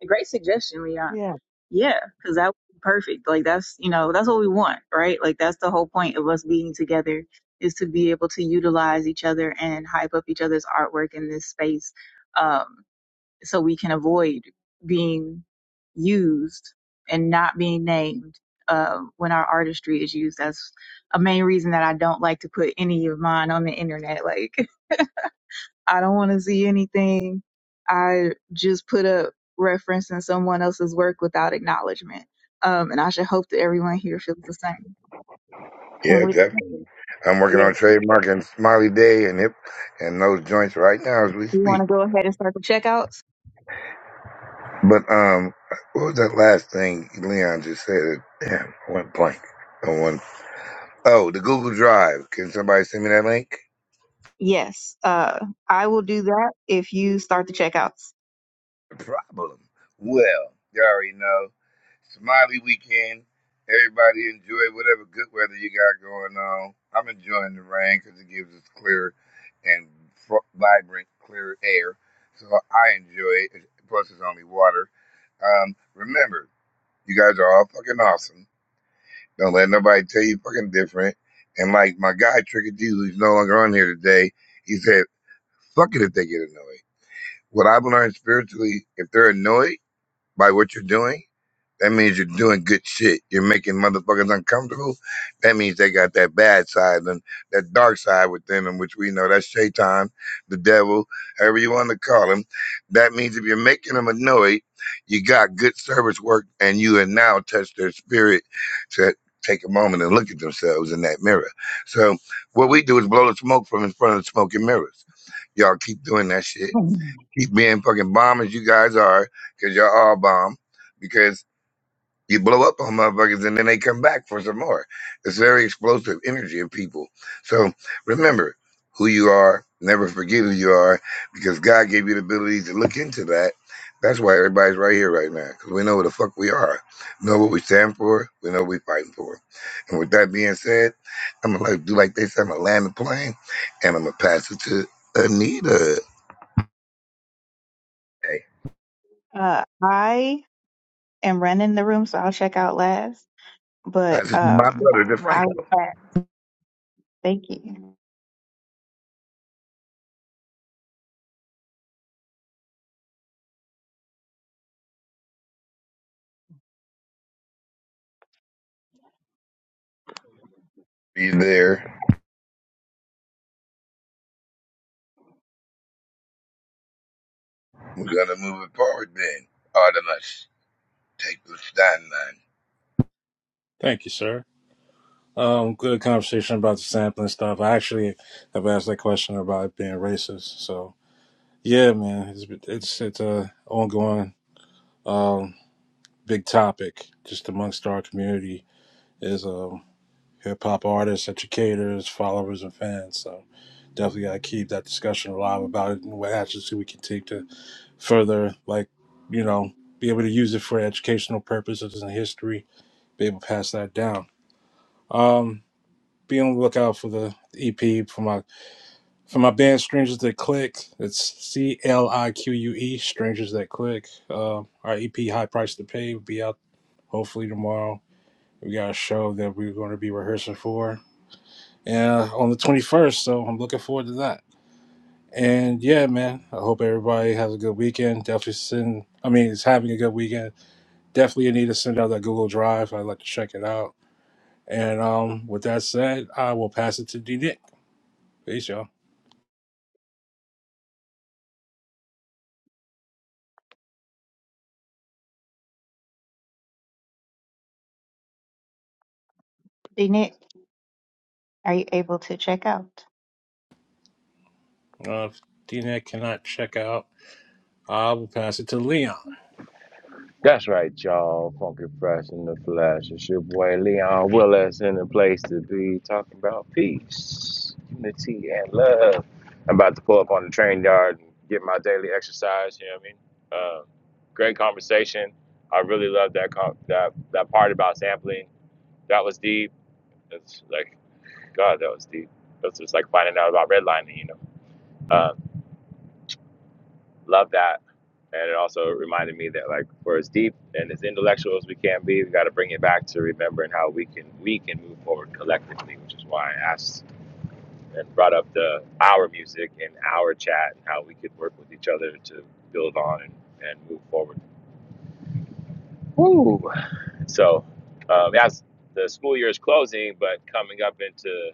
[SPEAKER 1] a great suggestion, Leon.
[SPEAKER 4] Yeah.
[SPEAKER 1] Yeah, because that would be perfect. Like that's you know that's what we want, right? Like that's the whole point of us being together is to be able to utilize each other and hype up each other's artwork in this space. Um, so we can avoid being used and not being named uh, when our artistry is used. That's a main reason that I don't like to put any of mine on the internet. Like, I don't want to see anything. I just put up referencing someone else's work without acknowledgement. Um, and I should hope that everyone here feels the same. And
[SPEAKER 8] Yeah,
[SPEAKER 1] with,
[SPEAKER 8] definitely. I'm working
[SPEAKER 1] yes,
[SPEAKER 8] on trademarking Smiley Day and hip and those joints right now as we
[SPEAKER 1] you want
[SPEAKER 8] speak.
[SPEAKER 1] to go ahead and start the checkouts?
[SPEAKER 8] But um, what was that last thing Leon just said? Damn, I went blank. I went, oh, the Google Drive. Can somebody send me that link?
[SPEAKER 1] Yes, uh, I will do that if you start the checkouts.
[SPEAKER 8] The problem. Well, you already know. Smiley weekend. Everybody enjoy whatever good weather you got going on. I'm enjoying the rain because it gives us clear and fr- vibrant, clear air. So I enjoy it. Plus, it's only water. Um, remember, you guys are all fucking awesome. Don't let nobody tell you fucking different. And like my guy Tricky D, who's no longer on here today, he said, "Fuck it if they get annoyed." What I've learned spiritually, if they're annoyed by what you're doing that means you're doing good shit. You're making motherfuckers uncomfortable. That means they got that bad side and that dark side within them, which we know that's Shaitan, the devil, however you want to call him. That means if you're making them annoyed, you got good service work and you have now touched their spirit to take a moment and look at themselves in that mirror. So what we do is blow the smoke from in front of the smoking mirrors. Y'all keep doing that shit. Keep being fucking bombers you guys are, because y'all all bomb. Because you blow up on motherfuckers and then they come back for some more. It's very explosive energy of people. So remember who you are. Never forget who you are because God gave you the ability to look into that. That's why everybody's right here right now because we know who the fuck we are, know what we stand for, we know what we're fighting for. And with that being said, I'm gonna like, do like they said, I'm gonna land the plane and I'm gonna pass it to Anita. Hey,
[SPEAKER 1] Uh, I And running the room, so I'll check out last.
[SPEAKER 8] pass
[SPEAKER 1] But
[SPEAKER 8] it to my
[SPEAKER 1] um,
[SPEAKER 8] brother, to
[SPEAKER 1] I was
[SPEAKER 8] Franklin.
[SPEAKER 1] glad. Thank you.
[SPEAKER 8] Be there. We're gonna move it forward then. Artemis. Take the stand
[SPEAKER 12] Thank you, sir. Um, good conversation about the sampling stuff. I actually have asked that question about it being racist. So yeah, man, it's it's it's a ongoing um big topic just amongst our community. Is uh hip hop artists, educators, followers, and fans. So definitely got to keep that discussion alive about it and what actions we can take to further, like, you know, be able to use it for educational purposes and history, be able to pass that down. Um, be on the lookout for the EP for my for my band Strangers That Click. It's C L I Q U E Strangers That Click. Uh, our EP High Price to Pay will be out hopefully tomorrow. We got a show that we're going to be rehearsing for. uh, on the 21st. So I'm looking forward to that. And yeah, man, I hope everybody has a good weekend. Definitely send, I mean, it's having a good weekend. Definitely you need to send out that Google Drive. I'd like to check it out. And um, with that said, I will pass it to D Nick. Peace, y'all.
[SPEAKER 1] D Nick, are you able to check out?
[SPEAKER 12] Uh, if D Nick cannot check out, I will pass it to Leon.
[SPEAKER 5] That's right, y'all. Funky Fresh in the Flesh. It's your boy Leon Willis in the place to be talking about peace, unity, and love. I'm about to pull up on the train yard and get my daily exercise. You know what I mean? Uh, great conversation. I really love that, com- that that part about sampling. That was deep. It's like, God, that was deep. That's just like finding out about redlining, you know? Um, love that. And it also reminded me that like for as deep and as intellectual as we can be, we got to bring it back to remembering how we can we can move forward collectively, which is why I asked and brought up the our music and our chat and how we could work with each other to build on and, and move forward. Woo. So um, as the school year is closing, but coming up into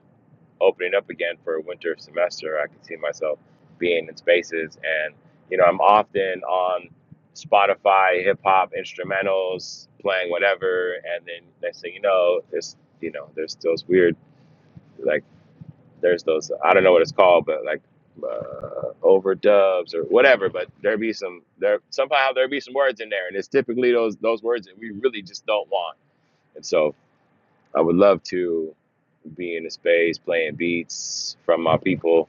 [SPEAKER 5] opening up again for a winter semester, I can see myself being in spaces. And, you know, I'm often on Spotify, hip hop instrumentals, playing whatever. And then next thing you know, it's, you know, there's those weird, like, there's those, I don't know what it's called, but like, uh, overdubs or whatever, but there be some there somehow there be some words in there, and it's typically those those words that we really just don't want. And so I would love to be in a space playing beats from my people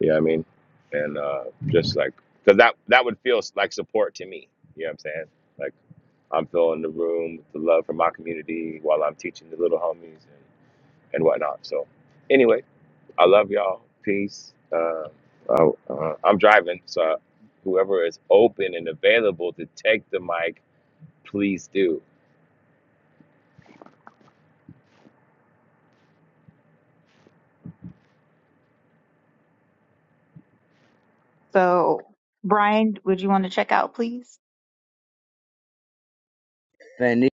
[SPEAKER 5] you know what I mean? And uh, just like, because that, that would feel like support to me. You know what I'm saying? Like, I'm filling the room with the love from my community while I'm teaching the little homies and, and whatnot. So, anyway, I love y'all. Peace. Uh, oh, uh, I'm driving, so whoever is open and available to take the mic, please do.
[SPEAKER 1] So, Brian, would you want to check out, please?
[SPEAKER 6] Penny.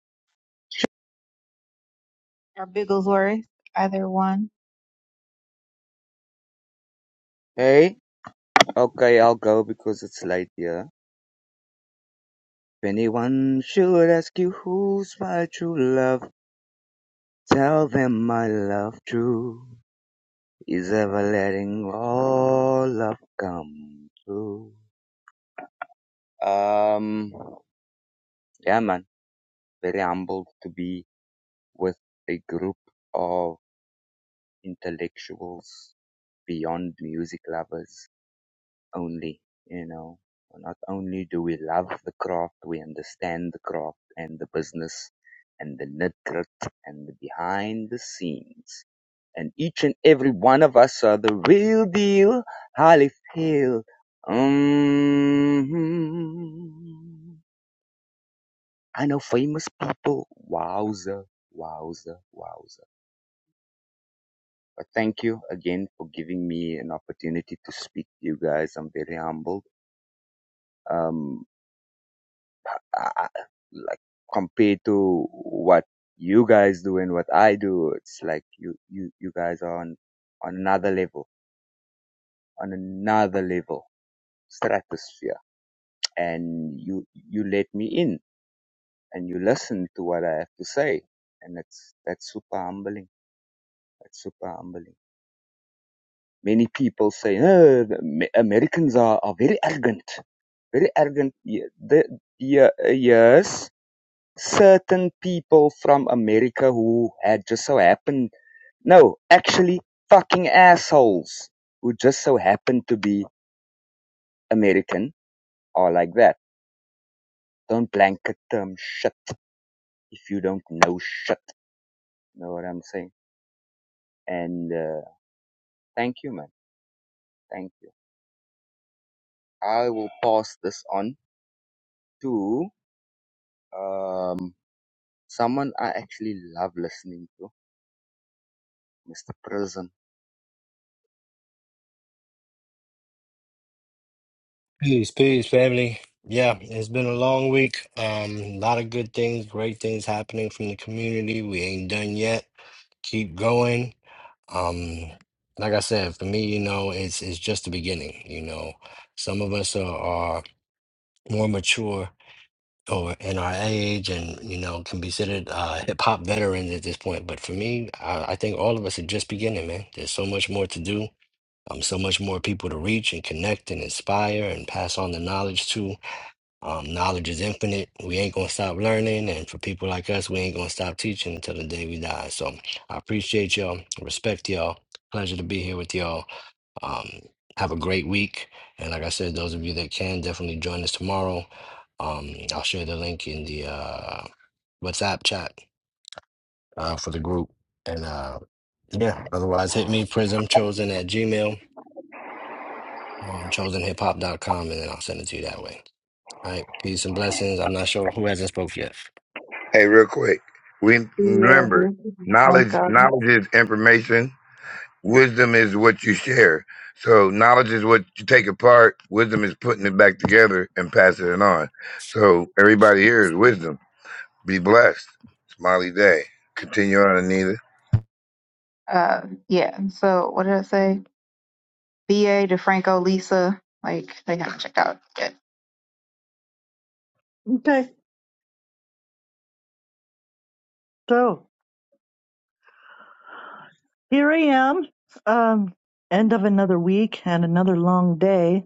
[SPEAKER 1] Or Bigglesworth, either one.
[SPEAKER 6] Hey, okay, I'll go because it's late here. If anyone should ask you who's my true love, tell them my love true is ever letting all love come true. Um, yeah, man. Very humbled to be with a group of intellectuals beyond music lovers only, you know. Not only do we love the craft, we understand the craft and the business and the nit grit and the behind the scenes. And each and every one of us are the real deal, highly feel. mm I know famous people. Wowza, wowza, wowza. But thank you again for giving me an opportunity to speak to you guys. I'm very humbled. Um, I, like compared to what you guys do and what I do, it's like you, you, you guys are on, on another level, on another level, stratosphere. And you, you let me in and you listen to what I have to say. And that's, that's super humbling. That's super humbling. Many people say, oh, Americans are, are very arrogant very arrogant. Ye- The, ye- yes, certain people from America who had just so happened, no, actually fucking assholes who just so happened to be American are like that. Don't blanket term shit if you don't know shit. Know what I'm saying? And uh, thank you, man. Thank you. I will pass this on to um someone I actually love listening to, Mr. Prism.
[SPEAKER 11] Peace, peace, family. Yeah, it's been a long week. Um, a lot of good things, great things happening from the community. We ain't done yet. keep going. Um, like I said, for me, you know, it's it's just the beginning. You know, some of us are, are more mature or in our age, and you know, can be considered uh, hip hop veterans at this point. But for me, I, I think all of us are just beginning, man. There's so much more to do. Um, so much more people to reach and connect and inspire and pass on the knowledge to. Um, knowledge is infinite. We ain't gonna stop learning, and for people like us, we ain't gonna stop teaching until the day we die. So I appreciate y'all, respect y'all, pleasure to be here with y'all. Um, have a great week, and like I said, those of you that can definitely join us tomorrow. Um, I'll share the link in the uh, WhatsApp chat uh, for the group, and uh, yeah. Otherwise, hit me Prism Chosen at Gmail or chosen hip hop dot com, and then I'll send it to you that way. All right, peace and blessings. I'm not sure who hasn't spoke yet.
[SPEAKER 8] Hey, real quick. We
[SPEAKER 1] Yeah,
[SPEAKER 8] remember
[SPEAKER 1] this is
[SPEAKER 8] knowledge.
[SPEAKER 1] Franco.
[SPEAKER 8] Knowledge is information. Wisdom is what you share. So knowledge is what you take apart. Wisdom is putting it back together and passing it on. So everybody here is wisdom. Be blessed. Smiley day. Continue on, Anita.
[SPEAKER 1] Uh, yeah. So, what did I say? BA, DeFranco, Lisa. Like, they haven't checked out yet.
[SPEAKER 4] Okay. So here I am. Um, end of another week and another long day,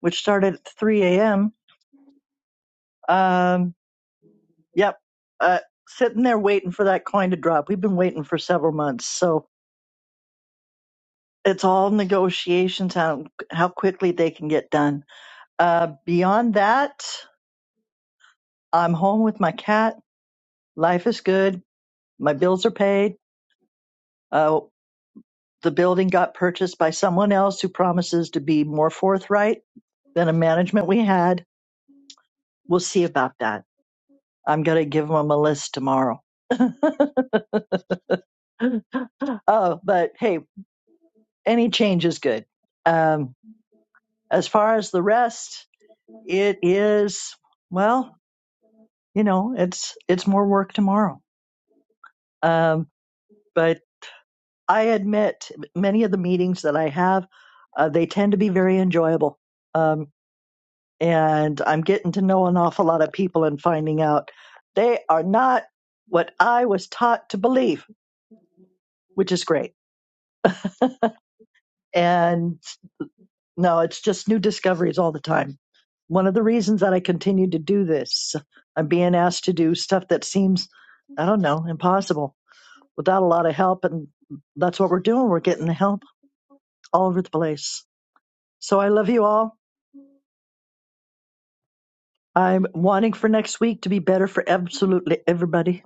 [SPEAKER 4] which started at 3 a.m. Um, yep. Uh, sitting there waiting for that coin to drop. We've been waiting for several months. So it's all negotiations, how, how quickly they can get done. Uh, beyond that, I'm home with my cat. Life is good. My bills are paid. Uh, the building got purchased by someone else who promises to be more forthright than a management we had. We'll see about that. I'm going to give them a list tomorrow. oh, but hey, any change is good. Um, As far as the rest, it is, well, you know, it's, it's more work tomorrow. Um, but I admit many of the meetings that I have, uh, they tend to be very enjoyable. Um, and I'm getting to know an awful lot of people and finding out they are not what I was taught to believe, which is great. And No, it's just new discoveries all the time. One of the reasons that I continue to do this, I'm being asked to do stuff that seems, I don't know, impossible without a lot of help. And that's what we're doing. We're getting help all over the place. So I love you all. I'm wanting for next week to be better for absolutely everybody.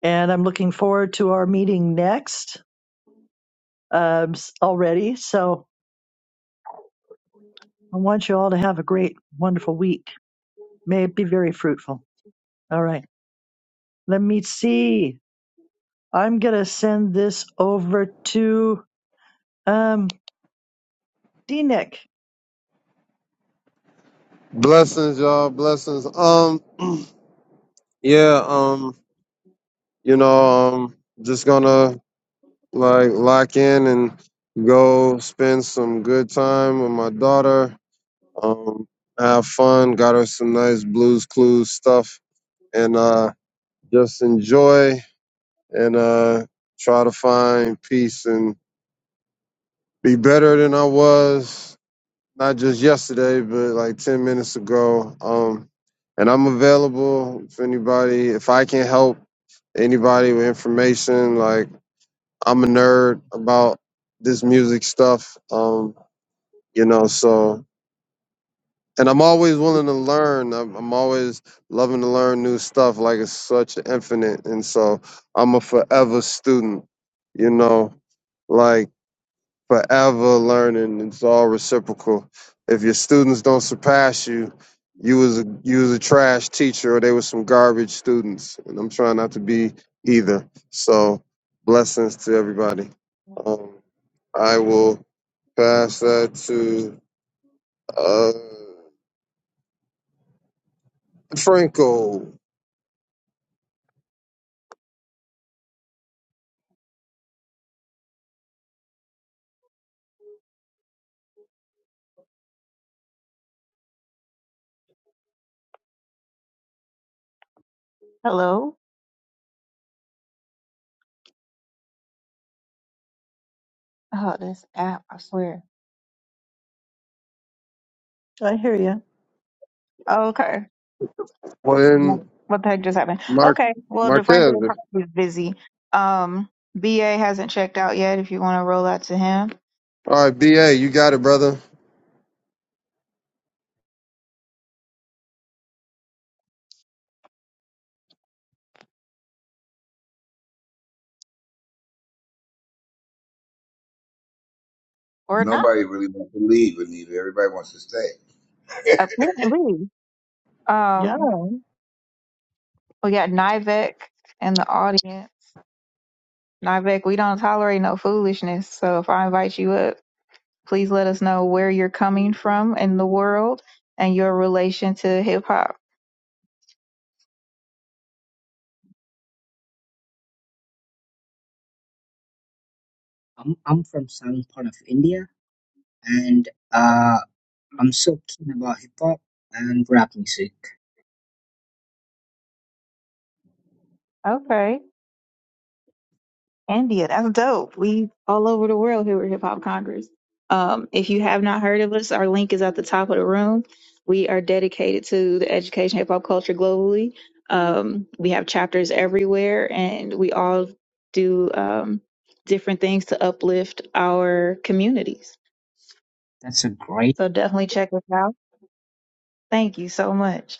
[SPEAKER 4] And I'm looking forward to our meeting next um, s- already. So I want you all to have a great, wonderful week. May it be very fruitful. All right. Let me see. I'm gonna send this over to um D Nick.
[SPEAKER 9] Blessings, y'all. Blessings. Um, yeah. Um, you know, um, just gonna like lock in and go spend some good time with my daughter. Um, have fun. Got her some nice blues clues stuff and uh, just enjoy and uh, try to find peace and be better than I was, not just yesterday, but like 10 minutes ago. Um, and I'm available if anybody, if I can help anybody with information. Like, I'm a nerd about this music stuff, um, you know, so and I'm always willing to learn. I'm, I'm always loving to learn new stuff. Like it's such infinite, and so I'm a forever student. You know, like forever learning. It's all reciprocal. If your students don't surpass you, you was a, you was a trash teacher, or they were some garbage students. And I'm trying not to be either. So blessings to everybody. Um, I will pass that to uh, Franco.
[SPEAKER 1] Hello? Oh, this app, I swear.
[SPEAKER 4] I hear you.
[SPEAKER 1] Oh, Okay.
[SPEAKER 9] Well, then,
[SPEAKER 1] What the heck just happened?
[SPEAKER 9] Mark
[SPEAKER 1] Okay. Well,
[SPEAKER 9] Marquez.
[SPEAKER 1] DeFranco probably is busy. Um, BA hasn't checked out yet if you want to roll out to him
[SPEAKER 9] All right, BA, you got it, brother.
[SPEAKER 1] or not,
[SPEAKER 8] Nobody really wants to leave, Anita. Everybody wants to stay.
[SPEAKER 1] apparently.
[SPEAKER 4] Yeah,
[SPEAKER 1] Um, we got Nivek in the audience. Nivek, we don't tolerate no foolishness. So if I invite you up, please let us know where you're coming from in the world and your relation to hip hop.
[SPEAKER 14] I'm I'm from southern part of India, and uh, I'm so keen about hip hop and rap music.
[SPEAKER 1] Okay. India, that's dope. We all over the world here at Hip Hop Congress. Um, if you have not heard of us, our link is at the top of the room. We are dedicated to the education of hip hop culture globally. Um, we have chapters everywhere, and we all do um, different things to uplift our communities.
[SPEAKER 14] That's a great.
[SPEAKER 1] So definitely check us out. Thank you so much.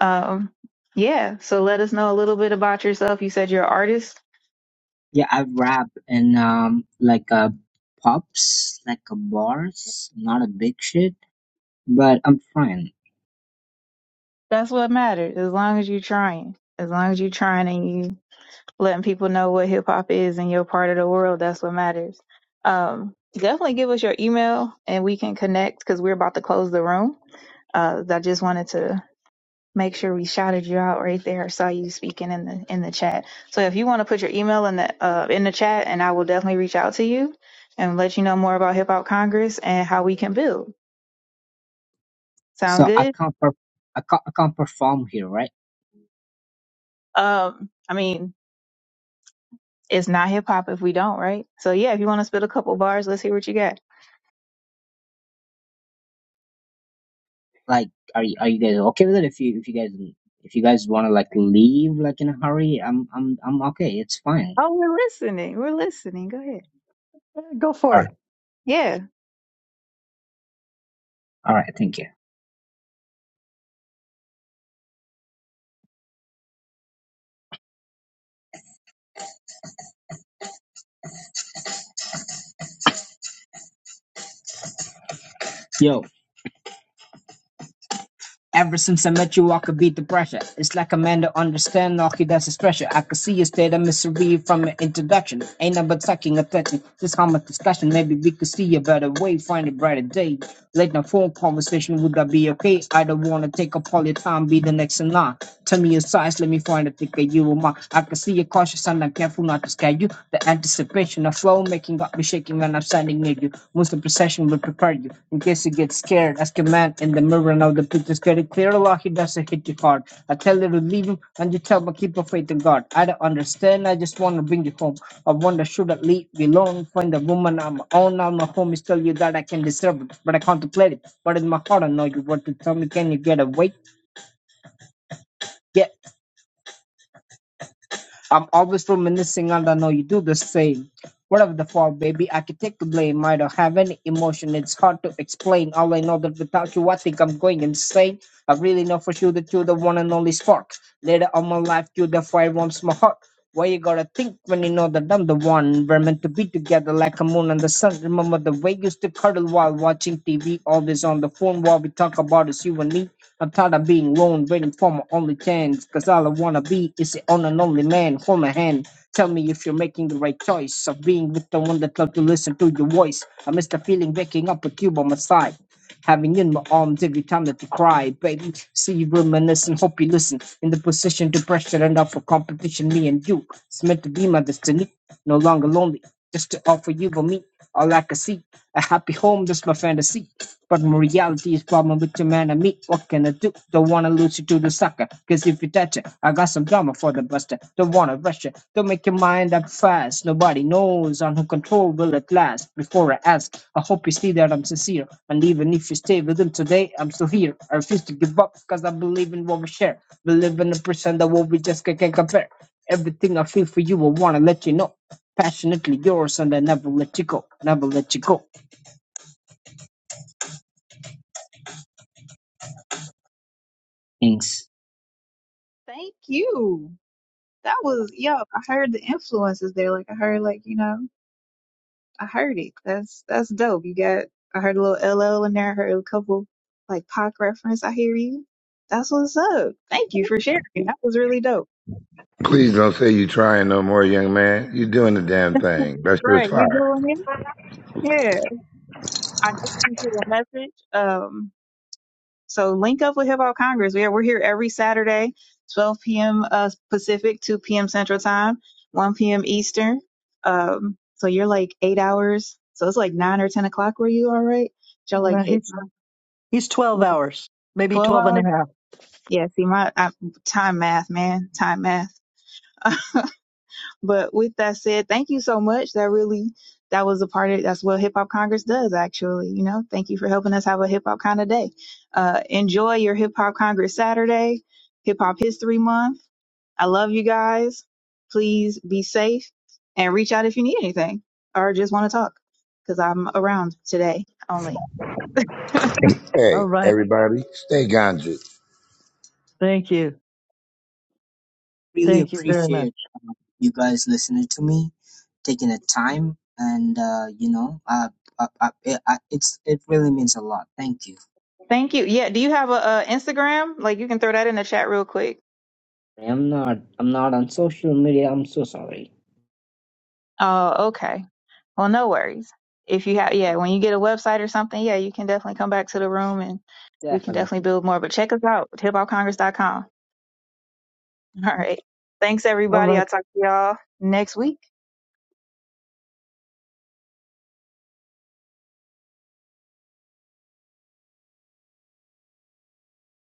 [SPEAKER 1] Um, yeah, so let us know a little bit about yourself. You said you're an artist.
[SPEAKER 14] Yeah, I rap in um like uh pubs, like uh, bars. Not a big shit, but I'm fine.
[SPEAKER 1] That's what matters, as long as you're trying as long as you're trying and you letting people know what hip hop is in your part of the world. That's what matters. Um, definitely give us your email and we can connect because we're about to close the room. Uh, I just wanted to make sure we shouted you out right there. I saw you speaking in the in the chat. So if you want to put your email in the uh, in the chat, and I will definitely reach out to you and let you know more about Hip Hop Congress and how we can build. Sound
[SPEAKER 14] So I
[SPEAKER 1] good?
[SPEAKER 14] can't per- I can't I can't perform here, right?
[SPEAKER 1] Um, I mean, it's not hip hop if we don't, right? So yeah, if you want to spit a couple bars, let's hear what you got.
[SPEAKER 14] Like, are you are you guys okay with it? If you if you guys if you guys want to like leave like in a hurry, I'm I'm I'm okay. It's fine.
[SPEAKER 1] Oh, we're listening. We're listening. Go ahead.
[SPEAKER 4] go for
[SPEAKER 14] All right,
[SPEAKER 4] it.
[SPEAKER 1] Yeah.
[SPEAKER 14] all right. Thank you. Yo, Ever since I met you, I could beat the pressure. It's like a man to understand, all he does is pressure. I could see a state of misery from your introduction. Ain't nothing but sucking or touching. This harmless discussion, maybe we could see a better way, find a brighter day. Late night phone conversation, would that be okay? I don't wanna take up all your time, be the next in line. Tell me your size, let me find a thicker you or mine. I could see your cautious and I'm careful not to scare you. The anticipation of flow making up me shaking when I'm standing near you. Most of the procession will prepare you. In case you get scared, ask a man in the mirror. Now the picture's getting clear. Allah, he doesn't hit you hard. I tell you to leave him, and you tell me keep your faith in God. I don't understand. I just want to bring you home. I wonder should I leave you alone? Find a woman on my own. Now my homies tell you that I can deserve it, but I contemplate it. But in my heart, I know you want to tell me. Can you get away? I'm always reminiscing and I know you do the same. Whatever the fault, baby, I can take the blame. I don't have any emotion, it's hard to explain. All I know that without you, I think I'm going insane. I really know for sure that you're the one and only spark. Later on my life, you're the fire warms my heart. Why you gotta think when you know that I'm the one? We're meant to be together like a moon and the sun. Remember the way you used to cuddle while watching TV, always on the phone while we talk about us, you and me. I'm tired of being lone, waiting for my only chance. Cause all I wanna be is the on and only man. Hold my hand. Tell me if you're making the right choice of being with the one that love to listen to your voice. I miss the feeling waking up with you by my side. Having you in my arms every time that you cry, baby. See you reminisce and hope you listen. In the position to pressure and up for competition, me and you. It's meant to be my destiny. No longer lonely. Just to offer you for me. All I can see. A happy home, just my fantasy. But reality is problem with the man and me. What can I do? Don't wanna lose you to the sucker. Cause if you touch it, I got some drama for the buster. Don't wanna rush it. Don't make your mind up fast. Nobody knows on who control will at last. Before I ask, I hope you see that I'm sincere. And even if you stay with him today, I'm still here. I refuse to give up because I believe in what we share. Believe in the percent that what we just ca- can't compare. Everything I feel for you, I wanna let you know. Passionately yours, and I never let you go. Never let you go. Thanks.
[SPEAKER 1] Thank you. That was yo. I heard the influences there. Like I heard, like you know, I heard it. That's that's dope. You got. I heard a little LL in there. I heard a couple like Pac reference. I hear you. That's what's up. Thank you for sharing. That was really dope.
[SPEAKER 8] Please don't say you trying no more, young man. You're doing the damn thing. That sure is
[SPEAKER 1] Right. You
[SPEAKER 8] fire.
[SPEAKER 1] doing it? Yeah. I just sent you a message. Um, So link up with Hip Hop Congress. We are, we're here every Saturday, 12 p.m. Uh, Pacific, 2 p.m. Central Time, 1 p.m. Eastern. Um, so you're like eight hours. So it's like nine or 10 o'clock where you are, right? Y'all like
[SPEAKER 4] Nah,
[SPEAKER 1] eight,
[SPEAKER 4] He's
[SPEAKER 1] nine,
[SPEAKER 4] he's 12
[SPEAKER 1] yeah,
[SPEAKER 4] hours, maybe
[SPEAKER 1] 12
[SPEAKER 4] 12 and a
[SPEAKER 1] hours.
[SPEAKER 4] half.
[SPEAKER 1] Yeah, see my I, time math, man, time math. But with that said, thank you so much. That really, that was a part of, that's what Hip Hop Congress does, actually. You know, thank you for helping us have a hip hop kind of day. Uh, enjoy your Hip Hop Congress Saturday, Hip Hop History Month. I love you guys. Please be safe and reach out if you need anything or just want to talk because I'm around today only.
[SPEAKER 4] All
[SPEAKER 8] Hey,
[SPEAKER 4] right.
[SPEAKER 8] everybody, stay ganja.
[SPEAKER 4] Thank you.
[SPEAKER 14] really
[SPEAKER 4] Thank you very much.
[SPEAKER 14] appreciate um, you guys listening to me, taking the time, and uh, you know, uh, I, I, I, it's it really means a lot. Thank you.
[SPEAKER 1] Thank you. Yeah. Do you have a, uh Instagram? Like you can throw that in the chat real quick.
[SPEAKER 14] I'm not I'm not on social media. I'm so sorry.
[SPEAKER 1] Oh, okay. Well, no worries. If you have, yeah, when you get a website or something, yeah, you can definitely come back to the room and we can
[SPEAKER 14] Definitely.
[SPEAKER 1] definitely build more. But check us out, hip hop congress dot com. All right. Thanks,
[SPEAKER 4] All right.
[SPEAKER 1] everybody. I'll talk to y'all next week.